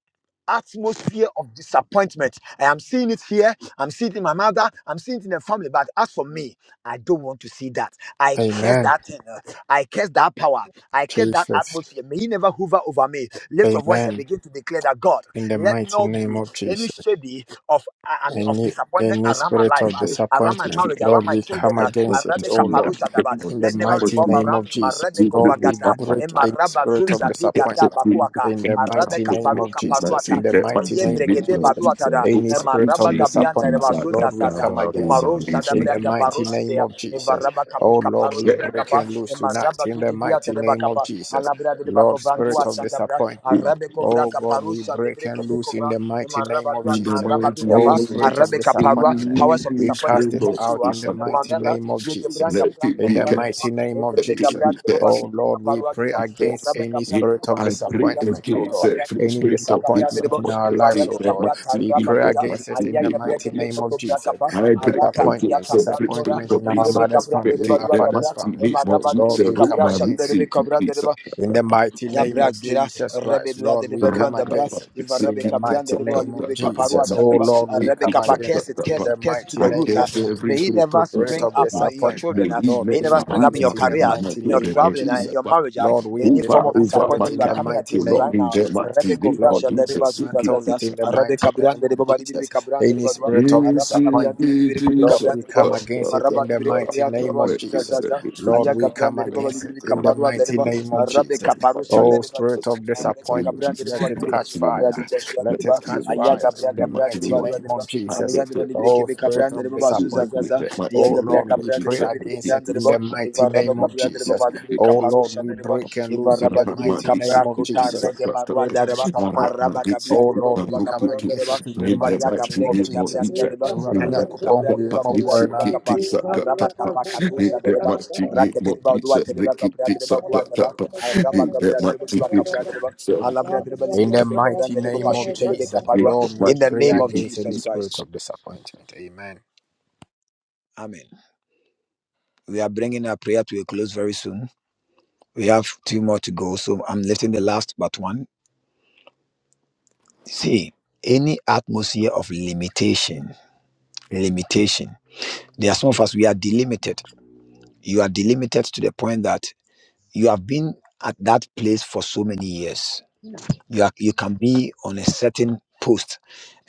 [SPEAKER 1] atmosphere of disappointment. I am seeing it here I'm seeing it in my mother. I'm seeing it in the family. But as for me, I don't want to see that. I curse
[SPEAKER 6] Amen.
[SPEAKER 1] that thing. uh, I curse that power. I curse that
[SPEAKER 6] Jesus.
[SPEAKER 1] atmosphere. May you never hover over me. Lift your voice and
[SPEAKER 6] Amen.
[SPEAKER 1] begin to declare that God,
[SPEAKER 6] In the
[SPEAKER 1] let
[SPEAKER 6] mighty
[SPEAKER 1] not
[SPEAKER 6] name
[SPEAKER 1] be
[SPEAKER 6] of
[SPEAKER 1] any
[SPEAKER 6] Jesus.
[SPEAKER 1] shady of I I mean of
[SPEAKER 6] any
[SPEAKER 1] disappointment
[SPEAKER 6] any
[SPEAKER 1] around my
[SPEAKER 6] spirit
[SPEAKER 1] life,
[SPEAKER 6] of
[SPEAKER 1] uh, around my
[SPEAKER 6] disappointment.
[SPEAKER 1] marriage,
[SPEAKER 2] And
[SPEAKER 1] around
[SPEAKER 6] Lord,
[SPEAKER 1] my
[SPEAKER 6] we
[SPEAKER 1] children,
[SPEAKER 6] come
[SPEAKER 1] uh,
[SPEAKER 2] don't let
[SPEAKER 6] against
[SPEAKER 2] you
[SPEAKER 1] around
[SPEAKER 6] it,
[SPEAKER 1] the
[SPEAKER 6] oh
[SPEAKER 2] see
[SPEAKER 6] Lord.
[SPEAKER 2] that
[SPEAKER 1] kaparushataba.
[SPEAKER 6] In the
[SPEAKER 2] everybody's
[SPEAKER 1] Let never
[SPEAKER 6] mighty
[SPEAKER 1] revolve
[SPEAKER 6] name
[SPEAKER 2] opportunity
[SPEAKER 1] around
[SPEAKER 6] of
[SPEAKER 1] me.
[SPEAKER 6] Jesus,
[SPEAKER 1] Marabe
[SPEAKER 2] with the
[SPEAKER 6] Lord, we
[SPEAKER 1] govagada,
[SPEAKER 2] result of
[SPEAKER 6] break
[SPEAKER 2] life.
[SPEAKER 6] any
[SPEAKER 1] emaraba
[SPEAKER 6] spirit
[SPEAKER 2] It's
[SPEAKER 6] of
[SPEAKER 2] a
[SPEAKER 1] zuzadi gada
[SPEAKER 6] disappointment.
[SPEAKER 2] thing.
[SPEAKER 1] bakuaka,
[SPEAKER 6] In the
[SPEAKER 2] It's a
[SPEAKER 1] arabe
[SPEAKER 6] mighty name
[SPEAKER 1] kaparu
[SPEAKER 2] perfect
[SPEAKER 6] of Jesus,
[SPEAKER 1] kaparuata,
[SPEAKER 6] in
[SPEAKER 2] presentation.
[SPEAKER 6] the
[SPEAKER 2] That's one
[SPEAKER 6] mighty
[SPEAKER 1] emiye
[SPEAKER 6] name
[SPEAKER 2] thing.
[SPEAKER 6] of
[SPEAKER 1] bregede
[SPEAKER 6] Jesus,
[SPEAKER 2] It's
[SPEAKER 1] baduata
[SPEAKER 2] a
[SPEAKER 1] da,
[SPEAKER 2] roof.
[SPEAKER 6] any spirit
[SPEAKER 2] It's a it's
[SPEAKER 1] emaraba
[SPEAKER 6] of
[SPEAKER 2] a it's a
[SPEAKER 1] gabianda reba
[SPEAKER 6] disappointment, Lord, we
[SPEAKER 2] it's
[SPEAKER 1] zuzazaza,
[SPEAKER 6] come against it.
[SPEAKER 1] emaro
[SPEAKER 2] a
[SPEAKER 6] In
[SPEAKER 1] shadabra
[SPEAKER 6] the mighty
[SPEAKER 1] gabarus
[SPEAKER 6] name
[SPEAKER 1] dea,
[SPEAKER 6] of Jesus,
[SPEAKER 1] evaraba
[SPEAKER 6] oh
[SPEAKER 1] kapri
[SPEAKER 6] Lord,
[SPEAKER 1] kaparu
[SPEAKER 2] it's
[SPEAKER 6] we
[SPEAKER 2] a
[SPEAKER 1] tepe
[SPEAKER 6] break
[SPEAKER 1] kapa,
[SPEAKER 6] and loose tonight.
[SPEAKER 1] emaraba
[SPEAKER 6] In the
[SPEAKER 1] dudibiata
[SPEAKER 6] mighty
[SPEAKER 1] reba
[SPEAKER 6] name of
[SPEAKER 1] kapa,
[SPEAKER 6] Jesus,
[SPEAKER 1] alabra reba
[SPEAKER 6] Lord, spirit
[SPEAKER 1] govandua
[SPEAKER 6] of
[SPEAKER 2] Jesus.
[SPEAKER 1] sandabra,
[SPEAKER 6] disappointment,
[SPEAKER 2] In
[SPEAKER 1] arabe
[SPEAKER 6] oh
[SPEAKER 1] govra
[SPEAKER 6] God, we
[SPEAKER 1] Gabarusha
[SPEAKER 6] break
[SPEAKER 1] Debreke
[SPEAKER 6] and loose in
[SPEAKER 1] Pekova,
[SPEAKER 6] the mighty name of
[SPEAKER 1] Emarabalua
[SPEAKER 2] the
[SPEAKER 6] Jesus.
[SPEAKER 2] mighty
[SPEAKER 1] Tarabadu
[SPEAKER 6] O
[SPEAKER 2] name
[SPEAKER 1] Daba,
[SPEAKER 2] of
[SPEAKER 6] spirit of
[SPEAKER 1] Arabe
[SPEAKER 2] Jesus,
[SPEAKER 1] Kaparua,
[SPEAKER 6] disappointment,
[SPEAKER 1] powers of
[SPEAKER 6] we
[SPEAKER 2] any
[SPEAKER 1] disappointment, we
[SPEAKER 6] cast
[SPEAKER 2] spirit
[SPEAKER 6] it
[SPEAKER 2] of
[SPEAKER 1] catch you,
[SPEAKER 6] out
[SPEAKER 1] up.
[SPEAKER 6] in the
[SPEAKER 1] and
[SPEAKER 6] mighty
[SPEAKER 1] Manada,
[SPEAKER 2] disappointment,
[SPEAKER 6] name of
[SPEAKER 1] Yegebranga
[SPEAKER 6] Jesus.
[SPEAKER 2] let it
[SPEAKER 1] Branca,
[SPEAKER 6] In
[SPEAKER 2] be
[SPEAKER 6] the mighty
[SPEAKER 2] cast.
[SPEAKER 6] name of
[SPEAKER 2] Let
[SPEAKER 1] Evrebe
[SPEAKER 6] Jesus.
[SPEAKER 2] it
[SPEAKER 1] Gabra,
[SPEAKER 2] be
[SPEAKER 1] the Baba,
[SPEAKER 2] cast.
[SPEAKER 6] Oh
[SPEAKER 1] the
[SPEAKER 6] Lord, we
[SPEAKER 1] Kaparua, the
[SPEAKER 6] pray
[SPEAKER 1] Baba,
[SPEAKER 6] against
[SPEAKER 2] Yes.
[SPEAKER 1] Arabe
[SPEAKER 6] any
[SPEAKER 1] Cabra,
[SPEAKER 2] Ye-
[SPEAKER 1] the
[SPEAKER 6] spirit
[SPEAKER 1] Baba,
[SPEAKER 6] of
[SPEAKER 2] I
[SPEAKER 1] Zuza,
[SPEAKER 2] pray
[SPEAKER 6] disappointment, oh
[SPEAKER 2] against
[SPEAKER 1] Ayaka
[SPEAKER 6] Lord.
[SPEAKER 1] Brad,
[SPEAKER 2] every
[SPEAKER 6] Any
[SPEAKER 2] spirit of
[SPEAKER 1] Cabra de
[SPEAKER 6] disappointment
[SPEAKER 1] Debo,
[SPEAKER 6] in our
[SPEAKER 2] disappointment
[SPEAKER 6] lives,
[SPEAKER 2] in
[SPEAKER 6] oh
[SPEAKER 1] Evarabe
[SPEAKER 2] the
[SPEAKER 6] Lord.
[SPEAKER 1] Cabra
[SPEAKER 2] mighty,
[SPEAKER 6] We
[SPEAKER 2] in
[SPEAKER 6] pray
[SPEAKER 2] the
[SPEAKER 1] Tarabaduda,
[SPEAKER 6] against it
[SPEAKER 2] mighty
[SPEAKER 6] in the
[SPEAKER 2] name
[SPEAKER 1] Ayaga
[SPEAKER 2] of
[SPEAKER 1] Breca
[SPEAKER 6] mighty name
[SPEAKER 2] Jesus.
[SPEAKER 6] of
[SPEAKER 1] Pecoto
[SPEAKER 6] Jesus.
[SPEAKER 1] Bracapa,
[SPEAKER 2] I pray
[SPEAKER 1] Arata Tia
[SPEAKER 6] Disappointment,
[SPEAKER 2] against every
[SPEAKER 1] Cabrantora,
[SPEAKER 2] spirit
[SPEAKER 6] disappointment
[SPEAKER 2] of
[SPEAKER 6] in our
[SPEAKER 1] Evrebe
[SPEAKER 6] mother's
[SPEAKER 1] Cabran de
[SPEAKER 6] family,
[SPEAKER 2] disappointment
[SPEAKER 6] in
[SPEAKER 2] in
[SPEAKER 6] our
[SPEAKER 1] Baduan
[SPEAKER 2] the
[SPEAKER 6] father's
[SPEAKER 1] Cabra,
[SPEAKER 2] mighty
[SPEAKER 6] family.
[SPEAKER 2] name of
[SPEAKER 1] Emaraba de
[SPEAKER 6] Lord,
[SPEAKER 2] Jesus.
[SPEAKER 1] Ribi
[SPEAKER 6] we come
[SPEAKER 1] Cabra, Shak
[SPEAKER 2] Roma
[SPEAKER 1] de
[SPEAKER 6] against it
[SPEAKER 1] Ribi
[SPEAKER 2] City,
[SPEAKER 1] Cabra de Reba,
[SPEAKER 6] in the mighty
[SPEAKER 1] Ya
[SPEAKER 6] name
[SPEAKER 1] bra
[SPEAKER 6] of
[SPEAKER 1] dira
[SPEAKER 6] Jesus
[SPEAKER 1] rebe
[SPEAKER 6] Christ,
[SPEAKER 1] dua
[SPEAKER 6] Lord,
[SPEAKER 1] de
[SPEAKER 6] we
[SPEAKER 1] deba dua
[SPEAKER 6] come
[SPEAKER 1] da bra
[SPEAKER 6] against it.
[SPEAKER 1] iva
[SPEAKER 6] In
[SPEAKER 1] rebe
[SPEAKER 6] the
[SPEAKER 1] kabian
[SPEAKER 6] mighty
[SPEAKER 1] de deba
[SPEAKER 6] name
[SPEAKER 1] wali
[SPEAKER 6] of
[SPEAKER 1] rebe kaparua
[SPEAKER 6] Jesus, oh
[SPEAKER 1] shadaba
[SPEAKER 6] Lord,
[SPEAKER 1] Ah,
[SPEAKER 6] we
[SPEAKER 1] rebe
[SPEAKER 6] come
[SPEAKER 1] kapa
[SPEAKER 6] against
[SPEAKER 1] curse it
[SPEAKER 6] it. In
[SPEAKER 1] curse
[SPEAKER 6] the
[SPEAKER 1] it curse it to
[SPEAKER 6] mighty
[SPEAKER 2] I
[SPEAKER 1] the root
[SPEAKER 6] name
[SPEAKER 1] ah.
[SPEAKER 6] of
[SPEAKER 2] guess every
[SPEAKER 1] may
[SPEAKER 6] Jesus,
[SPEAKER 1] he
[SPEAKER 2] spirit
[SPEAKER 1] never
[SPEAKER 2] of
[SPEAKER 6] spirit
[SPEAKER 1] spring
[SPEAKER 6] of
[SPEAKER 1] up ah,
[SPEAKER 2] disappointment.
[SPEAKER 1] in your
[SPEAKER 6] disappointment,
[SPEAKER 2] May
[SPEAKER 1] children ah.
[SPEAKER 2] he
[SPEAKER 6] Lord,
[SPEAKER 1] may he
[SPEAKER 6] we
[SPEAKER 1] never
[SPEAKER 2] never
[SPEAKER 1] spring up
[SPEAKER 6] ban
[SPEAKER 2] lose
[SPEAKER 1] in your
[SPEAKER 6] it
[SPEAKER 2] our
[SPEAKER 6] in the
[SPEAKER 2] own
[SPEAKER 1] career ah,
[SPEAKER 2] mind.
[SPEAKER 6] mighty
[SPEAKER 1] in your
[SPEAKER 6] name of
[SPEAKER 2] May he
[SPEAKER 1] traveling ah, in
[SPEAKER 6] Jesus.
[SPEAKER 1] your
[SPEAKER 2] never
[SPEAKER 1] marriage ah.
[SPEAKER 6] Lord, we
[SPEAKER 1] any
[SPEAKER 2] Uba,
[SPEAKER 1] form of
[SPEAKER 2] uba,
[SPEAKER 6] dismantle it
[SPEAKER 1] disappointment you
[SPEAKER 6] in
[SPEAKER 1] are
[SPEAKER 6] the
[SPEAKER 1] coming
[SPEAKER 2] makaya.
[SPEAKER 6] mighty
[SPEAKER 2] You
[SPEAKER 1] against it
[SPEAKER 6] name
[SPEAKER 2] Lord,
[SPEAKER 1] right
[SPEAKER 2] in
[SPEAKER 6] of
[SPEAKER 1] now
[SPEAKER 2] the
[SPEAKER 6] Jesus.
[SPEAKER 2] mighty
[SPEAKER 1] rebe
[SPEAKER 2] name
[SPEAKER 1] kovra
[SPEAKER 6] Lord,
[SPEAKER 2] of
[SPEAKER 6] we
[SPEAKER 1] shada reba
[SPEAKER 2] Jesus,
[SPEAKER 1] zuza
[SPEAKER 2] seek it,
[SPEAKER 6] dismantle
[SPEAKER 1] zaza
[SPEAKER 6] it
[SPEAKER 2] it's
[SPEAKER 6] in
[SPEAKER 2] a
[SPEAKER 6] the
[SPEAKER 1] Ah,
[SPEAKER 2] God.
[SPEAKER 1] rebe
[SPEAKER 6] mighty
[SPEAKER 1] kabian
[SPEAKER 6] name
[SPEAKER 1] de
[SPEAKER 6] of
[SPEAKER 1] deba wali rebe
[SPEAKER 6] Jesus.
[SPEAKER 1] kabian de
[SPEAKER 6] Any
[SPEAKER 1] deba
[SPEAKER 6] spirit of
[SPEAKER 2] Yes,
[SPEAKER 1] dua
[SPEAKER 2] it
[SPEAKER 1] Gabriel the
[SPEAKER 6] disappointment,
[SPEAKER 2] it
[SPEAKER 1] Burican, the
[SPEAKER 2] is
[SPEAKER 6] Lord,
[SPEAKER 2] a
[SPEAKER 1] Gabriel
[SPEAKER 6] we
[SPEAKER 1] the Bob,
[SPEAKER 6] come
[SPEAKER 2] God,
[SPEAKER 1] the
[SPEAKER 6] against
[SPEAKER 2] God,
[SPEAKER 6] it in
[SPEAKER 1] Maraba
[SPEAKER 2] God,
[SPEAKER 1] the
[SPEAKER 6] the
[SPEAKER 1] Brick,
[SPEAKER 2] God,
[SPEAKER 6] mighty
[SPEAKER 1] the
[SPEAKER 2] God,
[SPEAKER 6] name of
[SPEAKER 1] Boss,
[SPEAKER 2] let it
[SPEAKER 6] Jesus.
[SPEAKER 2] say
[SPEAKER 1] Zazaza,
[SPEAKER 2] this with
[SPEAKER 6] Lord,
[SPEAKER 2] the
[SPEAKER 1] Aya
[SPEAKER 6] we
[SPEAKER 1] Gabriel
[SPEAKER 6] come
[SPEAKER 1] the
[SPEAKER 2] movement.
[SPEAKER 1] Bob, the
[SPEAKER 6] against it
[SPEAKER 1] Brick
[SPEAKER 2] In
[SPEAKER 6] in the
[SPEAKER 1] Caparua, the
[SPEAKER 6] mighty
[SPEAKER 1] Bob,
[SPEAKER 2] the
[SPEAKER 6] name of
[SPEAKER 1] Arabic
[SPEAKER 6] Jesus.
[SPEAKER 2] mighty
[SPEAKER 1] Caparusa,
[SPEAKER 2] name
[SPEAKER 6] Oh,
[SPEAKER 1] the
[SPEAKER 2] of
[SPEAKER 1] Bob,
[SPEAKER 6] spirit
[SPEAKER 2] Jesus,
[SPEAKER 6] of
[SPEAKER 2] in the mighty
[SPEAKER 1] Arabic
[SPEAKER 2] name of
[SPEAKER 6] disappointment,
[SPEAKER 1] Gabriel the
[SPEAKER 2] Jesus,
[SPEAKER 6] let
[SPEAKER 1] Bob, the
[SPEAKER 2] in
[SPEAKER 6] it
[SPEAKER 2] the
[SPEAKER 1] Brick,
[SPEAKER 6] catch
[SPEAKER 1] the
[SPEAKER 2] mighty name of
[SPEAKER 6] fire.
[SPEAKER 1] Gabriel the Boss,
[SPEAKER 2] Jesus, in the mighty name of Jesus, in the
[SPEAKER 6] Let
[SPEAKER 1] the
[SPEAKER 6] it
[SPEAKER 1] Bob,
[SPEAKER 2] mighty name
[SPEAKER 6] catch
[SPEAKER 2] of
[SPEAKER 1] Aya
[SPEAKER 6] fire
[SPEAKER 2] Jesus,
[SPEAKER 1] Gabriel
[SPEAKER 6] in
[SPEAKER 2] in
[SPEAKER 6] the
[SPEAKER 2] the
[SPEAKER 1] Gabriel
[SPEAKER 2] mighty
[SPEAKER 1] the
[SPEAKER 6] mighty
[SPEAKER 2] name
[SPEAKER 1] Bob,
[SPEAKER 2] of
[SPEAKER 6] name
[SPEAKER 1] the
[SPEAKER 6] of
[SPEAKER 1] Bob,
[SPEAKER 2] Jesus. I
[SPEAKER 6] Jesus.
[SPEAKER 1] Amayan
[SPEAKER 2] get
[SPEAKER 1] the
[SPEAKER 2] that
[SPEAKER 1] Brick,
[SPEAKER 2] which
[SPEAKER 6] Oh,
[SPEAKER 2] is
[SPEAKER 1] the
[SPEAKER 2] a
[SPEAKER 1] Gabriel
[SPEAKER 6] spirit
[SPEAKER 1] the
[SPEAKER 6] of
[SPEAKER 2] good
[SPEAKER 1] Bob,
[SPEAKER 2] movement, in
[SPEAKER 6] disappointment.
[SPEAKER 1] Zazaza,
[SPEAKER 2] the
[SPEAKER 1] Aya
[SPEAKER 6] Oh,
[SPEAKER 2] mighty name
[SPEAKER 1] Gabriel
[SPEAKER 6] Lord, we
[SPEAKER 2] of
[SPEAKER 1] Gabriel the
[SPEAKER 6] pray
[SPEAKER 2] Jesus,
[SPEAKER 1] Brick,
[SPEAKER 2] make
[SPEAKER 6] against
[SPEAKER 2] it,
[SPEAKER 6] it
[SPEAKER 1] the
[SPEAKER 6] in
[SPEAKER 2] it's a
[SPEAKER 6] the
[SPEAKER 1] Bob,
[SPEAKER 2] God,
[SPEAKER 6] mighty
[SPEAKER 1] Eva Rabo
[SPEAKER 6] name
[SPEAKER 2] make
[SPEAKER 6] of
[SPEAKER 1] Gabriel
[SPEAKER 2] it,
[SPEAKER 1] the
[SPEAKER 2] it's
[SPEAKER 6] Jesus.
[SPEAKER 1] Bob,
[SPEAKER 2] a
[SPEAKER 1] the Brick
[SPEAKER 2] good,
[SPEAKER 6] Oh,
[SPEAKER 2] it's a
[SPEAKER 6] Lord,
[SPEAKER 1] Caparusa,
[SPEAKER 6] we
[SPEAKER 1] the Bob,
[SPEAKER 2] God.
[SPEAKER 6] break and loose in
[SPEAKER 2] In
[SPEAKER 6] the
[SPEAKER 2] the
[SPEAKER 1] Ivarabalibiris
[SPEAKER 6] mighty name of
[SPEAKER 1] kaprako
[SPEAKER 2] mighty
[SPEAKER 6] Jesus.
[SPEAKER 1] tarege barua
[SPEAKER 6] Spirit of
[SPEAKER 1] dereba
[SPEAKER 6] disappointment.
[SPEAKER 1] araba gabia
[SPEAKER 6] Oh,
[SPEAKER 1] dereba
[SPEAKER 6] Lord, we
[SPEAKER 1] kuva
[SPEAKER 6] come
[SPEAKER 1] gabron
[SPEAKER 6] against
[SPEAKER 1] dereba
[SPEAKER 6] it in the mighty
[SPEAKER 1] ivaya
[SPEAKER 6] name of
[SPEAKER 1] gabreke
[SPEAKER 2] name of
[SPEAKER 1] tabran
[SPEAKER 6] Jesus.
[SPEAKER 1] dereba
[SPEAKER 2] Jesus, in
[SPEAKER 6] Awurade
[SPEAKER 2] the
[SPEAKER 1] arabi
[SPEAKER 6] Nyankopɔn,
[SPEAKER 1] kabra
[SPEAKER 6] hu yɛn
[SPEAKER 1] dereba kovra
[SPEAKER 6] mmɔbɔ
[SPEAKER 1] dereba
[SPEAKER 6] na
[SPEAKER 1] kapa araba kapa katusa dereba
[SPEAKER 2] mighty
[SPEAKER 1] arake
[SPEAKER 2] name of
[SPEAKER 1] dereba dua
[SPEAKER 2] Jesus,
[SPEAKER 1] dereba
[SPEAKER 2] Ricky
[SPEAKER 1] kabra dereba
[SPEAKER 2] Tisa,
[SPEAKER 1] gua dereba araba
[SPEAKER 2] in the
[SPEAKER 1] gabra dereba
[SPEAKER 2] mighty
[SPEAKER 1] dua
[SPEAKER 2] name
[SPEAKER 1] kabra
[SPEAKER 2] of Jesus,
[SPEAKER 1] dereba alabra dereba
[SPEAKER 6] In
[SPEAKER 1] libiri
[SPEAKER 6] the
[SPEAKER 1] kebe kovran
[SPEAKER 6] mighty
[SPEAKER 1] dereba
[SPEAKER 6] name
[SPEAKER 1] bashu
[SPEAKER 6] of
[SPEAKER 1] dereba
[SPEAKER 6] Jesus,
[SPEAKER 2] in
[SPEAKER 1] kaparua
[SPEAKER 2] the
[SPEAKER 6] Lord, we
[SPEAKER 1] in
[SPEAKER 2] mighty
[SPEAKER 1] the
[SPEAKER 6] pray
[SPEAKER 1] name
[SPEAKER 2] name
[SPEAKER 1] of
[SPEAKER 6] against any
[SPEAKER 1] Jesus
[SPEAKER 6] spirit
[SPEAKER 1] Christ
[SPEAKER 6] of disappointment. Amen.
[SPEAKER 1] amen we are bringing our prayer to a close very soon we have two more to go so i'm lifting the last but one See, any atmosphere of limitation, limitation. There are some of us, we are delimited. You are delimited to the point that you have been at that place for so many years you are you can be on a certain post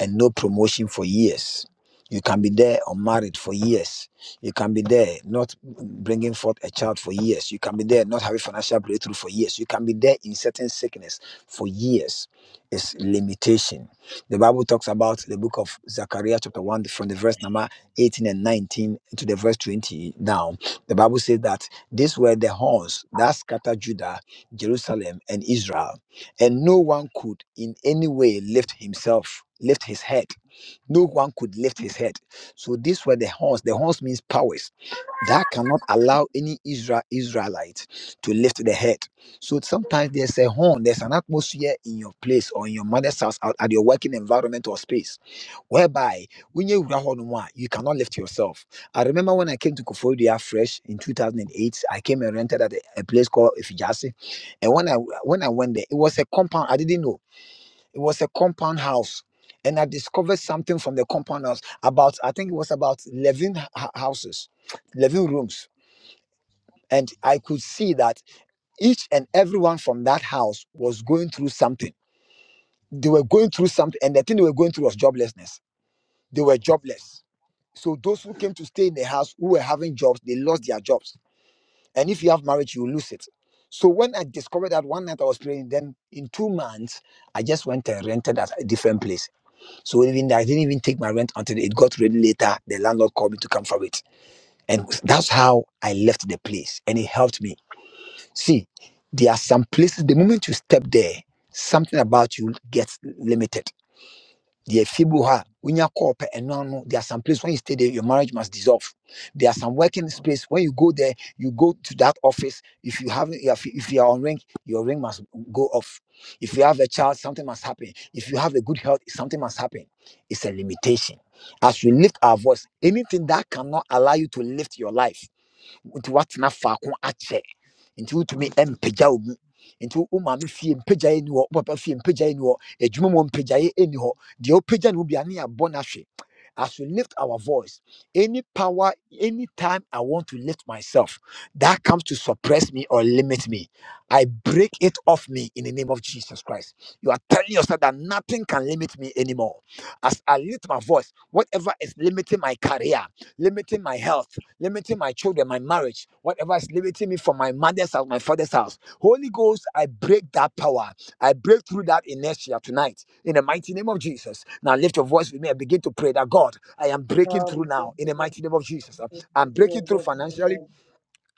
[SPEAKER 1] and no promotion for years. You can be there unmarried for years. You can be there not bringing forth a child for years. You can be there not having financial breakthrough for years. You can be there in certain sickness for years. It's limitation. The Bible talks about the book of Zechariah, chapter 1, from the verse number 18 and 19 to the verse 20. Now, the Bible says that these were the horns that scattered Judah, Jerusalem, and Israel and no one could in any way lift himself lift his head no one could lift his head so these were the horns the horns means powers that cannot allow any israel israelite to lift the head so sometimes there's a horn there's an atmosphere in your place or in your mother's house out at your working environment or space whereby when you hɔ no mu a, you cannot lift yourself. I remember when I came to Koforidua fresh in 2008, I came and rented at a, a place called Ifijasi. And when I when I went there, it was a compound. I didn't know it was a compound house. And I discovered something from the compound house about I think it was about 11 h- houses, 11 rooms. And I could see that each and everyone from that house was going through something. They were going through something, and the thing they were going through was joblessness. They were jobless So those who came to stay in the house who were having jobs, they lost their jobs. And if you have marriage, you lose it. So when I discovered that one night I was praying, then in two months, I just went and rented at a different place. So even I didn't even take my rent until it got ready later. The landlord called me to come for it. And that's how I left the place. And it helped me. See, there are some places, the moment you step there, something about you gets limited the feeble ha when you call and no no there are some places when you stay there your marriage must dissolve there are some working space when you go there you go to that office if you have if if you are on ring your ring must go off if you have a child something must happen if you have a good health something must happen it's a limitation as we lift our voice anything that cannot allow you to lift your life nti woatena faako akyɛ nti wotumi mpagya wo mu nti wo maame fie mpagyaeɛ ni hɔ wo papa fie mpagyaeɛ ni hɔ adwuma mu hɔ, mpagyaeɛ ni hɔ deɛ wopagya ne wo bia ne yɛabɔ no ahwe as we lift our voice, any power, anytime I want to lift myself, that comes to suppress me or limit me, I break it off me in the name of Jesus Christ. You are telling yourself that nothing can limit me anymore. As I lift my voice, whatever is limiting my career, limiting my health, limiting my children, my marriage, whatever is limiting me from my mother's house, my father's house. Holy Ghost, I break that power. I break through that inertia tonight in the mighty name of Jesus. Now lift your voice with me and begin to pray that God, I am breaking through now in the mighty name of Jesus. I'm breaking through financially.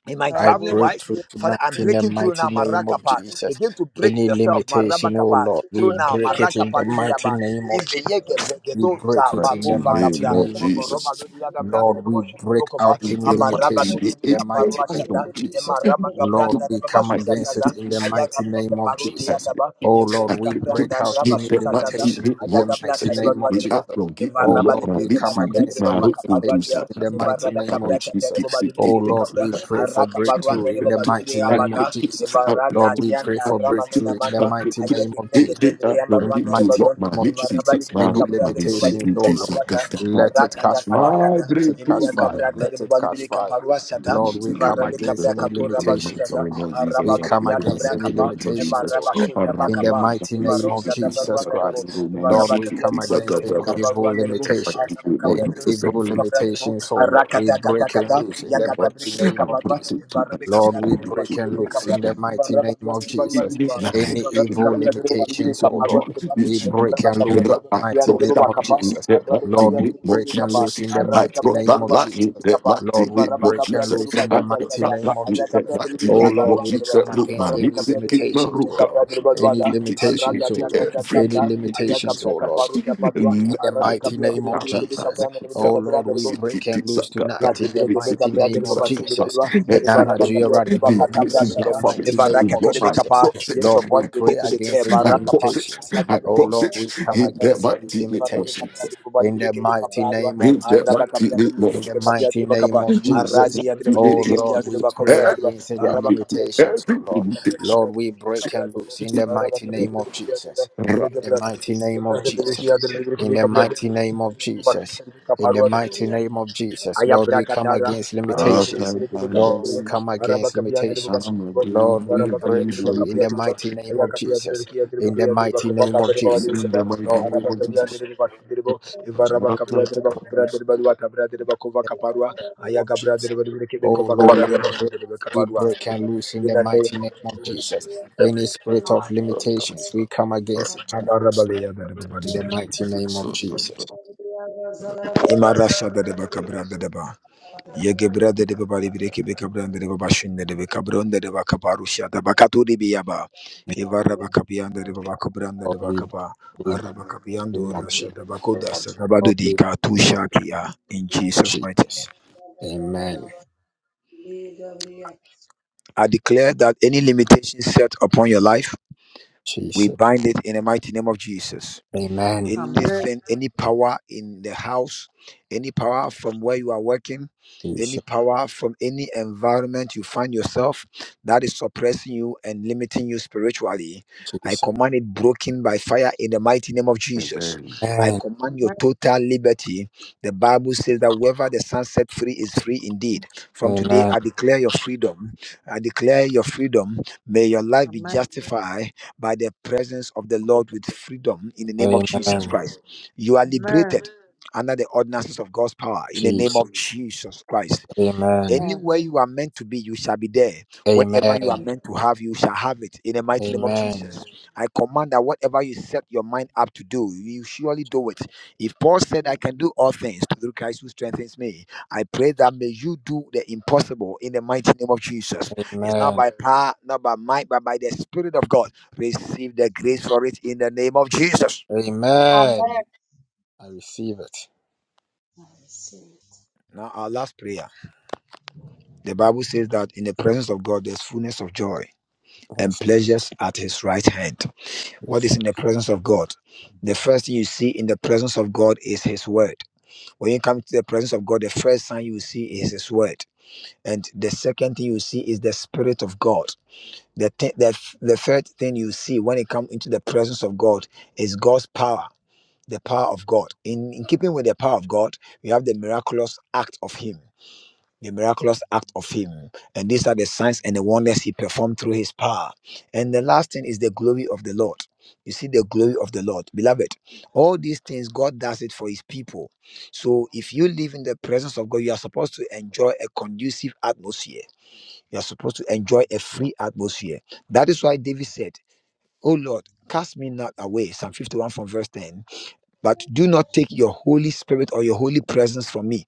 [SPEAKER 1] In my
[SPEAKER 6] I
[SPEAKER 1] traveling
[SPEAKER 6] break
[SPEAKER 1] wise,
[SPEAKER 6] through
[SPEAKER 1] Father,
[SPEAKER 6] tonight
[SPEAKER 1] I'm
[SPEAKER 6] in the
[SPEAKER 1] breaking through
[SPEAKER 6] mighty
[SPEAKER 1] now,
[SPEAKER 6] name of
[SPEAKER 1] Marakapa.
[SPEAKER 6] Jesus.
[SPEAKER 1] Begin to break
[SPEAKER 6] Any
[SPEAKER 1] yourself,
[SPEAKER 6] limitation, oh
[SPEAKER 1] Marabakapa,
[SPEAKER 6] Lord,
[SPEAKER 1] through
[SPEAKER 6] we
[SPEAKER 1] now,
[SPEAKER 6] break it in the mighty
[SPEAKER 1] Marakapa,
[SPEAKER 6] name of Jesus.
[SPEAKER 1] Iveye
[SPEAKER 6] We
[SPEAKER 1] gebegedo
[SPEAKER 6] break it in
[SPEAKER 1] sabago
[SPEAKER 2] mighty
[SPEAKER 6] the mighty
[SPEAKER 2] name
[SPEAKER 1] vagabra.
[SPEAKER 2] of
[SPEAKER 6] name of Jesus.
[SPEAKER 1] emoroma
[SPEAKER 2] Jesus,
[SPEAKER 1] ludia gabra de
[SPEAKER 6] Lord,
[SPEAKER 1] baba
[SPEAKER 6] we
[SPEAKER 1] shudu de
[SPEAKER 6] break out
[SPEAKER 1] bokova.
[SPEAKER 2] in
[SPEAKER 6] any
[SPEAKER 2] the
[SPEAKER 1] Amaraba
[SPEAKER 2] mighty name,
[SPEAKER 6] limitations
[SPEAKER 1] tuti
[SPEAKER 6] in the
[SPEAKER 1] mika
[SPEAKER 2] of Jesus,
[SPEAKER 6] mighty
[SPEAKER 1] parua
[SPEAKER 2] I
[SPEAKER 6] name
[SPEAKER 1] shata.
[SPEAKER 2] don't
[SPEAKER 6] of
[SPEAKER 2] need
[SPEAKER 6] Jesus.
[SPEAKER 1] Emaraba
[SPEAKER 6] Lord,
[SPEAKER 1] gabranda
[SPEAKER 2] to.
[SPEAKER 1] de
[SPEAKER 6] we
[SPEAKER 1] baba
[SPEAKER 6] come
[SPEAKER 2] I
[SPEAKER 1] zuza
[SPEAKER 2] need
[SPEAKER 6] against it
[SPEAKER 1] zaza.
[SPEAKER 2] to.
[SPEAKER 6] in the
[SPEAKER 1] ayagabra
[SPEAKER 6] mighty
[SPEAKER 1] ke
[SPEAKER 6] name of
[SPEAKER 1] paruti
[SPEAKER 2] I
[SPEAKER 6] Jesus.
[SPEAKER 1] yataba.
[SPEAKER 6] Oh Lord,
[SPEAKER 1] Evrebe
[SPEAKER 6] we break
[SPEAKER 1] kapranda
[SPEAKER 6] out
[SPEAKER 1] raba
[SPEAKER 6] any
[SPEAKER 1] suza zaza.
[SPEAKER 6] limitations in
[SPEAKER 1] Aya
[SPEAKER 6] the
[SPEAKER 1] gabra
[SPEAKER 6] mighty
[SPEAKER 1] tareba
[SPEAKER 6] name
[SPEAKER 1] luwa
[SPEAKER 6] of
[SPEAKER 1] de bo.
[SPEAKER 6] Jesus. Oh
[SPEAKER 1] Emaraba
[SPEAKER 6] Lord,
[SPEAKER 1] lebre
[SPEAKER 6] we
[SPEAKER 1] ke
[SPEAKER 6] come
[SPEAKER 1] bagabra de
[SPEAKER 6] against any
[SPEAKER 1] baba kaparua de.
[SPEAKER 6] limitations in the mighty
[SPEAKER 1] Emaraba
[SPEAKER 6] name of
[SPEAKER 1] kabra ke de
[SPEAKER 6] Jesus.
[SPEAKER 1] baba lebre
[SPEAKER 6] Oh
[SPEAKER 1] ke be
[SPEAKER 6] Lord,
[SPEAKER 1] kabra.
[SPEAKER 6] we pray for
[SPEAKER 1] Araka parua
[SPEAKER 6] breakthrough
[SPEAKER 1] de
[SPEAKER 6] in the
[SPEAKER 1] baba
[SPEAKER 6] mighty
[SPEAKER 1] lebre
[SPEAKER 6] name of
[SPEAKER 1] abaga.
[SPEAKER 6] Jesus. Lord,
[SPEAKER 1] Emarada
[SPEAKER 6] we pray
[SPEAKER 1] dianda
[SPEAKER 6] for
[SPEAKER 1] rama nuna
[SPEAKER 6] breakthrough in the
[SPEAKER 1] manwa.
[SPEAKER 6] mighty
[SPEAKER 1] Aya
[SPEAKER 6] name of
[SPEAKER 1] gebreke
[SPEAKER 6] Jesus.
[SPEAKER 1] debre
[SPEAKER 6] In the
[SPEAKER 1] amaruanda
[SPEAKER 6] mighty
[SPEAKER 1] rebaruan.
[SPEAKER 6] name of
[SPEAKER 1] Evarabali
[SPEAKER 6] Jesus.
[SPEAKER 1] bili
[SPEAKER 6] Any
[SPEAKER 1] kaprata rebali
[SPEAKER 6] limitations,
[SPEAKER 1] bili
[SPEAKER 6] oh Lord,
[SPEAKER 1] kaparuata.
[SPEAKER 6] let it
[SPEAKER 1] Arakata
[SPEAKER 6] catch
[SPEAKER 1] kata
[SPEAKER 6] fire.
[SPEAKER 1] kata.
[SPEAKER 6] Let it
[SPEAKER 2] break
[SPEAKER 6] catch
[SPEAKER 1] Emia
[SPEAKER 6] fire.
[SPEAKER 2] through
[SPEAKER 1] kaprata
[SPEAKER 6] Let it
[SPEAKER 1] rebali
[SPEAKER 6] catch
[SPEAKER 1] bili
[SPEAKER 6] fire.
[SPEAKER 2] the
[SPEAKER 1] kaparuasata.
[SPEAKER 6] Lord,
[SPEAKER 2] mighty
[SPEAKER 6] we
[SPEAKER 2] name
[SPEAKER 6] come
[SPEAKER 1] Evarabe
[SPEAKER 6] against
[SPEAKER 1] kabra
[SPEAKER 6] any
[SPEAKER 1] katora
[SPEAKER 6] limitations, oh
[SPEAKER 1] bazuzaza.
[SPEAKER 6] Lord.
[SPEAKER 2] of
[SPEAKER 6] We
[SPEAKER 2] Jesus, I
[SPEAKER 6] come
[SPEAKER 2] pray
[SPEAKER 1] Arabaluria
[SPEAKER 2] for the
[SPEAKER 6] against
[SPEAKER 1] kabra
[SPEAKER 6] any
[SPEAKER 2] mighty
[SPEAKER 1] kapa.
[SPEAKER 2] name of Jesus, I
[SPEAKER 6] limitations, oh
[SPEAKER 2] pray
[SPEAKER 6] Lord.
[SPEAKER 2] for the
[SPEAKER 1] Emarabashuta
[SPEAKER 2] mighty
[SPEAKER 6] In the
[SPEAKER 2] name
[SPEAKER 1] bakapa.
[SPEAKER 6] mighty
[SPEAKER 2] of
[SPEAKER 6] name
[SPEAKER 2] Jesus.
[SPEAKER 6] of
[SPEAKER 1] Evarosa da
[SPEAKER 6] Jesus
[SPEAKER 1] baruanda rebo.
[SPEAKER 6] Christ, Lord,
[SPEAKER 1] Evaraba
[SPEAKER 6] we
[SPEAKER 1] kabia
[SPEAKER 6] come
[SPEAKER 1] rebali
[SPEAKER 6] against
[SPEAKER 1] bili
[SPEAKER 6] any evil
[SPEAKER 1] kaparuanda rebo.
[SPEAKER 6] limitations,
[SPEAKER 1] Arame kabra
[SPEAKER 6] any
[SPEAKER 1] rebali bili
[SPEAKER 6] evil
[SPEAKER 1] kaparuanda rebo.
[SPEAKER 6] limitations, oh Lord. We
[SPEAKER 1] Arakata kata
[SPEAKER 6] break and
[SPEAKER 1] kata.
[SPEAKER 6] loose in the
[SPEAKER 1] Yagada
[SPEAKER 6] mighty
[SPEAKER 1] breke
[SPEAKER 6] name of
[SPEAKER 1] bekaparua.
[SPEAKER 6] Jesus.
[SPEAKER 1] Evarabe
[SPEAKER 6] Lord,
[SPEAKER 1] kabra
[SPEAKER 6] we
[SPEAKER 1] terebe
[SPEAKER 6] break
[SPEAKER 1] başı
[SPEAKER 6] and
[SPEAKER 1] derebe
[SPEAKER 6] loose
[SPEAKER 1] kabra.
[SPEAKER 6] in the mighty
[SPEAKER 1] Evarra
[SPEAKER 6] name
[SPEAKER 1] badua
[SPEAKER 6] of
[SPEAKER 1] derebe badua
[SPEAKER 6] Jesus.
[SPEAKER 2] In the
[SPEAKER 1] derebe.
[SPEAKER 2] night,
[SPEAKER 6] Any
[SPEAKER 1] Evarra be
[SPEAKER 2] in
[SPEAKER 6] evil
[SPEAKER 2] the
[SPEAKER 1] kapıya derebe bali bire
[SPEAKER 6] limitations, oh
[SPEAKER 2] more
[SPEAKER 6] Lord
[SPEAKER 1] kaparua derebe.
[SPEAKER 6] we
[SPEAKER 1] Evarra
[SPEAKER 6] break
[SPEAKER 1] be
[SPEAKER 6] and
[SPEAKER 1] kapıya
[SPEAKER 6] loose in the
[SPEAKER 1] derebe kapıya
[SPEAKER 6] mighty name
[SPEAKER 1] derebe bak
[SPEAKER 6] of
[SPEAKER 1] kapa.
[SPEAKER 6] Jesus.
[SPEAKER 1] Arra be
[SPEAKER 6] Lord,
[SPEAKER 1] kapıya
[SPEAKER 6] we
[SPEAKER 1] derebe bire
[SPEAKER 6] break and
[SPEAKER 1] kapa.
[SPEAKER 6] loose
[SPEAKER 2] Jesus.
[SPEAKER 6] in the
[SPEAKER 1] Arra be
[SPEAKER 2] I
[SPEAKER 6] mighty
[SPEAKER 2] brought
[SPEAKER 1] kapıya
[SPEAKER 6] name
[SPEAKER 2] that
[SPEAKER 1] derebe
[SPEAKER 6] of
[SPEAKER 1] bali
[SPEAKER 2] light
[SPEAKER 1] bire
[SPEAKER 2] in
[SPEAKER 6] Jesus.
[SPEAKER 2] that
[SPEAKER 1] kapa.
[SPEAKER 6] Lord,
[SPEAKER 2] mighty
[SPEAKER 6] we
[SPEAKER 2] name
[SPEAKER 1] Evarra be
[SPEAKER 2] of
[SPEAKER 6] break
[SPEAKER 1] kapıya
[SPEAKER 6] and
[SPEAKER 2] Jesus.
[SPEAKER 6] loose
[SPEAKER 1] derebe
[SPEAKER 6] in the
[SPEAKER 1] başı
[SPEAKER 2] I brought
[SPEAKER 6] mighty
[SPEAKER 1] zazaza.
[SPEAKER 2] that light
[SPEAKER 6] name of
[SPEAKER 2] in
[SPEAKER 1] Aya
[SPEAKER 6] Jesus.
[SPEAKER 2] that
[SPEAKER 1] kabra derebe
[SPEAKER 6] Oh
[SPEAKER 2] mighty
[SPEAKER 1] bire yanda
[SPEAKER 2] name
[SPEAKER 6] Lord,
[SPEAKER 2] of
[SPEAKER 1] badua
[SPEAKER 6] we
[SPEAKER 1] derebe.
[SPEAKER 2] Jesus.
[SPEAKER 6] come
[SPEAKER 2] Look, my
[SPEAKER 6] against
[SPEAKER 1] Evarra be
[SPEAKER 6] any
[SPEAKER 2] lips,
[SPEAKER 1] kapıya
[SPEAKER 2] it
[SPEAKER 1] derebe
[SPEAKER 2] keep my
[SPEAKER 1] bire
[SPEAKER 6] limitations,
[SPEAKER 1] kebe
[SPEAKER 6] oh
[SPEAKER 2] rook up.
[SPEAKER 6] Lord.
[SPEAKER 1] kabra derebe badua
[SPEAKER 6] Any
[SPEAKER 1] da.
[SPEAKER 2] It gets it
[SPEAKER 1] Arra
[SPEAKER 2] in
[SPEAKER 6] limitations,
[SPEAKER 1] da
[SPEAKER 6] oh
[SPEAKER 2] the
[SPEAKER 1] da da
[SPEAKER 6] Lord.
[SPEAKER 1] da da
[SPEAKER 2] every
[SPEAKER 6] Any
[SPEAKER 1] da. Aya
[SPEAKER 6] limitations,
[SPEAKER 1] kabra
[SPEAKER 2] limitation.
[SPEAKER 6] oh Lord.
[SPEAKER 1] kaparu da badua.
[SPEAKER 6] In the
[SPEAKER 1] Arra
[SPEAKER 2] I
[SPEAKER 1] be
[SPEAKER 6] mighty
[SPEAKER 1] kapıya
[SPEAKER 6] name
[SPEAKER 1] derebe
[SPEAKER 6] of
[SPEAKER 1] bire kebe
[SPEAKER 6] Jesus.
[SPEAKER 1] kabra derebe
[SPEAKER 6] Oh
[SPEAKER 1] badua da bra
[SPEAKER 6] Lord, we
[SPEAKER 1] derebe.
[SPEAKER 6] break and
[SPEAKER 2] put
[SPEAKER 6] loose
[SPEAKER 2] that
[SPEAKER 1] Ya
[SPEAKER 6] tonight. In the
[SPEAKER 1] gibire gebe
[SPEAKER 2] Blessing
[SPEAKER 6] mighty
[SPEAKER 2] the
[SPEAKER 1] gabra
[SPEAKER 6] name
[SPEAKER 1] gebe
[SPEAKER 2] things
[SPEAKER 6] of
[SPEAKER 2] I
[SPEAKER 1] baba
[SPEAKER 2] can
[SPEAKER 1] şubi gebe
[SPEAKER 2] pass.
[SPEAKER 6] Jesus.
[SPEAKER 1] baba.
[SPEAKER 6] And
[SPEAKER 2] Every
[SPEAKER 6] Nana
[SPEAKER 1] Evara baka
[SPEAKER 6] Jia
[SPEAKER 1] bia
[SPEAKER 2] moment,
[SPEAKER 1] gebe
[SPEAKER 6] Radi
[SPEAKER 1] baka
[SPEAKER 6] Hunya
[SPEAKER 2] the
[SPEAKER 1] tabra
[SPEAKER 6] Mopo,
[SPEAKER 2] blessing
[SPEAKER 6] In
[SPEAKER 2] in our
[SPEAKER 6] the
[SPEAKER 1] şaka.
[SPEAKER 2] families.
[SPEAKER 6] mighty
[SPEAKER 1] Evara
[SPEAKER 6] name
[SPEAKER 2] The
[SPEAKER 6] of
[SPEAKER 1] kato
[SPEAKER 2] Lord,
[SPEAKER 1] gebe
[SPEAKER 2] I
[SPEAKER 6] Jesus.
[SPEAKER 1] kapa.
[SPEAKER 2] cross
[SPEAKER 1] Lift
[SPEAKER 2] it,
[SPEAKER 6] Lord,
[SPEAKER 1] your
[SPEAKER 6] we
[SPEAKER 1] voice
[SPEAKER 2] I
[SPEAKER 1] begin
[SPEAKER 6] pray
[SPEAKER 1] to
[SPEAKER 2] cross it,
[SPEAKER 6] against
[SPEAKER 1] declare
[SPEAKER 6] any
[SPEAKER 2] I
[SPEAKER 1] bara kapa.
[SPEAKER 2] cross it,
[SPEAKER 6] limitations.
[SPEAKER 1] Aya
[SPEAKER 2] I
[SPEAKER 1] gabra
[SPEAKER 6] Oh
[SPEAKER 2] cross
[SPEAKER 1] gabra
[SPEAKER 6] Lord, we
[SPEAKER 1] gebe
[SPEAKER 2] it.
[SPEAKER 1] baba
[SPEAKER 6] come
[SPEAKER 2] In
[SPEAKER 1] gabra
[SPEAKER 2] the
[SPEAKER 1] gebe
[SPEAKER 6] against
[SPEAKER 1] baba.
[SPEAKER 6] any
[SPEAKER 2] mighty name
[SPEAKER 1] Evara
[SPEAKER 2] of
[SPEAKER 1] baka bia
[SPEAKER 6] limitations.
[SPEAKER 2] Jesus.
[SPEAKER 1] gebe baba
[SPEAKER 6] In
[SPEAKER 1] libire
[SPEAKER 6] the
[SPEAKER 1] gebe kapa
[SPEAKER 6] mighty
[SPEAKER 1] agba.
[SPEAKER 6] name
[SPEAKER 2] In
[SPEAKER 6] of
[SPEAKER 2] the
[SPEAKER 6] Jesus.
[SPEAKER 1] Ara baka
[SPEAKER 2] mighty
[SPEAKER 1] bia
[SPEAKER 2] name
[SPEAKER 1] gebe libire
[SPEAKER 2] of
[SPEAKER 6] In the
[SPEAKER 1] gebe kapa ya
[SPEAKER 2] Jesus.
[SPEAKER 6] mighty
[SPEAKER 1] gebe baba
[SPEAKER 6] name
[SPEAKER 1] kapa.
[SPEAKER 2] In
[SPEAKER 6] of
[SPEAKER 2] the
[SPEAKER 1] Ara
[SPEAKER 6] Jesus.
[SPEAKER 1] dia gebe
[SPEAKER 2] mighty name
[SPEAKER 6] Oh
[SPEAKER 2] of
[SPEAKER 1] libire gebe
[SPEAKER 6] Lord,
[SPEAKER 1] bia
[SPEAKER 2] Jesus.
[SPEAKER 1] gebe
[SPEAKER 6] we
[SPEAKER 1] baba
[SPEAKER 6] pray
[SPEAKER 1] kobra
[SPEAKER 2] Every
[SPEAKER 1] gebe baba.
[SPEAKER 6] against any
[SPEAKER 1] Ara
[SPEAKER 2] traffic,
[SPEAKER 1] baka bia gebe
[SPEAKER 6] limitations,
[SPEAKER 1] baba
[SPEAKER 6] oh
[SPEAKER 2] every
[SPEAKER 1] libire
[SPEAKER 6] Lord.
[SPEAKER 1] gebe kapa ya gebe
[SPEAKER 2] limitation.
[SPEAKER 6] Lord,
[SPEAKER 1] baba
[SPEAKER 6] we
[SPEAKER 1] libire gebe
[SPEAKER 6] break
[SPEAKER 1] kapa ya
[SPEAKER 6] and
[SPEAKER 1] gebe baba.
[SPEAKER 6] loose in the
[SPEAKER 1] Ara
[SPEAKER 6] mighty
[SPEAKER 1] baka bia
[SPEAKER 6] name
[SPEAKER 1] gebe
[SPEAKER 6] of
[SPEAKER 1] libire gebe
[SPEAKER 6] Jesus.
[SPEAKER 1] baba. Ya
[SPEAKER 6] In the
[SPEAKER 1] gabra.
[SPEAKER 6] mighty name
[SPEAKER 1] Gabra
[SPEAKER 6] of
[SPEAKER 1] gebe
[SPEAKER 6] Jesus.
[SPEAKER 1] libire
[SPEAKER 6] In
[SPEAKER 1] gebe
[SPEAKER 6] the
[SPEAKER 1] kapa ya gebe
[SPEAKER 6] mighty name of
[SPEAKER 1] baba.
[SPEAKER 6] Jesus. In the
[SPEAKER 1] Kaparua gebe baba.
[SPEAKER 6] mighty name of Jesus. Lord, we come
[SPEAKER 1] Ayabrakatara,
[SPEAKER 6] against
[SPEAKER 1] Arabia de
[SPEAKER 6] limitations.
[SPEAKER 2] After
[SPEAKER 1] Kabia de
[SPEAKER 2] my
[SPEAKER 1] the Kabia
[SPEAKER 6] Lord,
[SPEAKER 1] de
[SPEAKER 6] we
[SPEAKER 2] music,
[SPEAKER 6] come against limitations.
[SPEAKER 1] Bashi,
[SPEAKER 2] I'm a dream,
[SPEAKER 6] Lord,
[SPEAKER 2] a
[SPEAKER 6] we
[SPEAKER 2] dream,
[SPEAKER 1] Araba Kabia
[SPEAKER 6] break
[SPEAKER 2] a
[SPEAKER 1] de
[SPEAKER 6] through
[SPEAKER 2] dream.
[SPEAKER 6] in
[SPEAKER 1] Bakabia
[SPEAKER 6] the
[SPEAKER 1] de Bak,
[SPEAKER 6] mighty name of
[SPEAKER 1] Ayakabia de
[SPEAKER 6] Jesus.
[SPEAKER 1] Kia de
[SPEAKER 6] In the
[SPEAKER 1] Bakia de
[SPEAKER 6] mighty name
[SPEAKER 1] Bakubaka
[SPEAKER 6] of
[SPEAKER 1] de
[SPEAKER 6] Jesus.
[SPEAKER 2] In the
[SPEAKER 1] Bakubaka,
[SPEAKER 2] mighty
[SPEAKER 6] Lord,
[SPEAKER 2] name
[SPEAKER 6] we
[SPEAKER 1] Araba
[SPEAKER 2] of
[SPEAKER 6] break
[SPEAKER 1] Kabia de
[SPEAKER 2] Jesus.
[SPEAKER 1] the de Bo, Ivaraba
[SPEAKER 2] After
[SPEAKER 1] Kabia de
[SPEAKER 2] my
[SPEAKER 1] Bakubra de
[SPEAKER 2] music,
[SPEAKER 1] Baduaka, Brad de Bakova Kaparua,
[SPEAKER 6] of
[SPEAKER 1] Ayagabra
[SPEAKER 6] Jesus.
[SPEAKER 1] de
[SPEAKER 6] Oh
[SPEAKER 1] Bakova
[SPEAKER 6] Lord,
[SPEAKER 1] Kabia
[SPEAKER 6] we
[SPEAKER 1] de
[SPEAKER 2] oh,
[SPEAKER 6] break,
[SPEAKER 1] the de
[SPEAKER 6] we
[SPEAKER 1] Bakaparua.
[SPEAKER 6] break and loose in
[SPEAKER 1] In
[SPEAKER 6] the
[SPEAKER 1] the name
[SPEAKER 6] mighty
[SPEAKER 1] of
[SPEAKER 6] name of
[SPEAKER 1] Jesus,
[SPEAKER 6] Jesus. Any spirit of limitations, we come
[SPEAKER 2] yeah.
[SPEAKER 6] against it tonight
[SPEAKER 1] Amarabaleya de Babadi
[SPEAKER 6] in the
[SPEAKER 1] Breki,
[SPEAKER 6] mighty name of
[SPEAKER 2] So,
[SPEAKER 6] Jesus.
[SPEAKER 1] Imarasha de Bakabra Yegebra de deba bali breke be kabra de deba bashin de deba kabron de deba kaparusha de bakatu de biyaba. Evara bakabian de deba bakabran de
[SPEAKER 6] Lord,
[SPEAKER 1] deba
[SPEAKER 6] we
[SPEAKER 1] kaba.
[SPEAKER 6] we in
[SPEAKER 1] Araba kabian
[SPEAKER 6] the
[SPEAKER 1] do
[SPEAKER 6] name of
[SPEAKER 1] rasha
[SPEAKER 6] Jesus.
[SPEAKER 1] de bakoda
[SPEAKER 6] Lord,
[SPEAKER 1] sabadu
[SPEAKER 6] we
[SPEAKER 1] di katusha kia. In Jesus'
[SPEAKER 6] break
[SPEAKER 1] mighty name.
[SPEAKER 6] Jesus. Amen.
[SPEAKER 1] I declare that any limitation set upon your life, we
[SPEAKER 6] Jesus.
[SPEAKER 1] bind it in the mighty name of Jesus.
[SPEAKER 6] Amen.
[SPEAKER 1] anything, any power in the house, any power from where you are working, any
[SPEAKER 6] Jesus.
[SPEAKER 1] power from any environment you find yourself that is suppressing you and limiting you spiritually. I
[SPEAKER 6] Jesus.
[SPEAKER 1] command it broken by fire in the mighty name of Jesus.
[SPEAKER 2] amen.
[SPEAKER 1] I
[SPEAKER 6] Amen.
[SPEAKER 1] command your total liberty. The Bible says that whoever the Son set free is free indeed. From today,
[SPEAKER 6] Amen.
[SPEAKER 1] I declare your freedom. I declare your freedom. May your life be justified by the presence of the Lord with freedom in the name of Jesus
[SPEAKER 6] Amen.
[SPEAKER 1] Christ. You are liberated under the ordinances of God's power in the name
[SPEAKER 6] Jesus.
[SPEAKER 1] of Jesus Christ.
[SPEAKER 6] Amen.
[SPEAKER 1] Anywhere you are meant to be, you shall be there. Whatever you are
[SPEAKER 6] Amen.
[SPEAKER 1] meant to have, you shall have it. In the mighty name of
[SPEAKER 6] Amen.
[SPEAKER 1] Jesus, I command that whatever you set your mind up to do, you surely do it. If Paul said, I can do all things through Christ who strengthens me, I pray that may you do the impossible in the mighty name of Jesus. It's not
[SPEAKER 6] Amen.
[SPEAKER 1] by power, not by might, but by the Spirit of God. Receive the grace for it in the name of Jesus.
[SPEAKER 6] Amen. I receive it.
[SPEAKER 1] Now, our last prayer. The Bible says that in the presence of God, there's fullness of joy and pleasures at his right hand.
[SPEAKER 6] Yes.
[SPEAKER 1] what is in the presence of God. The first thing you see in the presence of God is His Word. When you come to the presence of God, the first sign you see is His Word. And the second thing you see is the Spirit of God. The, thi- the, f- the third thing you see when you come into the presence of God is God's power, the power of God. In, in keeping with the power of God, we have the miraculous act of Him the miraculous act of him. And these are the signs and the wonders he performed through his power. And the last thing is the glory of the Lord. You see the glory of the Lord. Beloved, all these things, God does it for his people. So if you live in the presence of God, you are supposed to enjoy a conducive atmosphere. You are supposed to enjoy a free atmosphere. That is why David said, Oh Lord, cast me not away. Psalm 51 from verse 10. But do not take your Holy Spirit or your holy presence from me.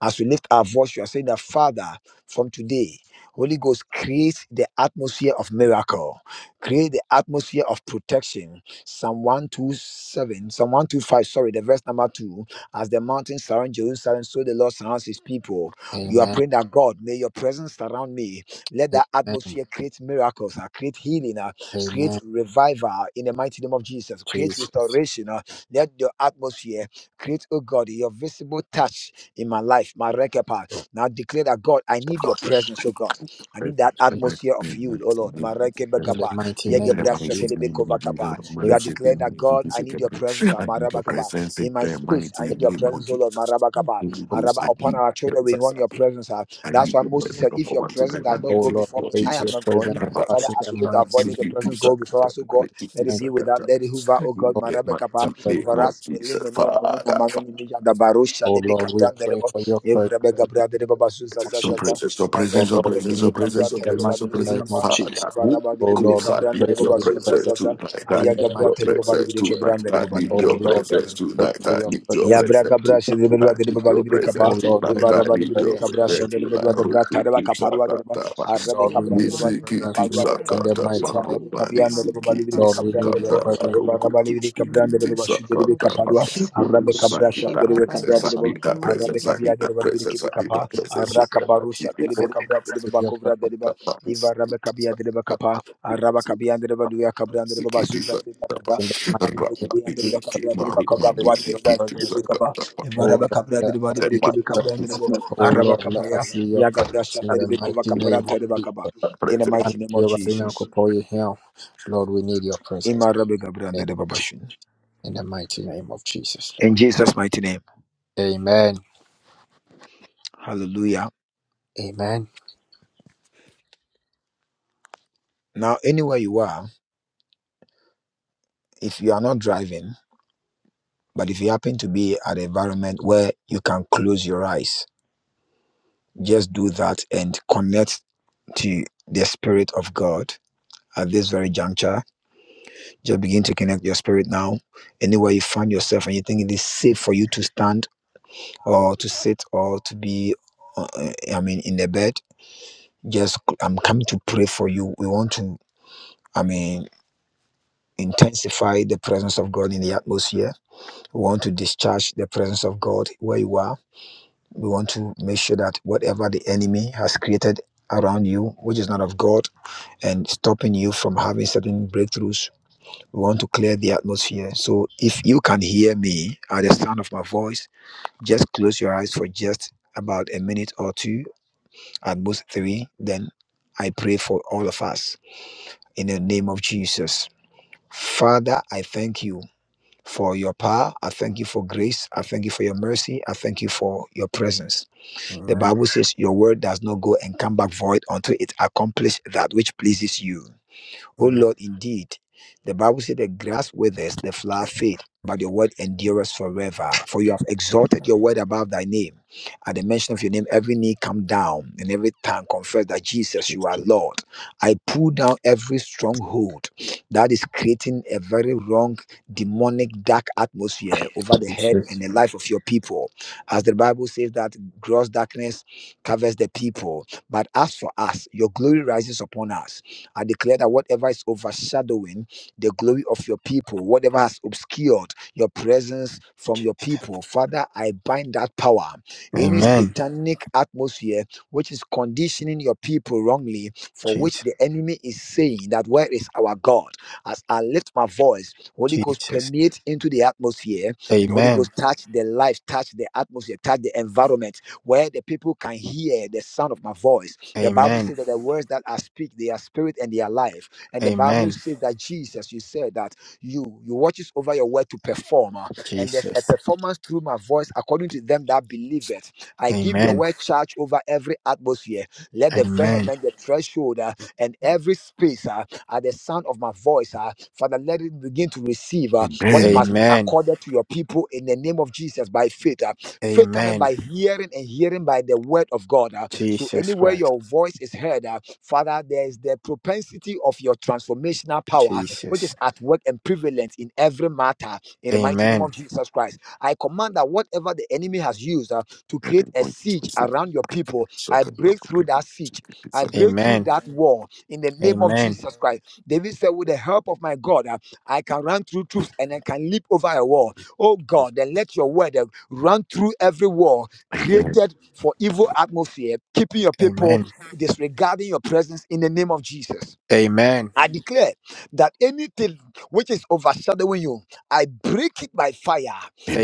[SPEAKER 1] As we lift our voice, we are saying that, Father, from today, Holy Ghost, create the atmosphere of miracle, create the atmosphere of protection. Psalm 127, Psalm 125, sorry, the verse number two. As the mountains surround Jerusalem, so the Lord surrounds his people. You are
[SPEAKER 6] Amen.
[SPEAKER 1] praying that God, may your presence surround me. Let that
[SPEAKER 6] Amen.
[SPEAKER 1] atmosphere create miracles, uh, create healing, uh, create
[SPEAKER 6] Amen.
[SPEAKER 1] revival in the mighty name of Jesus, create
[SPEAKER 6] Jesus.
[SPEAKER 1] restoration. uh, let your atmosphere create, oh God, your visible touch in my life. My rekepa. Now declare that God, I need your presence, oh God. I
[SPEAKER 2] Pray
[SPEAKER 1] need that
[SPEAKER 6] In
[SPEAKER 2] for
[SPEAKER 1] atmosphere of
[SPEAKER 2] the
[SPEAKER 1] you, oh
[SPEAKER 2] mighty
[SPEAKER 1] Lord.
[SPEAKER 2] name
[SPEAKER 1] My
[SPEAKER 2] of Jesus.
[SPEAKER 6] the
[SPEAKER 1] rekebekapa.
[SPEAKER 6] mighty
[SPEAKER 2] In
[SPEAKER 6] name
[SPEAKER 2] the
[SPEAKER 6] of
[SPEAKER 2] mighty
[SPEAKER 6] Jesus.
[SPEAKER 2] name of Jesus,
[SPEAKER 1] Yegebrashabelebekovakapa.
[SPEAKER 2] man,
[SPEAKER 1] You
[SPEAKER 6] Pray
[SPEAKER 1] are
[SPEAKER 2] it's
[SPEAKER 6] for
[SPEAKER 2] a to
[SPEAKER 1] declaring that
[SPEAKER 2] of
[SPEAKER 1] God,
[SPEAKER 2] duty, it's
[SPEAKER 1] I need your presence. ah,
[SPEAKER 2] I
[SPEAKER 1] my
[SPEAKER 2] need your
[SPEAKER 1] rabakapa.
[SPEAKER 2] presence
[SPEAKER 1] In
[SPEAKER 2] in
[SPEAKER 1] my
[SPEAKER 2] the
[SPEAKER 1] space, I
[SPEAKER 2] mighty
[SPEAKER 6] them,
[SPEAKER 1] need your
[SPEAKER 2] name of
[SPEAKER 1] presence, oh Lord. My
[SPEAKER 2] Jesus.
[SPEAKER 1] rabakapa.
[SPEAKER 2] Holy
[SPEAKER 6] oh
[SPEAKER 1] Ah, rabba-
[SPEAKER 2] Ghost, I
[SPEAKER 1] Upon
[SPEAKER 2] need
[SPEAKER 1] our
[SPEAKER 2] your
[SPEAKER 1] children, we
[SPEAKER 6] God,
[SPEAKER 2] presence.
[SPEAKER 1] want your presence. ah.
[SPEAKER 2] I
[SPEAKER 6] right
[SPEAKER 1] That's
[SPEAKER 2] need
[SPEAKER 1] why
[SPEAKER 2] your
[SPEAKER 1] Moses
[SPEAKER 2] presence
[SPEAKER 1] said,
[SPEAKER 2] to
[SPEAKER 1] If
[SPEAKER 2] come
[SPEAKER 1] your
[SPEAKER 2] back to
[SPEAKER 1] presence
[SPEAKER 2] the
[SPEAKER 1] does
[SPEAKER 6] now.
[SPEAKER 1] not
[SPEAKER 6] Oh,
[SPEAKER 1] go
[SPEAKER 2] mighty
[SPEAKER 6] Lord,
[SPEAKER 1] before
[SPEAKER 2] name of
[SPEAKER 1] me,
[SPEAKER 6] pray
[SPEAKER 1] I
[SPEAKER 6] to
[SPEAKER 1] am
[SPEAKER 6] your
[SPEAKER 2] Jesus.
[SPEAKER 1] not
[SPEAKER 6] presence
[SPEAKER 1] going.
[SPEAKER 6] for
[SPEAKER 1] Father,
[SPEAKER 6] us in
[SPEAKER 1] as
[SPEAKER 6] the
[SPEAKER 1] we lift
[SPEAKER 6] mighty
[SPEAKER 1] our voice,
[SPEAKER 6] name
[SPEAKER 1] let
[SPEAKER 2] Seek
[SPEAKER 1] your
[SPEAKER 2] you to
[SPEAKER 1] presence
[SPEAKER 6] of Jesus.
[SPEAKER 1] go before us, oh
[SPEAKER 2] I
[SPEAKER 1] God.
[SPEAKER 2] need
[SPEAKER 1] Let
[SPEAKER 2] to
[SPEAKER 1] it
[SPEAKER 6] Thank
[SPEAKER 1] be with us. Let
[SPEAKER 2] sacrifice.
[SPEAKER 1] it hover, oh
[SPEAKER 6] you
[SPEAKER 1] God.
[SPEAKER 2] In
[SPEAKER 6] for
[SPEAKER 1] My
[SPEAKER 2] the
[SPEAKER 1] rabakapa.
[SPEAKER 6] your
[SPEAKER 2] mighty
[SPEAKER 6] presence.
[SPEAKER 2] name of
[SPEAKER 1] Varas
[SPEAKER 2] Jesus,
[SPEAKER 1] melimene munu
[SPEAKER 2] Father.
[SPEAKER 1] namanu nimija da barusha
[SPEAKER 6] Oh
[SPEAKER 1] debi
[SPEAKER 6] Lord, we
[SPEAKER 1] kabran
[SPEAKER 6] pray
[SPEAKER 1] derebo
[SPEAKER 6] for your presence,
[SPEAKER 1] evre be gabra derebo basu sa
[SPEAKER 6] oh
[SPEAKER 1] sa
[SPEAKER 2] presence, your
[SPEAKER 1] sa
[SPEAKER 6] Jesus.
[SPEAKER 1] sa
[SPEAKER 2] presence, your
[SPEAKER 6] Oh
[SPEAKER 2] presence,
[SPEAKER 1] arreke
[SPEAKER 2] your
[SPEAKER 6] Lord, we
[SPEAKER 1] breke
[SPEAKER 2] presence,
[SPEAKER 1] be
[SPEAKER 2] your
[SPEAKER 6] need you in
[SPEAKER 1] kabra
[SPEAKER 2] presence, your
[SPEAKER 6] the
[SPEAKER 1] terebo
[SPEAKER 6] mighty
[SPEAKER 2] presence,
[SPEAKER 1] bali
[SPEAKER 2] your
[SPEAKER 1] biri
[SPEAKER 6] name
[SPEAKER 2] presence,
[SPEAKER 6] of
[SPEAKER 1] kapa
[SPEAKER 6] Jesus.
[SPEAKER 2] Father. Who
[SPEAKER 1] baraba biri
[SPEAKER 6] Oh
[SPEAKER 1] biri
[SPEAKER 6] Lord,
[SPEAKER 2] goes I
[SPEAKER 6] we
[SPEAKER 1] kabran
[SPEAKER 2] need
[SPEAKER 6] pray
[SPEAKER 1] derebo
[SPEAKER 6] for
[SPEAKER 2] your
[SPEAKER 6] your
[SPEAKER 1] basu sa
[SPEAKER 2] presence
[SPEAKER 1] sa
[SPEAKER 6] presence
[SPEAKER 1] sa
[SPEAKER 2] tonight? I
[SPEAKER 6] in
[SPEAKER 1] aya
[SPEAKER 6] the
[SPEAKER 2] need
[SPEAKER 1] gabra
[SPEAKER 2] your
[SPEAKER 6] mighty
[SPEAKER 1] terebo
[SPEAKER 6] name
[SPEAKER 1] bali
[SPEAKER 6] of
[SPEAKER 2] presence
[SPEAKER 1] biri
[SPEAKER 6] Jesus.
[SPEAKER 2] tonight.
[SPEAKER 1] kabran
[SPEAKER 2] I
[SPEAKER 1] derebo bali
[SPEAKER 2] need
[SPEAKER 1] biri
[SPEAKER 6] Oh
[SPEAKER 2] your
[SPEAKER 6] Lord,
[SPEAKER 2] presence
[SPEAKER 6] we
[SPEAKER 1] kabran
[SPEAKER 6] pray
[SPEAKER 2] tonight.
[SPEAKER 6] for
[SPEAKER 2] I
[SPEAKER 6] your
[SPEAKER 2] need your
[SPEAKER 6] presence,
[SPEAKER 1] Yabraga
[SPEAKER 2] presence
[SPEAKER 1] brasha
[SPEAKER 2] tonight.
[SPEAKER 1] de
[SPEAKER 2] I
[SPEAKER 1] belwa de
[SPEAKER 2] need
[SPEAKER 6] Jesus.
[SPEAKER 1] belwa
[SPEAKER 2] your
[SPEAKER 1] libri
[SPEAKER 6] Oh
[SPEAKER 1] kapa.
[SPEAKER 2] presence
[SPEAKER 6] Lord, we
[SPEAKER 2] tonight.
[SPEAKER 1] Eva
[SPEAKER 6] need
[SPEAKER 2] I
[SPEAKER 1] raba
[SPEAKER 2] need
[SPEAKER 1] libri
[SPEAKER 6] your
[SPEAKER 1] de
[SPEAKER 2] your
[SPEAKER 6] presence in the
[SPEAKER 1] kabrasha
[SPEAKER 6] mighty
[SPEAKER 2] presence
[SPEAKER 1] de
[SPEAKER 2] tonight.
[SPEAKER 6] name
[SPEAKER 1] belwa de brata
[SPEAKER 2] Rupi
[SPEAKER 1] raba
[SPEAKER 2] Ipsa
[SPEAKER 1] kaparwa de raba.
[SPEAKER 2] Kataba.
[SPEAKER 1] Arabe
[SPEAKER 6] Lord,
[SPEAKER 7] Sabdiri
[SPEAKER 6] we
[SPEAKER 1] kabra de
[SPEAKER 6] need your
[SPEAKER 1] belwa
[SPEAKER 7] Mama
[SPEAKER 1] libri
[SPEAKER 6] presence
[SPEAKER 2] Nisikiti
[SPEAKER 7] Sukhi
[SPEAKER 6] tonight
[SPEAKER 1] de raba.
[SPEAKER 6] in
[SPEAKER 7] Baba
[SPEAKER 6] the
[SPEAKER 2] sakata
[SPEAKER 6] mighty
[SPEAKER 1] Eva
[SPEAKER 6] name.
[SPEAKER 1] rabi
[SPEAKER 7] Sabduri
[SPEAKER 2] baruma,
[SPEAKER 1] kabian de
[SPEAKER 7] Mama
[SPEAKER 1] belwa
[SPEAKER 2] nisikiti
[SPEAKER 1] libri
[SPEAKER 6] Lord, we
[SPEAKER 7] Sabduri
[SPEAKER 6] need
[SPEAKER 1] de
[SPEAKER 6] your
[SPEAKER 2] sakata
[SPEAKER 7] Baba
[SPEAKER 1] raba.
[SPEAKER 6] presence.
[SPEAKER 7] Baba.
[SPEAKER 1] Eva
[SPEAKER 2] baruku,
[SPEAKER 1] raba libri
[SPEAKER 7] in the
[SPEAKER 1] kabran de
[SPEAKER 2] tushikiti
[SPEAKER 1] belwa
[SPEAKER 7] mighty
[SPEAKER 1] shu de
[SPEAKER 7] name
[SPEAKER 1] libri
[SPEAKER 7] of
[SPEAKER 2] sakata ba-
[SPEAKER 1] kaparwa.
[SPEAKER 7] Jesus.
[SPEAKER 2] Holy Ghost, I need
[SPEAKER 7] Sukhi
[SPEAKER 2] that
[SPEAKER 1] Shadribe
[SPEAKER 7] Baba
[SPEAKER 1] kabra
[SPEAKER 2] presence, I
[SPEAKER 1] diribo,
[SPEAKER 2] need that
[SPEAKER 7] Sabduri
[SPEAKER 1] arabe
[SPEAKER 2] presence,
[SPEAKER 7] Mama.
[SPEAKER 2] I
[SPEAKER 1] kabia
[SPEAKER 2] need that
[SPEAKER 1] diribo diri
[SPEAKER 2] presence, I
[SPEAKER 1] kipi
[SPEAKER 2] need
[SPEAKER 1] kapa,
[SPEAKER 2] that presence. In
[SPEAKER 1] araka
[SPEAKER 2] the
[SPEAKER 1] baru
[SPEAKER 2] mighty
[SPEAKER 6] We
[SPEAKER 1] shadribe
[SPEAKER 2] name
[SPEAKER 1] kabra diribo
[SPEAKER 6] need your
[SPEAKER 1] bakovra
[SPEAKER 6] presence
[SPEAKER 1] diribo,
[SPEAKER 2] of the Lord,
[SPEAKER 1] iva arabe
[SPEAKER 2] nisikiti
[SPEAKER 1] kabia diribo
[SPEAKER 2] sakata
[SPEAKER 1] kapa, araba kabia diribo
[SPEAKER 2] ba-
[SPEAKER 1] duya kabra diribo
[SPEAKER 2] nisikiti
[SPEAKER 1] basuza fika
[SPEAKER 2] sakata
[SPEAKER 1] kata,
[SPEAKER 6] in the
[SPEAKER 1] iva
[SPEAKER 2] ba-
[SPEAKER 1] diribo
[SPEAKER 6] mighty
[SPEAKER 2] Rama,
[SPEAKER 1] kabia
[SPEAKER 6] name.
[SPEAKER 1] diribo kabia
[SPEAKER 2] nisikiti
[SPEAKER 6] of
[SPEAKER 1] diribo
[SPEAKER 6] Jesus, Lord, we
[SPEAKER 2] maruma,
[SPEAKER 1] kaba
[SPEAKER 6] pray
[SPEAKER 1] kuat
[SPEAKER 6] for your
[SPEAKER 1] diribo
[SPEAKER 2] nisikiti
[SPEAKER 6] presence.
[SPEAKER 1] shadribe kaba,
[SPEAKER 2] sakata ba-
[SPEAKER 1] iva
[SPEAKER 6] Oh
[SPEAKER 1] arabe
[SPEAKER 6] Lord,
[SPEAKER 1] kabra
[SPEAKER 6] let
[SPEAKER 1] diribo
[SPEAKER 6] us
[SPEAKER 2] The
[SPEAKER 1] diri
[SPEAKER 6] see
[SPEAKER 1] kipi
[SPEAKER 6] your
[SPEAKER 2] mighty
[SPEAKER 1] kabra
[SPEAKER 2] name
[SPEAKER 6] presence.
[SPEAKER 2] of the
[SPEAKER 1] diribo,
[SPEAKER 2] Lord,
[SPEAKER 6] Oh
[SPEAKER 1] araba
[SPEAKER 6] Lord, let us
[SPEAKER 1] kapaya,
[SPEAKER 6] see your
[SPEAKER 1] ya kabra
[SPEAKER 6] presence in the
[SPEAKER 1] shadribe kova
[SPEAKER 6] mighty
[SPEAKER 2] I need
[SPEAKER 1] kapra
[SPEAKER 6] name of
[SPEAKER 1] diribo kaba.
[SPEAKER 6] Jesus.
[SPEAKER 2] that
[SPEAKER 1] In the
[SPEAKER 2] presence.
[SPEAKER 6] And
[SPEAKER 1] mighty name
[SPEAKER 6] we
[SPEAKER 1] of
[SPEAKER 6] are ready now to
[SPEAKER 1] Jesus,
[SPEAKER 6] pour your help. Lord, we need your
[SPEAKER 1] ima
[SPEAKER 6] presence
[SPEAKER 1] arabe kabra diribo
[SPEAKER 6] in
[SPEAKER 1] bashun.
[SPEAKER 6] the mighty name of Jesus,
[SPEAKER 1] In
[SPEAKER 6] Lord.
[SPEAKER 1] Jesus' mighty name,
[SPEAKER 6] Amen.
[SPEAKER 1] Hallelujah.
[SPEAKER 6] Amen.
[SPEAKER 1] Now, anywhere you are. if you are not driving, but if you happen to be at an environment where you can close your eyes, just do that and connect to the Spirit of God at this very juncture. Just begin to connect your spirit now. Anywhere you find yourself and you think it is safe for you to stand or to sit or to be, uh, uh, I mean, in the bed, just i I'm coming to pray for you. We want to, I mean, intensify the presence of God in the atmosphere. We want to discharge the presence of God where you are We want to make sure that whatever the enemy has created around you, which is not of God, and stopping you from having certain breakthroughs, we want to clear the atmosphere. So if you can hear me at the sound of my voice, just close your eyes for just about a minute or two, at most three. Then I pray for all of us in the name of Jesus. Father, I thank you for your power. I thank you for grace. I thank you for your mercy. I thank you for your presence. The
[SPEAKER 6] Amen.
[SPEAKER 1] Bible says, Your word does not go and come back void until it accomplishes that which pleases you. O
[SPEAKER 6] Amen.
[SPEAKER 1] Lord, indeed, the Bible said the grass withers, the flower fades, but your word endures forever. For you have exalted your word above thy name. At the mention of your name, every knee come down and every tongue confess that Jesus, you are
[SPEAKER 6] Jesus.
[SPEAKER 1] Lord. I pull down every stronghold that is creating a very wrong, demonic, dark atmosphere over the head
[SPEAKER 6] Jesus.
[SPEAKER 1] and the life of your people. As the Bible says that gross darkness covers the people. But as for us, your glory rises upon us. I declare that whatever is overshadowing the glory of your people, whatever has obscured your presence from your people, Father, I bind that power. Any
[SPEAKER 6] Amen.
[SPEAKER 1] satanic atmosphere which is conditioning your people wrongly, for which
[SPEAKER 6] Jesus.
[SPEAKER 1] the enemy is saying that where is our God? As I lift my voice, Holy Ghost
[SPEAKER 6] Jesus.
[SPEAKER 1] permeate into the atmosphere, and Holy
[SPEAKER 6] Amen.
[SPEAKER 1] Ghost touch the life, touch the atmosphere, touch the environment where the people can hear the sound of my voice the Bible
[SPEAKER 6] Amen.
[SPEAKER 1] says that the words that I speak, they are spirit and they are life. And the Bible
[SPEAKER 6] Amen.
[SPEAKER 1] says that Jesus, you said that you you watches over your word to perform, uh, and there's a
[SPEAKER 6] Jesus.
[SPEAKER 1] performance through my voice according to them that believe it. I give your
[SPEAKER 6] Amen.
[SPEAKER 1] word charge over every atmosphere. Let the
[SPEAKER 6] Amen.
[SPEAKER 1] vehement, the threshold, uh, and every space uh, at the sound of my voice, uh, Father, let it begin to receive uh, what
[SPEAKER 2] Amen.
[SPEAKER 1] must be
[SPEAKER 6] Amen.
[SPEAKER 1] accorded to your people in the name of Jesus by faith. uh. Faith coming
[SPEAKER 6] Amen.
[SPEAKER 1] by hearing and hearing by the word of God. uh. So
[SPEAKER 6] Jesus
[SPEAKER 1] anywhere
[SPEAKER 6] Christ.
[SPEAKER 1] your voice is heard, uh, Father, there is the propensity of your transformational power, which
[SPEAKER 6] Jesus.
[SPEAKER 1] is at work and prevalent in every matter. In the mighty name
[SPEAKER 6] Amen.
[SPEAKER 1] of Jesus Christ, I command that whatever the enemy has used uh, to
[SPEAKER 2] And
[SPEAKER 1] create
[SPEAKER 2] then,
[SPEAKER 1] a
[SPEAKER 2] when you
[SPEAKER 1] siege
[SPEAKER 2] speak,
[SPEAKER 1] around your people, I
[SPEAKER 2] sakata ba-
[SPEAKER 1] break through that siege.
[SPEAKER 2] nisikiti
[SPEAKER 1] I
[SPEAKER 2] sakata.
[SPEAKER 1] break through
[SPEAKER 6] Amen.
[SPEAKER 1] that wall in the name of
[SPEAKER 6] Amen.
[SPEAKER 1] Jesus Christ. David said, "With the help of my God, uh, I can run through troops and I can leap over a wall." Oh God, then let your word uh, run through every wall
[SPEAKER 2] Amen.
[SPEAKER 1] created for evil atmosphere, keeping your people,
[SPEAKER 6] Amen.
[SPEAKER 1] disregarding your presence in the name of Jesus.
[SPEAKER 6] Amen.
[SPEAKER 1] I declare that anything which is overshadowing you, I break it by fire.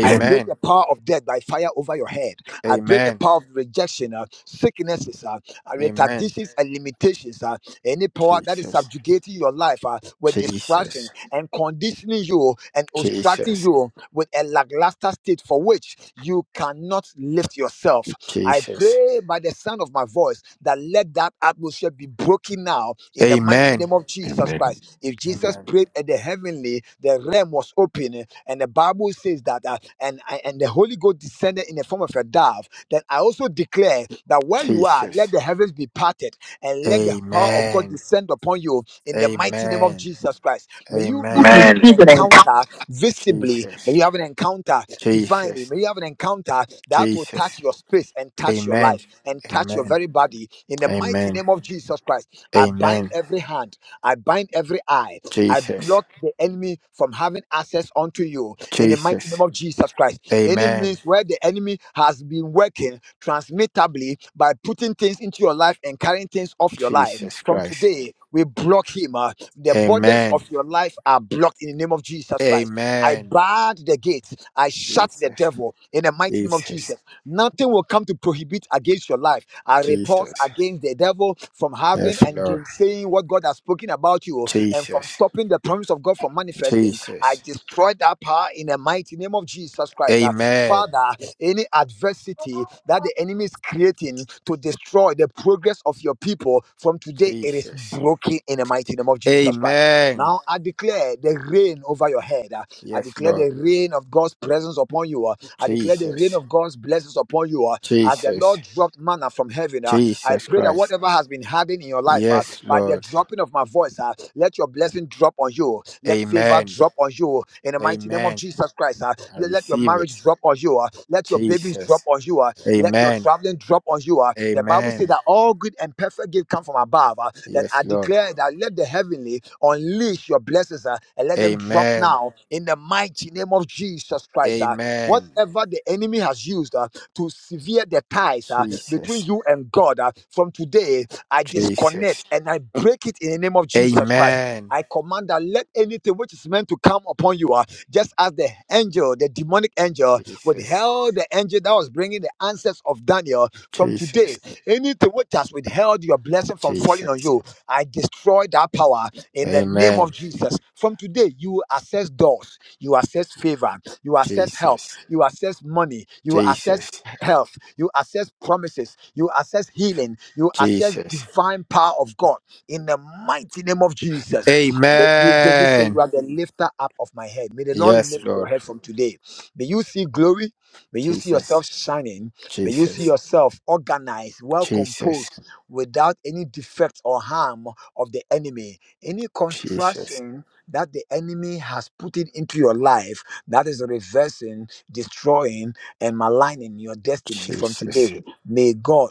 [SPEAKER 1] I break the power of death by fire over your head. I break the
[SPEAKER 6] Amen.
[SPEAKER 1] power of rejection, uh, sicknesses, uh, uh,
[SPEAKER 6] Amen.
[SPEAKER 1] retardations, and limitations. uh, any power that is
[SPEAKER 6] Jesus.
[SPEAKER 1] subjugating your life uh, with
[SPEAKER 6] Jesus.
[SPEAKER 1] distraction and conditioning you and obstructing
[SPEAKER 6] Jesus.
[SPEAKER 1] you with a lackluster state for which you cannot lift yourself. I
[SPEAKER 6] Jesus.
[SPEAKER 1] pray by the sound of my voice that let that atmosphere be broken now in the mighty
[SPEAKER 6] Amen.
[SPEAKER 1] name of Jesus
[SPEAKER 2] Amen.
[SPEAKER 1] Christ. If Jesus
[SPEAKER 6] Amen.
[SPEAKER 1] prayed at the heavenly, the realm was open, and the Bible says that, uh, and and the Holy Ghost descended in the form of a dove. Then I also declare that where you are, let
[SPEAKER 6] Jesus.
[SPEAKER 1] the heavens be parted, and let the power of God
[SPEAKER 6] Amen.
[SPEAKER 1] descend upon you in the mighty name of
[SPEAKER 6] Amen.
[SPEAKER 1] Jesus Christ. May you
[SPEAKER 6] Amen.
[SPEAKER 1] receive an
[SPEAKER 2] Amen.
[SPEAKER 1] encounter visibly. May
[SPEAKER 6] Jesus.
[SPEAKER 1] you have an encounter divinely.
[SPEAKER 6] Jesus.
[SPEAKER 1] May you have an encounter that will
[SPEAKER 6] Jesus.
[SPEAKER 1] touch your space and touch your
[SPEAKER 6] Amen.
[SPEAKER 1] life and touch your
[SPEAKER 6] Amen.
[SPEAKER 1] very body. In the mighty
[SPEAKER 6] Amen.
[SPEAKER 1] name of Jesus Christ, I bind
[SPEAKER 6] Amen.
[SPEAKER 1] every hand, I bind every eye, I
[SPEAKER 6] Jesus.
[SPEAKER 1] block the enemy from having access unto you. In the mighty name
[SPEAKER 6] Jesus.
[SPEAKER 1] of Jesus Christ. Any
[SPEAKER 6] Amen.
[SPEAKER 1] means where the enemy has been working transmittably by putting things into your life and carrying things off your life.
[SPEAKER 6] Jesus
[SPEAKER 1] From
[SPEAKER 6] Christ.
[SPEAKER 1] today, we block him. uh, the borders
[SPEAKER 6] Amen.
[SPEAKER 1] of your life are blocked in the name of Jesus Christ. I
[SPEAKER 6] Amen.
[SPEAKER 1] barred the gates. I shut the
[SPEAKER 6] Jesus.
[SPEAKER 1] devil in the mighty name of
[SPEAKER 6] Jesus.
[SPEAKER 1] Jesus. Nothing will come to prohibit against your life. I repulse
[SPEAKER 6] Jesus.
[SPEAKER 1] against the devil from having
[SPEAKER 6] Yes,
[SPEAKER 1] and
[SPEAKER 6] Lord.
[SPEAKER 1] saying what God has spoken about you and from
[SPEAKER 6] Jesus.
[SPEAKER 1] stopping the promise of God from manifesting I
[SPEAKER 6] Jesus.
[SPEAKER 1] destroy that power in the mighty name of Jesus Christ. Uh,
[SPEAKER 6] Amen.
[SPEAKER 1] Father, any adversity that the enemy is creating to destroy the progress of your people from today, it is
[SPEAKER 6] Jesus.
[SPEAKER 1] broken in the mighty name of Jesus Christ.
[SPEAKER 6] Amen.
[SPEAKER 1] Now I declare the rain over your head. Uh, I
[SPEAKER 6] Yes,
[SPEAKER 1] declare
[SPEAKER 6] Lord.
[SPEAKER 1] the rain of God's presence upon you. Uh, I declare the rain
[SPEAKER 6] Jesus.
[SPEAKER 1] of God's blessings upon you. Uh, As the
[SPEAKER 6] Jesus.
[SPEAKER 1] Lord dropped manna from heaven, uh, I
[SPEAKER 6] Jesus
[SPEAKER 1] pray that
[SPEAKER 6] Christ.
[SPEAKER 1] whatever has been hardened in your life, uh,
[SPEAKER 6] Yes,
[SPEAKER 1] by the
[SPEAKER 6] Lord.
[SPEAKER 1] dropping of my voice, uh, let your blessing drop on you. Let favor
[SPEAKER 6] Amen.
[SPEAKER 1] drop on you. In the mighty name of
[SPEAKER 6] Amen.
[SPEAKER 1] Jesus Christ, uh,
[SPEAKER 6] I
[SPEAKER 1] you let your
[SPEAKER 6] receive it.
[SPEAKER 1] marriage drop on you. uh, let your babies
[SPEAKER 6] Jesus.
[SPEAKER 1] drop on you. uh, let your
[SPEAKER 6] Amen.
[SPEAKER 1] traveling drop on you. uh. the Bible says
[SPEAKER 6] Amen.
[SPEAKER 1] that all good and perfect gift come from above. uh, then
[SPEAKER 6] Yes,
[SPEAKER 1] I
[SPEAKER 6] Lord.
[SPEAKER 1] declare that let the heavenly unleash your blessings uh, and let them drop
[SPEAKER 6] Amen.
[SPEAKER 1] now in the mighty name of Jesus Christ. uh.
[SPEAKER 6] Amen.
[SPEAKER 1] whatever the enemy has used uh, to sever the ties uh, between
[SPEAKER 6] Jesus.
[SPEAKER 1] you and God uh, from today, I
[SPEAKER 6] Jesus.
[SPEAKER 1] disconnect and I break it in the name of Jesus Christ.
[SPEAKER 6] Amen.
[SPEAKER 1] I command that let anything which is meant to come upon you, uh, just as the angel, the demonic angel,
[SPEAKER 6] Jesus.
[SPEAKER 1] withheld the angel that was bringing the answers of Daniel from
[SPEAKER 6] Jesus.
[SPEAKER 1] today. Anything which has withheld your blessing from falling on
[SPEAKER 6] Jesus.
[SPEAKER 1] you, I destroy that power in the name of
[SPEAKER 6] Amen.
[SPEAKER 1] Jesus. From today, you will access doors, you access favor, you access help,
[SPEAKER 6] Jesus.
[SPEAKER 1] you access money, you access
[SPEAKER 6] Jesus.
[SPEAKER 1] health, you access promises, you access healing, you access
[SPEAKER 6] Jesus.
[SPEAKER 1] divine power of God in the mighty name of Jesus. But you- David said, You
[SPEAKER 6] Amen.
[SPEAKER 1] are the lifter up of my head. May the Lord
[SPEAKER 6] Yes,
[SPEAKER 1] lift your
[SPEAKER 6] Lord.
[SPEAKER 1] head from today. May you see glory, may you see
[SPEAKER 6] Jesus.
[SPEAKER 1] yourself shining, may you see
[SPEAKER 6] Jesus.
[SPEAKER 1] yourself organized, well
[SPEAKER 6] Jesus.
[SPEAKER 1] composed, without any defect or harm of the enemy. Any
[SPEAKER 6] Jesus.
[SPEAKER 1] construction that the enemy has put it into your life that is reversing destroying and maligning your destiny from
[SPEAKER 6] Jesus.
[SPEAKER 1] today. May God,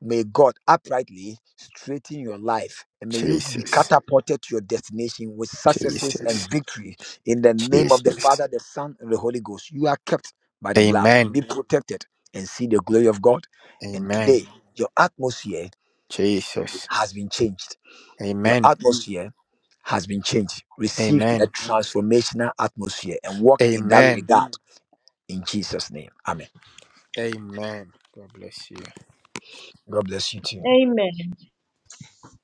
[SPEAKER 1] may God uprightly straighten your life and may you be
[SPEAKER 6] Jesus.
[SPEAKER 1] catapulted to your destination with successes and
[SPEAKER 6] Jesus.
[SPEAKER 1] victory in the name of the
[SPEAKER 6] Jesus.
[SPEAKER 1] Father, the Son, and the Holy Ghost. You are kept by the blood.
[SPEAKER 6] Amen.
[SPEAKER 1] Be protected and see the glory of God. And
[SPEAKER 6] Amen.
[SPEAKER 1] today, your atmosphere
[SPEAKER 6] Jesus.
[SPEAKER 1] has been changed. Your
[SPEAKER 6] Amen.
[SPEAKER 1] atmosphere has been changed. Receive a
[SPEAKER 6] Amen.
[SPEAKER 1] transformational atmosphere and walk in that
[SPEAKER 6] Amen.
[SPEAKER 1] regard in Jesus' name. Amen.
[SPEAKER 6] Amen. God bless you.
[SPEAKER 1] God bless you too.
[SPEAKER 8] Amen.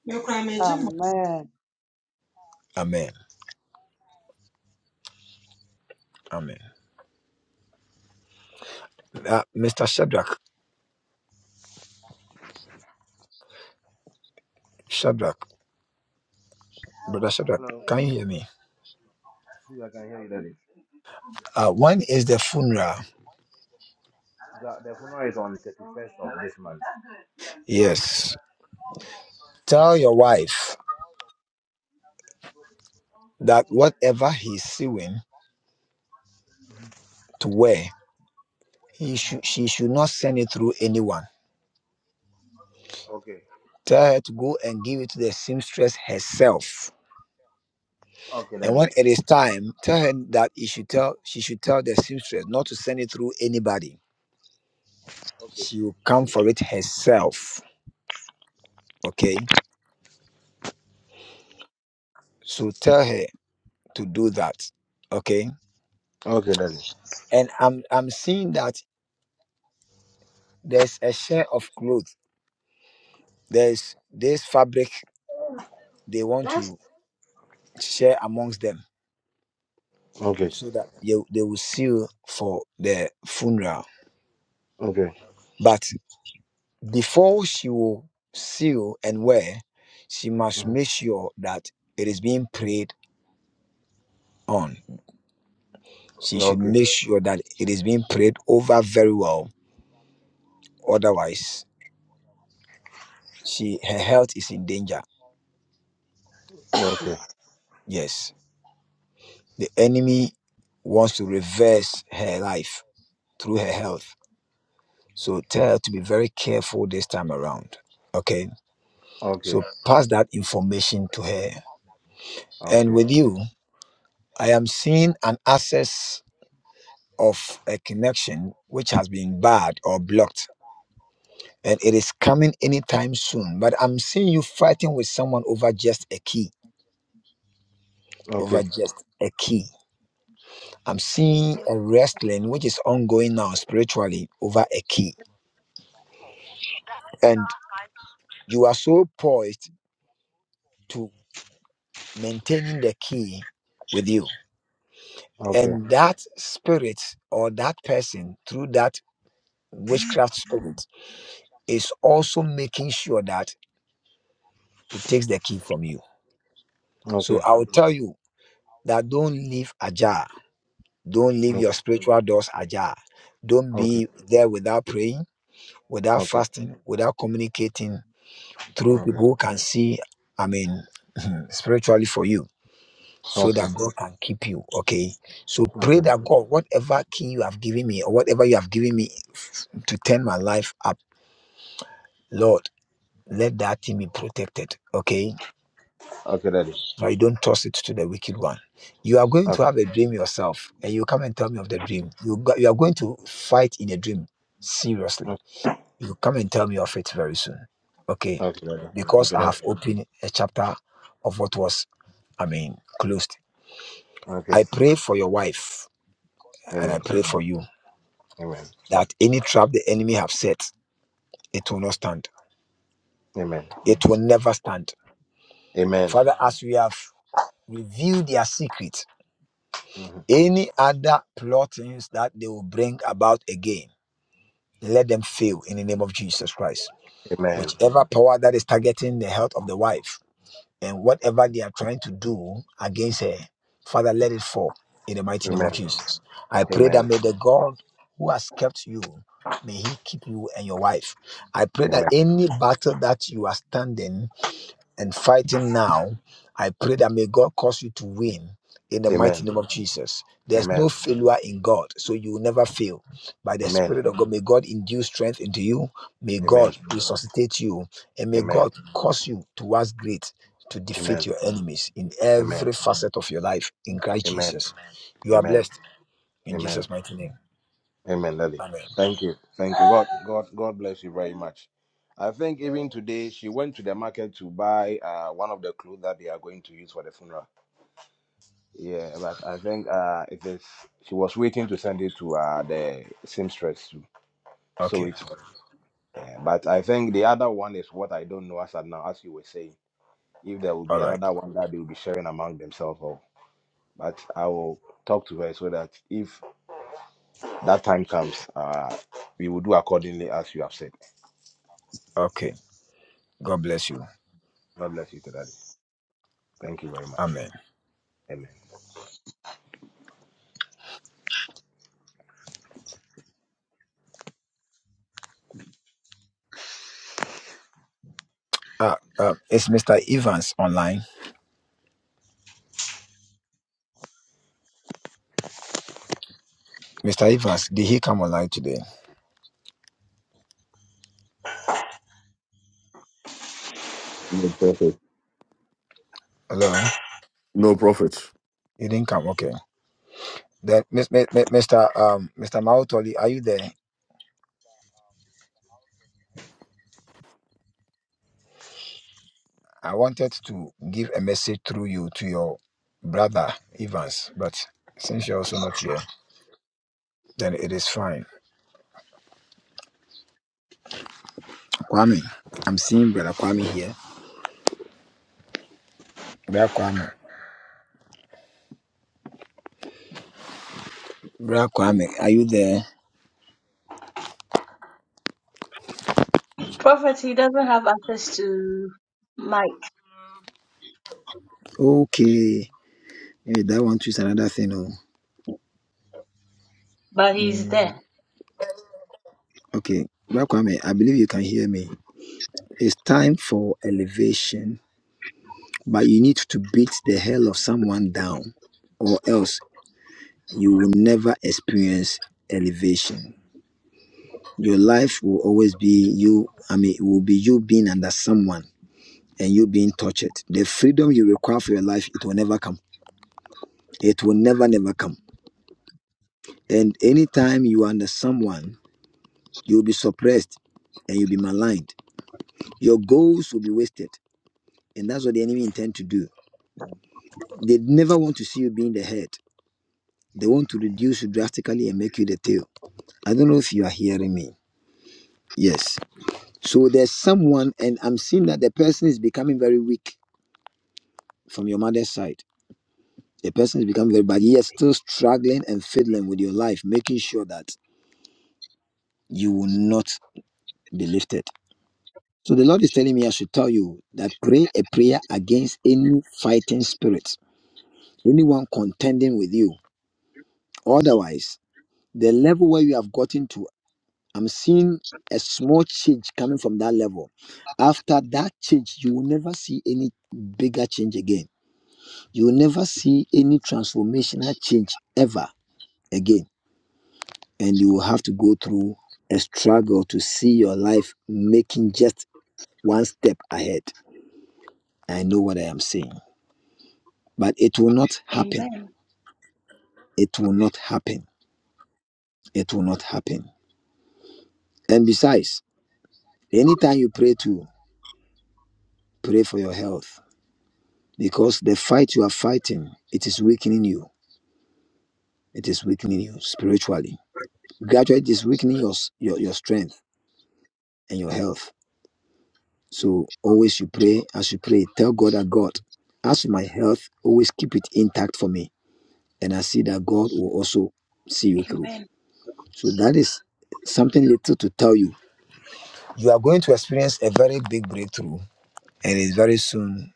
[SPEAKER 8] mekora megye mmɔ
[SPEAKER 1] Amen. Amen. Uh, Mr. Ak- Brother,
[SPEAKER 9] Hello.
[SPEAKER 1] can you hear me?
[SPEAKER 9] See, I can hear you, Daddy.
[SPEAKER 1] Uh, when is the funeral?
[SPEAKER 9] The, the funeral is on 31st of this month.
[SPEAKER 1] Yes. Tell your wife that whatever he's sewing
[SPEAKER 9] Mhm,
[SPEAKER 1] to wear, he should,
[SPEAKER 9] mhm.
[SPEAKER 1] she should not send it through anyone.
[SPEAKER 9] Okay.
[SPEAKER 1] Tell her to go and give it to the seamstress herself.
[SPEAKER 9] Okay,
[SPEAKER 1] And
[SPEAKER 9] Daddy.
[SPEAKER 1] when it is time, tell her that he should tell, she should tell the seamstress not to send it through anybody.
[SPEAKER 9] Okay.
[SPEAKER 1] She will come for it herself. Okay? So tell her to do that. Okay?
[SPEAKER 9] Okay, Daddy.
[SPEAKER 1] and I'm I'm seeing that there's a share of clothes. There's this fabric they want to share amongst them.
[SPEAKER 9] Okay.
[SPEAKER 1] They, they will seal for the funeral.
[SPEAKER 9] Okay.
[SPEAKER 1] But before she will seal and wear, she
[SPEAKER 9] Mhm.
[SPEAKER 1] or that it is being prayed on.
[SPEAKER 9] Okay.
[SPEAKER 1] Make sure um, others she her health is in danger.
[SPEAKER 9] Okay.
[SPEAKER 1] Yes. The enemy wants to reverse her life through her health. So tell her to be very careful this time around. Okay
[SPEAKER 9] Okay.
[SPEAKER 1] So pass that information to her.
[SPEAKER 9] Okay.
[SPEAKER 1] And
[SPEAKER 9] Okay.
[SPEAKER 1] with you, I am seeing an access of a connection which has been barred or blocked. And it is coming anytime soon. But I'm seeing you fighting with someone over just a key. Over
[SPEAKER 9] Okay.
[SPEAKER 1] just a key. I'm seeing a wrestling which is ongoing now spiritually over a key. And you are so poised to maintaining the key with you.
[SPEAKER 9] Okay. Okay. Okay.
[SPEAKER 1] And that spirit or that person through that witchcraft spirit is also making sure that it takes the key from you.
[SPEAKER 9] Okay.
[SPEAKER 1] So I will tell you that don't leave ajar. Don't leave your spiritual doors ajar. Don't
[SPEAKER 9] Okay.
[SPEAKER 1] be there without praying, without fasting, without communicating through
[SPEAKER 9] Okay.
[SPEAKER 1] people who can see, I mean, spiritually for you so that God can keep you. Okay. So pray that God, whatever key you have given me or whatever you have given me to turn my life up, Lord, let that thing be protected. Okay
[SPEAKER 9] Okay. Daddy.
[SPEAKER 1] but you don't toss it to the wicked one. You are going to have a dream yourself, and you come and tell me of the dream. You, go- you are going to fight in a dream seriously. You come and tell me of it very soon, okay?
[SPEAKER 9] Okay, Daddy. Okay. Okay, Okay, Daddy.
[SPEAKER 1] Because
[SPEAKER 9] Okay,
[SPEAKER 1] I
[SPEAKER 9] Daddy.
[SPEAKER 1] have opened a chapter of what was, I mean, closed.
[SPEAKER 9] Okay.
[SPEAKER 1] I pray for your wife and of
[SPEAKER 9] Amen.
[SPEAKER 1] you
[SPEAKER 9] Amen.
[SPEAKER 1] that it won't
[SPEAKER 9] Amen.
[SPEAKER 1] it
[SPEAKER 9] Amen.
[SPEAKER 1] will it
[SPEAKER 9] Mhm.
[SPEAKER 1] about lives within
[SPEAKER 9] Amen.
[SPEAKER 1] the health of and whatever. evil against her. Father, let it fall in the mighty name
[SPEAKER 9] Amen.
[SPEAKER 1] of Jesus. I pray that
[SPEAKER 9] Amen.
[SPEAKER 1] may the God who has kept you, may he keep you and your wife. I pray that
[SPEAKER 9] Amen.
[SPEAKER 1] any battle that you are standing and fighting now. I pray that may God cause you to win in the mighty
[SPEAKER 9] Amen.
[SPEAKER 1] name of Jesus. There's no
[SPEAKER 9] Amen.
[SPEAKER 1] failure in God, so you will never fail. By the
[SPEAKER 9] Amen.
[SPEAKER 1] Spirit of God, may God induce strength into you. May
[SPEAKER 9] Amen.
[SPEAKER 1] God resuscitate you, and may
[SPEAKER 9] Amen.
[SPEAKER 1] God cause you to was great to
[SPEAKER 9] Amen.
[SPEAKER 1] defeat your enemies in
[SPEAKER 9] Amen.
[SPEAKER 1] every facet of your life in Christ
[SPEAKER 9] Amen.
[SPEAKER 1] Jesus. You are
[SPEAKER 9] Amen.
[SPEAKER 1] blessed in
[SPEAKER 9] Amen.
[SPEAKER 1] Jesus' mighty name.
[SPEAKER 9] Amen. Lily.
[SPEAKER 1] Amen.
[SPEAKER 9] Thank you. Thank you. God, God, God bless you very much. I think even today she went to the market to buy uh, one of the clothes that they are going to use for the funeral. Yeah, but I think uh, it is. She was waiting to send it to uh, the seamstress to sew
[SPEAKER 1] Okay.
[SPEAKER 9] it. for her. Yeah, but I think the other one is what I don't know as of now. As you were saying, if there will be
[SPEAKER 1] All right.
[SPEAKER 9] another one that they will be sharing among themselves. or But I will talk to her so that if that time comes, uh, we will do accordingly as you have said.
[SPEAKER 1] Okay. God bless you.
[SPEAKER 9] God bless you today. Thank you very much.
[SPEAKER 1] Amen.
[SPEAKER 9] Amen.
[SPEAKER 1] Ah, uh, is Mr. Evans online? Mr. Evans, did he come online today?
[SPEAKER 2] No prophet.
[SPEAKER 1] Hello?
[SPEAKER 2] No prophet.
[SPEAKER 1] He didn't come. Okay. Then, Mis- Mi- Mi- Mr. Uh, I walked through your breast, but yeah, then fine. Kwame, yeah. Kwame,
[SPEAKER 10] Prophet, he doesn't have access to mic, but he's there.
[SPEAKER 1] need to tell of some, or else you miss Ellen. You'll one. Here come one. You'll be blessed. Mind. Yours will be wasted. And that's what the enemy intend to do. They never want to see you being the head. They want to reduce you drastically and make you the tail. I don't know if you are hearing me. Yes. So there's someone, and I'm seeing that the person is becoming very weak from your mother's side The person is becoming very bad, yet still struggling and fiddling with your life, making sure that you will not be lifted. So the Lord is telling me I should tell you that pray a prayer against any fighting spirit, anyone contending with you. Otherwise, the level where you have gotten to, I'm seeing a small change coming from that level. After that change, you will never see any bigger change again. You will never see any transformational change ever again and you will have to go through a struggle to see your life making just one step ahead. I know what I am saying, but it will not happen.
[SPEAKER 10] Amen.
[SPEAKER 1] It will not happen. It will not happen. And besides, anytime you pray to, pray for your health because the fight you are fighting, it is weakening you. It is weakening you spiritually. Gradually, it is weakening your, your, your strength and your health. So always you pray, as you pray, tell God that God, as for my health, always keep it intact for me. And I see that God will also see you through.
[SPEAKER 10] Amen.
[SPEAKER 1] So that is something little to tell you. You are going to experience a very big breakthrough. and It is very soon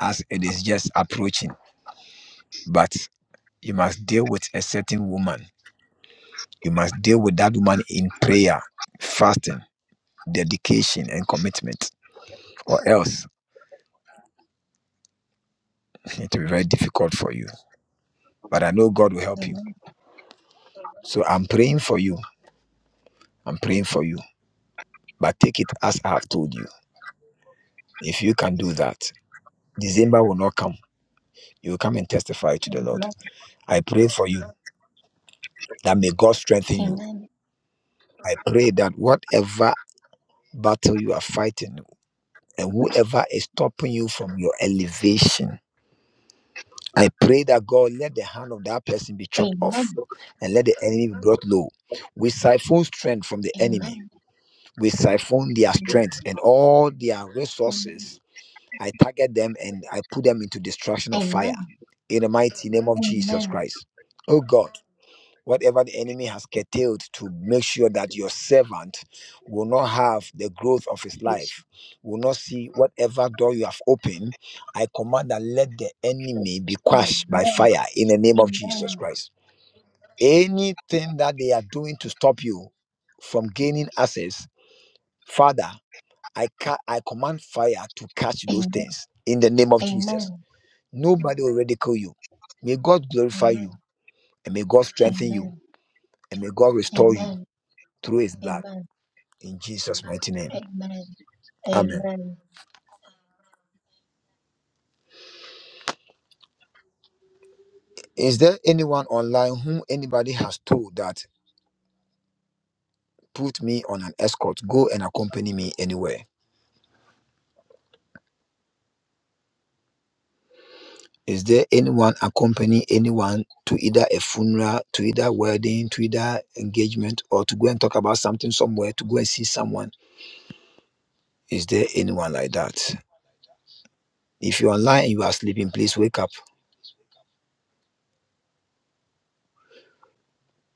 [SPEAKER 1] as it is just approaching. But you must deal with a certain woman. You must deal with that woman in prayer, fasting, dedication, and commitment. Or else it will be very difficult for you. But I know God will help you
[SPEAKER 10] Amen.
[SPEAKER 1] So I'm praying for you. I'm praying for you. But take it as I have told you. If you can do that, December will not come. You will come and testify to the Lord.
[SPEAKER 10] Amen.
[SPEAKER 1] I pray for you that may God strengthen you.
[SPEAKER 10] Amen.
[SPEAKER 1] I pray that whatever battle you are fighting and whoever is stopping you from your elevation, I pray that God let the hand of that person be chopped off
[SPEAKER 10] Amen.
[SPEAKER 1] and let the enemy be brought low. We siphon strength from the enemy.
[SPEAKER 10] Amen. Amen.
[SPEAKER 1] We siphon their strength and all their resources I target them and I put them into destruction of fire
[SPEAKER 10] Amen.
[SPEAKER 1] in the mighty name of Jesus
[SPEAKER 10] Amen.
[SPEAKER 1] Christ. Oh God, whatever the enemy has curtailed to make sure that your servant will not have the growth of his life, will not see whatever door you have opened, I command that let the enemy be
[SPEAKER 10] Amen.
[SPEAKER 1] crushed by fire in the name of Jesus Christ. Anything that they are doing to stop you from gaining access, Father, I, ca- I command fire to catch
[SPEAKER 10] Amen. Amen. Amen.
[SPEAKER 1] those things in the name of Jesus.
[SPEAKER 10] Amen. Amen.
[SPEAKER 1] Nobody will ridicule you. May God glorify you
[SPEAKER 10] Amen.
[SPEAKER 1] and may God strengthen you and may God restore you through his blood in Jesus' mighty name.
[SPEAKER 10] Amen.
[SPEAKER 1] Amen.
[SPEAKER 10] Amen.
[SPEAKER 1] Is there anyone online whom anybody has told that put me on an escort, go and accompany me anywhere? Is there anyone accompany anyone to either a funeral, to either wedding, to either engagement, or to go and talk about something somewhere, to go and see someone? Is there anyone like that? If you're online and you are sleeping, please wake up.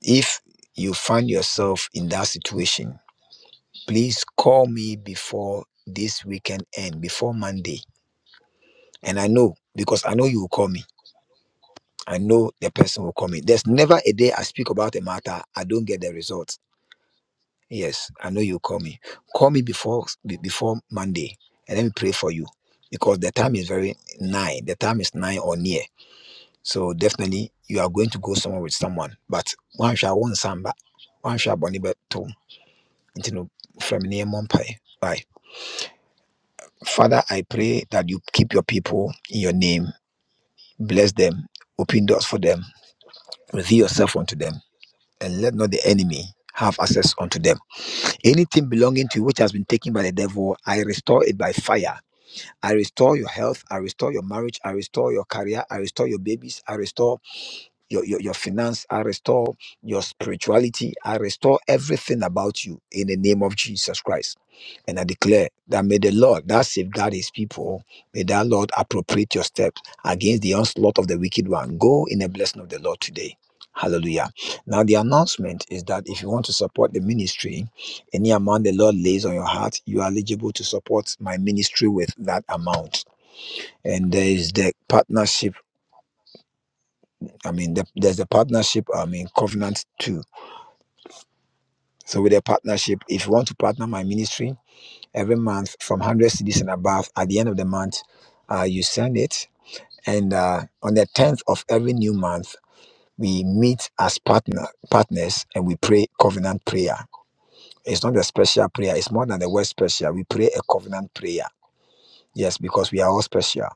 [SPEAKER 1] If you find yourself in that situation, please call me before this weekend end, before Monday. And I know because I know you will call me. I know the person will call me. There's never a day I speak about a matter I don't get the result. Yes, I know you call me. Call me before be- before Monday, and let me pray for you because the time is very nigh. The time is nigh or near. So definitely you are going to go somewhere with someone. But one shall one samba, one shall bonny you know, from Nemompire. Right. Father, I pray that you keep your people in your name, bless them, open doors for them, reveal yourself unto them, and let not the enemy have access unto them. Anything belonging to you which has been taken by the devil, I restore it by fire. I restore your health. I restore your marriage. I restore your career. I restore your babies. I restore your, your your finance i restore your spirituality i restore everything about you in the name of jesus christ and i declare that may the lord that safeguard his people may that lord appropriate your steps against the onslaught of the wicked one go in the blessing of the lord today Hallelujah. Now, the announcement is that if you want to support the ministry, any amount the Lord lays on your heart, you are eligible to support my ministry with that amount. And there is the partnership I mean, the, there's a partnership, I mean, covenant too. So, with a partnership, if you want to partner my ministry every month from 100 cities and above, at the end of the month, uh, you send it. And uh, on the 10th of every new month, we meet as partner partners and we pray covenant prayer. It's not a special prayer, it's more than the word special. We pray a covenant prayer. Yes, because we are all special,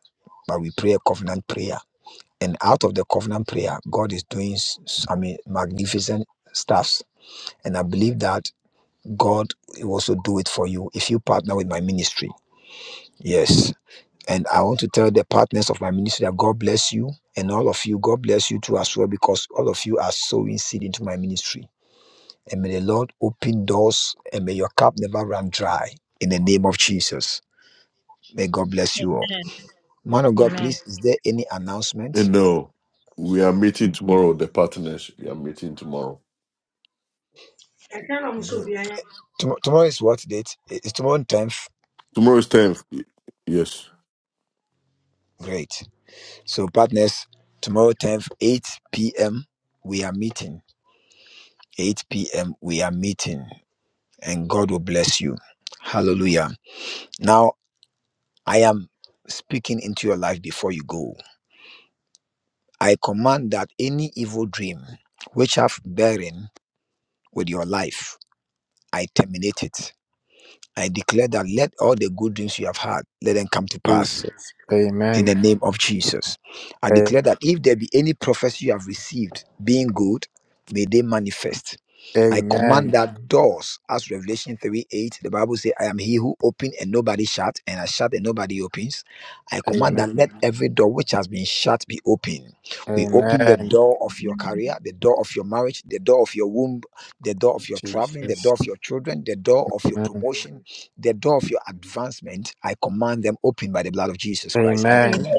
[SPEAKER 1] but we pray a covenant prayer. And out of the covenant prayer, God is doing, s- s- I mean, magnificent stuffs And I believe that God will also do it for you if you partner with my ministry. Yes. And I want to tell the partners of my ministry that God bless you and all of you. God bless you too as well because all of you are sowing seed into my ministry. And may the Lord open doors and may your cup never run dry in the name of Jesus. May God bless you all. Man of God,
[SPEAKER 8] Amen.
[SPEAKER 1] please, is there any
[SPEAKER 2] Eh,
[SPEAKER 1] announcement?
[SPEAKER 2] No. We are meeting tomorrow, the partners. We are meeting tomorrow.
[SPEAKER 8] I can't sɛ
[SPEAKER 1] Good.
[SPEAKER 8] obi Amen.
[SPEAKER 1] Tom- tomorrow is what date? Is tomorrow 10th?
[SPEAKER 2] Tomorrow is 10th. Yes.
[SPEAKER 1] Great. So, partners, tomorrow 10th, 8 p.m., we are meeting. 8 p.m., we are meeting, and God will bless you. Hallelujah. Now, I am speaking into your life before you go. I command that any evil dream which have bearing with your life, I terminate it. I declare that let all the good dreams you have had, let them come to pass
[SPEAKER 6] Jesus.
[SPEAKER 1] in
[SPEAKER 6] Amen.
[SPEAKER 1] the name of Jesus. I
[SPEAKER 6] A-
[SPEAKER 1] declare that if there be any prophecy you have received being good, may they manifest I
[SPEAKER 6] Amen.
[SPEAKER 1] command that doors, as Revelation 3 8, the Bible says, I am he who open and nobody shut, and I shut and nobody opens. I command
[SPEAKER 6] Amen.
[SPEAKER 1] that let every door which has been shut be open. We open the
[SPEAKER 6] Amen.
[SPEAKER 1] door of your career, the door of your marriage, the door of your womb, the door of your traveling, the
[SPEAKER 6] Jesus.
[SPEAKER 1] door of your children, the door of your
[SPEAKER 6] Amen.
[SPEAKER 1] promotion, the door of your advancement. I command them open by the blood of Jesus Christ. I
[SPEAKER 6] Amen.
[SPEAKER 1] declare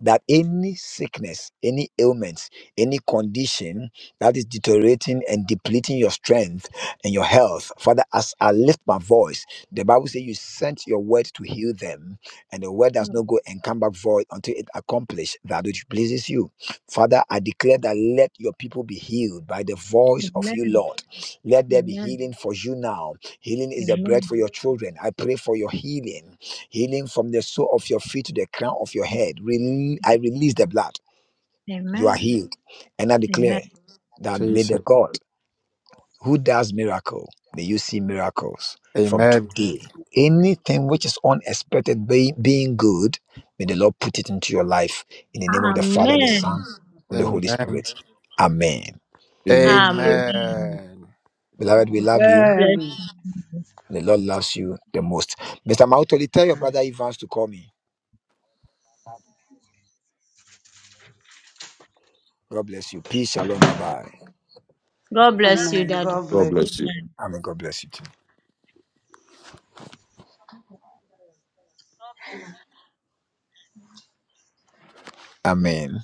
[SPEAKER 1] that any sickness, any ailments, any condition that is deteriorating and depleting your strength and your health, Father, as I lift my voice, the Bible says you sent your word to heal them, and the word does not go and come back void until it accomplish that which pleases you. Father, I declare that let your people be healed by the voice of you,
[SPEAKER 8] Amen. Amen.
[SPEAKER 1] Lord. Let there be
[SPEAKER 8] Amen.
[SPEAKER 1] healing for you now. Healing is the bread
[SPEAKER 8] Amen.
[SPEAKER 1] for your children. I pray for your healing healing from the sole of your feet to the crown of your
[SPEAKER 8] Amen.
[SPEAKER 1] head. Rel- I release the blood. You are healed. And I declare
[SPEAKER 8] Amen.
[SPEAKER 1] that may the
[SPEAKER 6] Jesus.
[SPEAKER 1] God who does miracle, may you see miracles from
[SPEAKER 6] Amen.
[SPEAKER 1] today. Anything which is unexpected be- being good, may the Lord put it into your life in the name of the Father, the Son, and the Holy
[SPEAKER 6] Amen.
[SPEAKER 1] Spirit. Amen.
[SPEAKER 2] Amen.
[SPEAKER 8] Amen. Amen.
[SPEAKER 6] Amen.
[SPEAKER 2] Amen.
[SPEAKER 1] Beloved, we love
[SPEAKER 8] God
[SPEAKER 1] you.
[SPEAKER 8] bless you.
[SPEAKER 1] The Lord loves you the most. Mr. Mautoli, tell your brother Evans to call me. God bless you. Peace, shalom, bye bye.
[SPEAKER 8] God
[SPEAKER 4] सुगुतुरु
[SPEAKER 8] bless you, Daddy.
[SPEAKER 2] God
[SPEAKER 8] Good
[SPEAKER 2] bless you.
[SPEAKER 8] night.
[SPEAKER 1] Amen.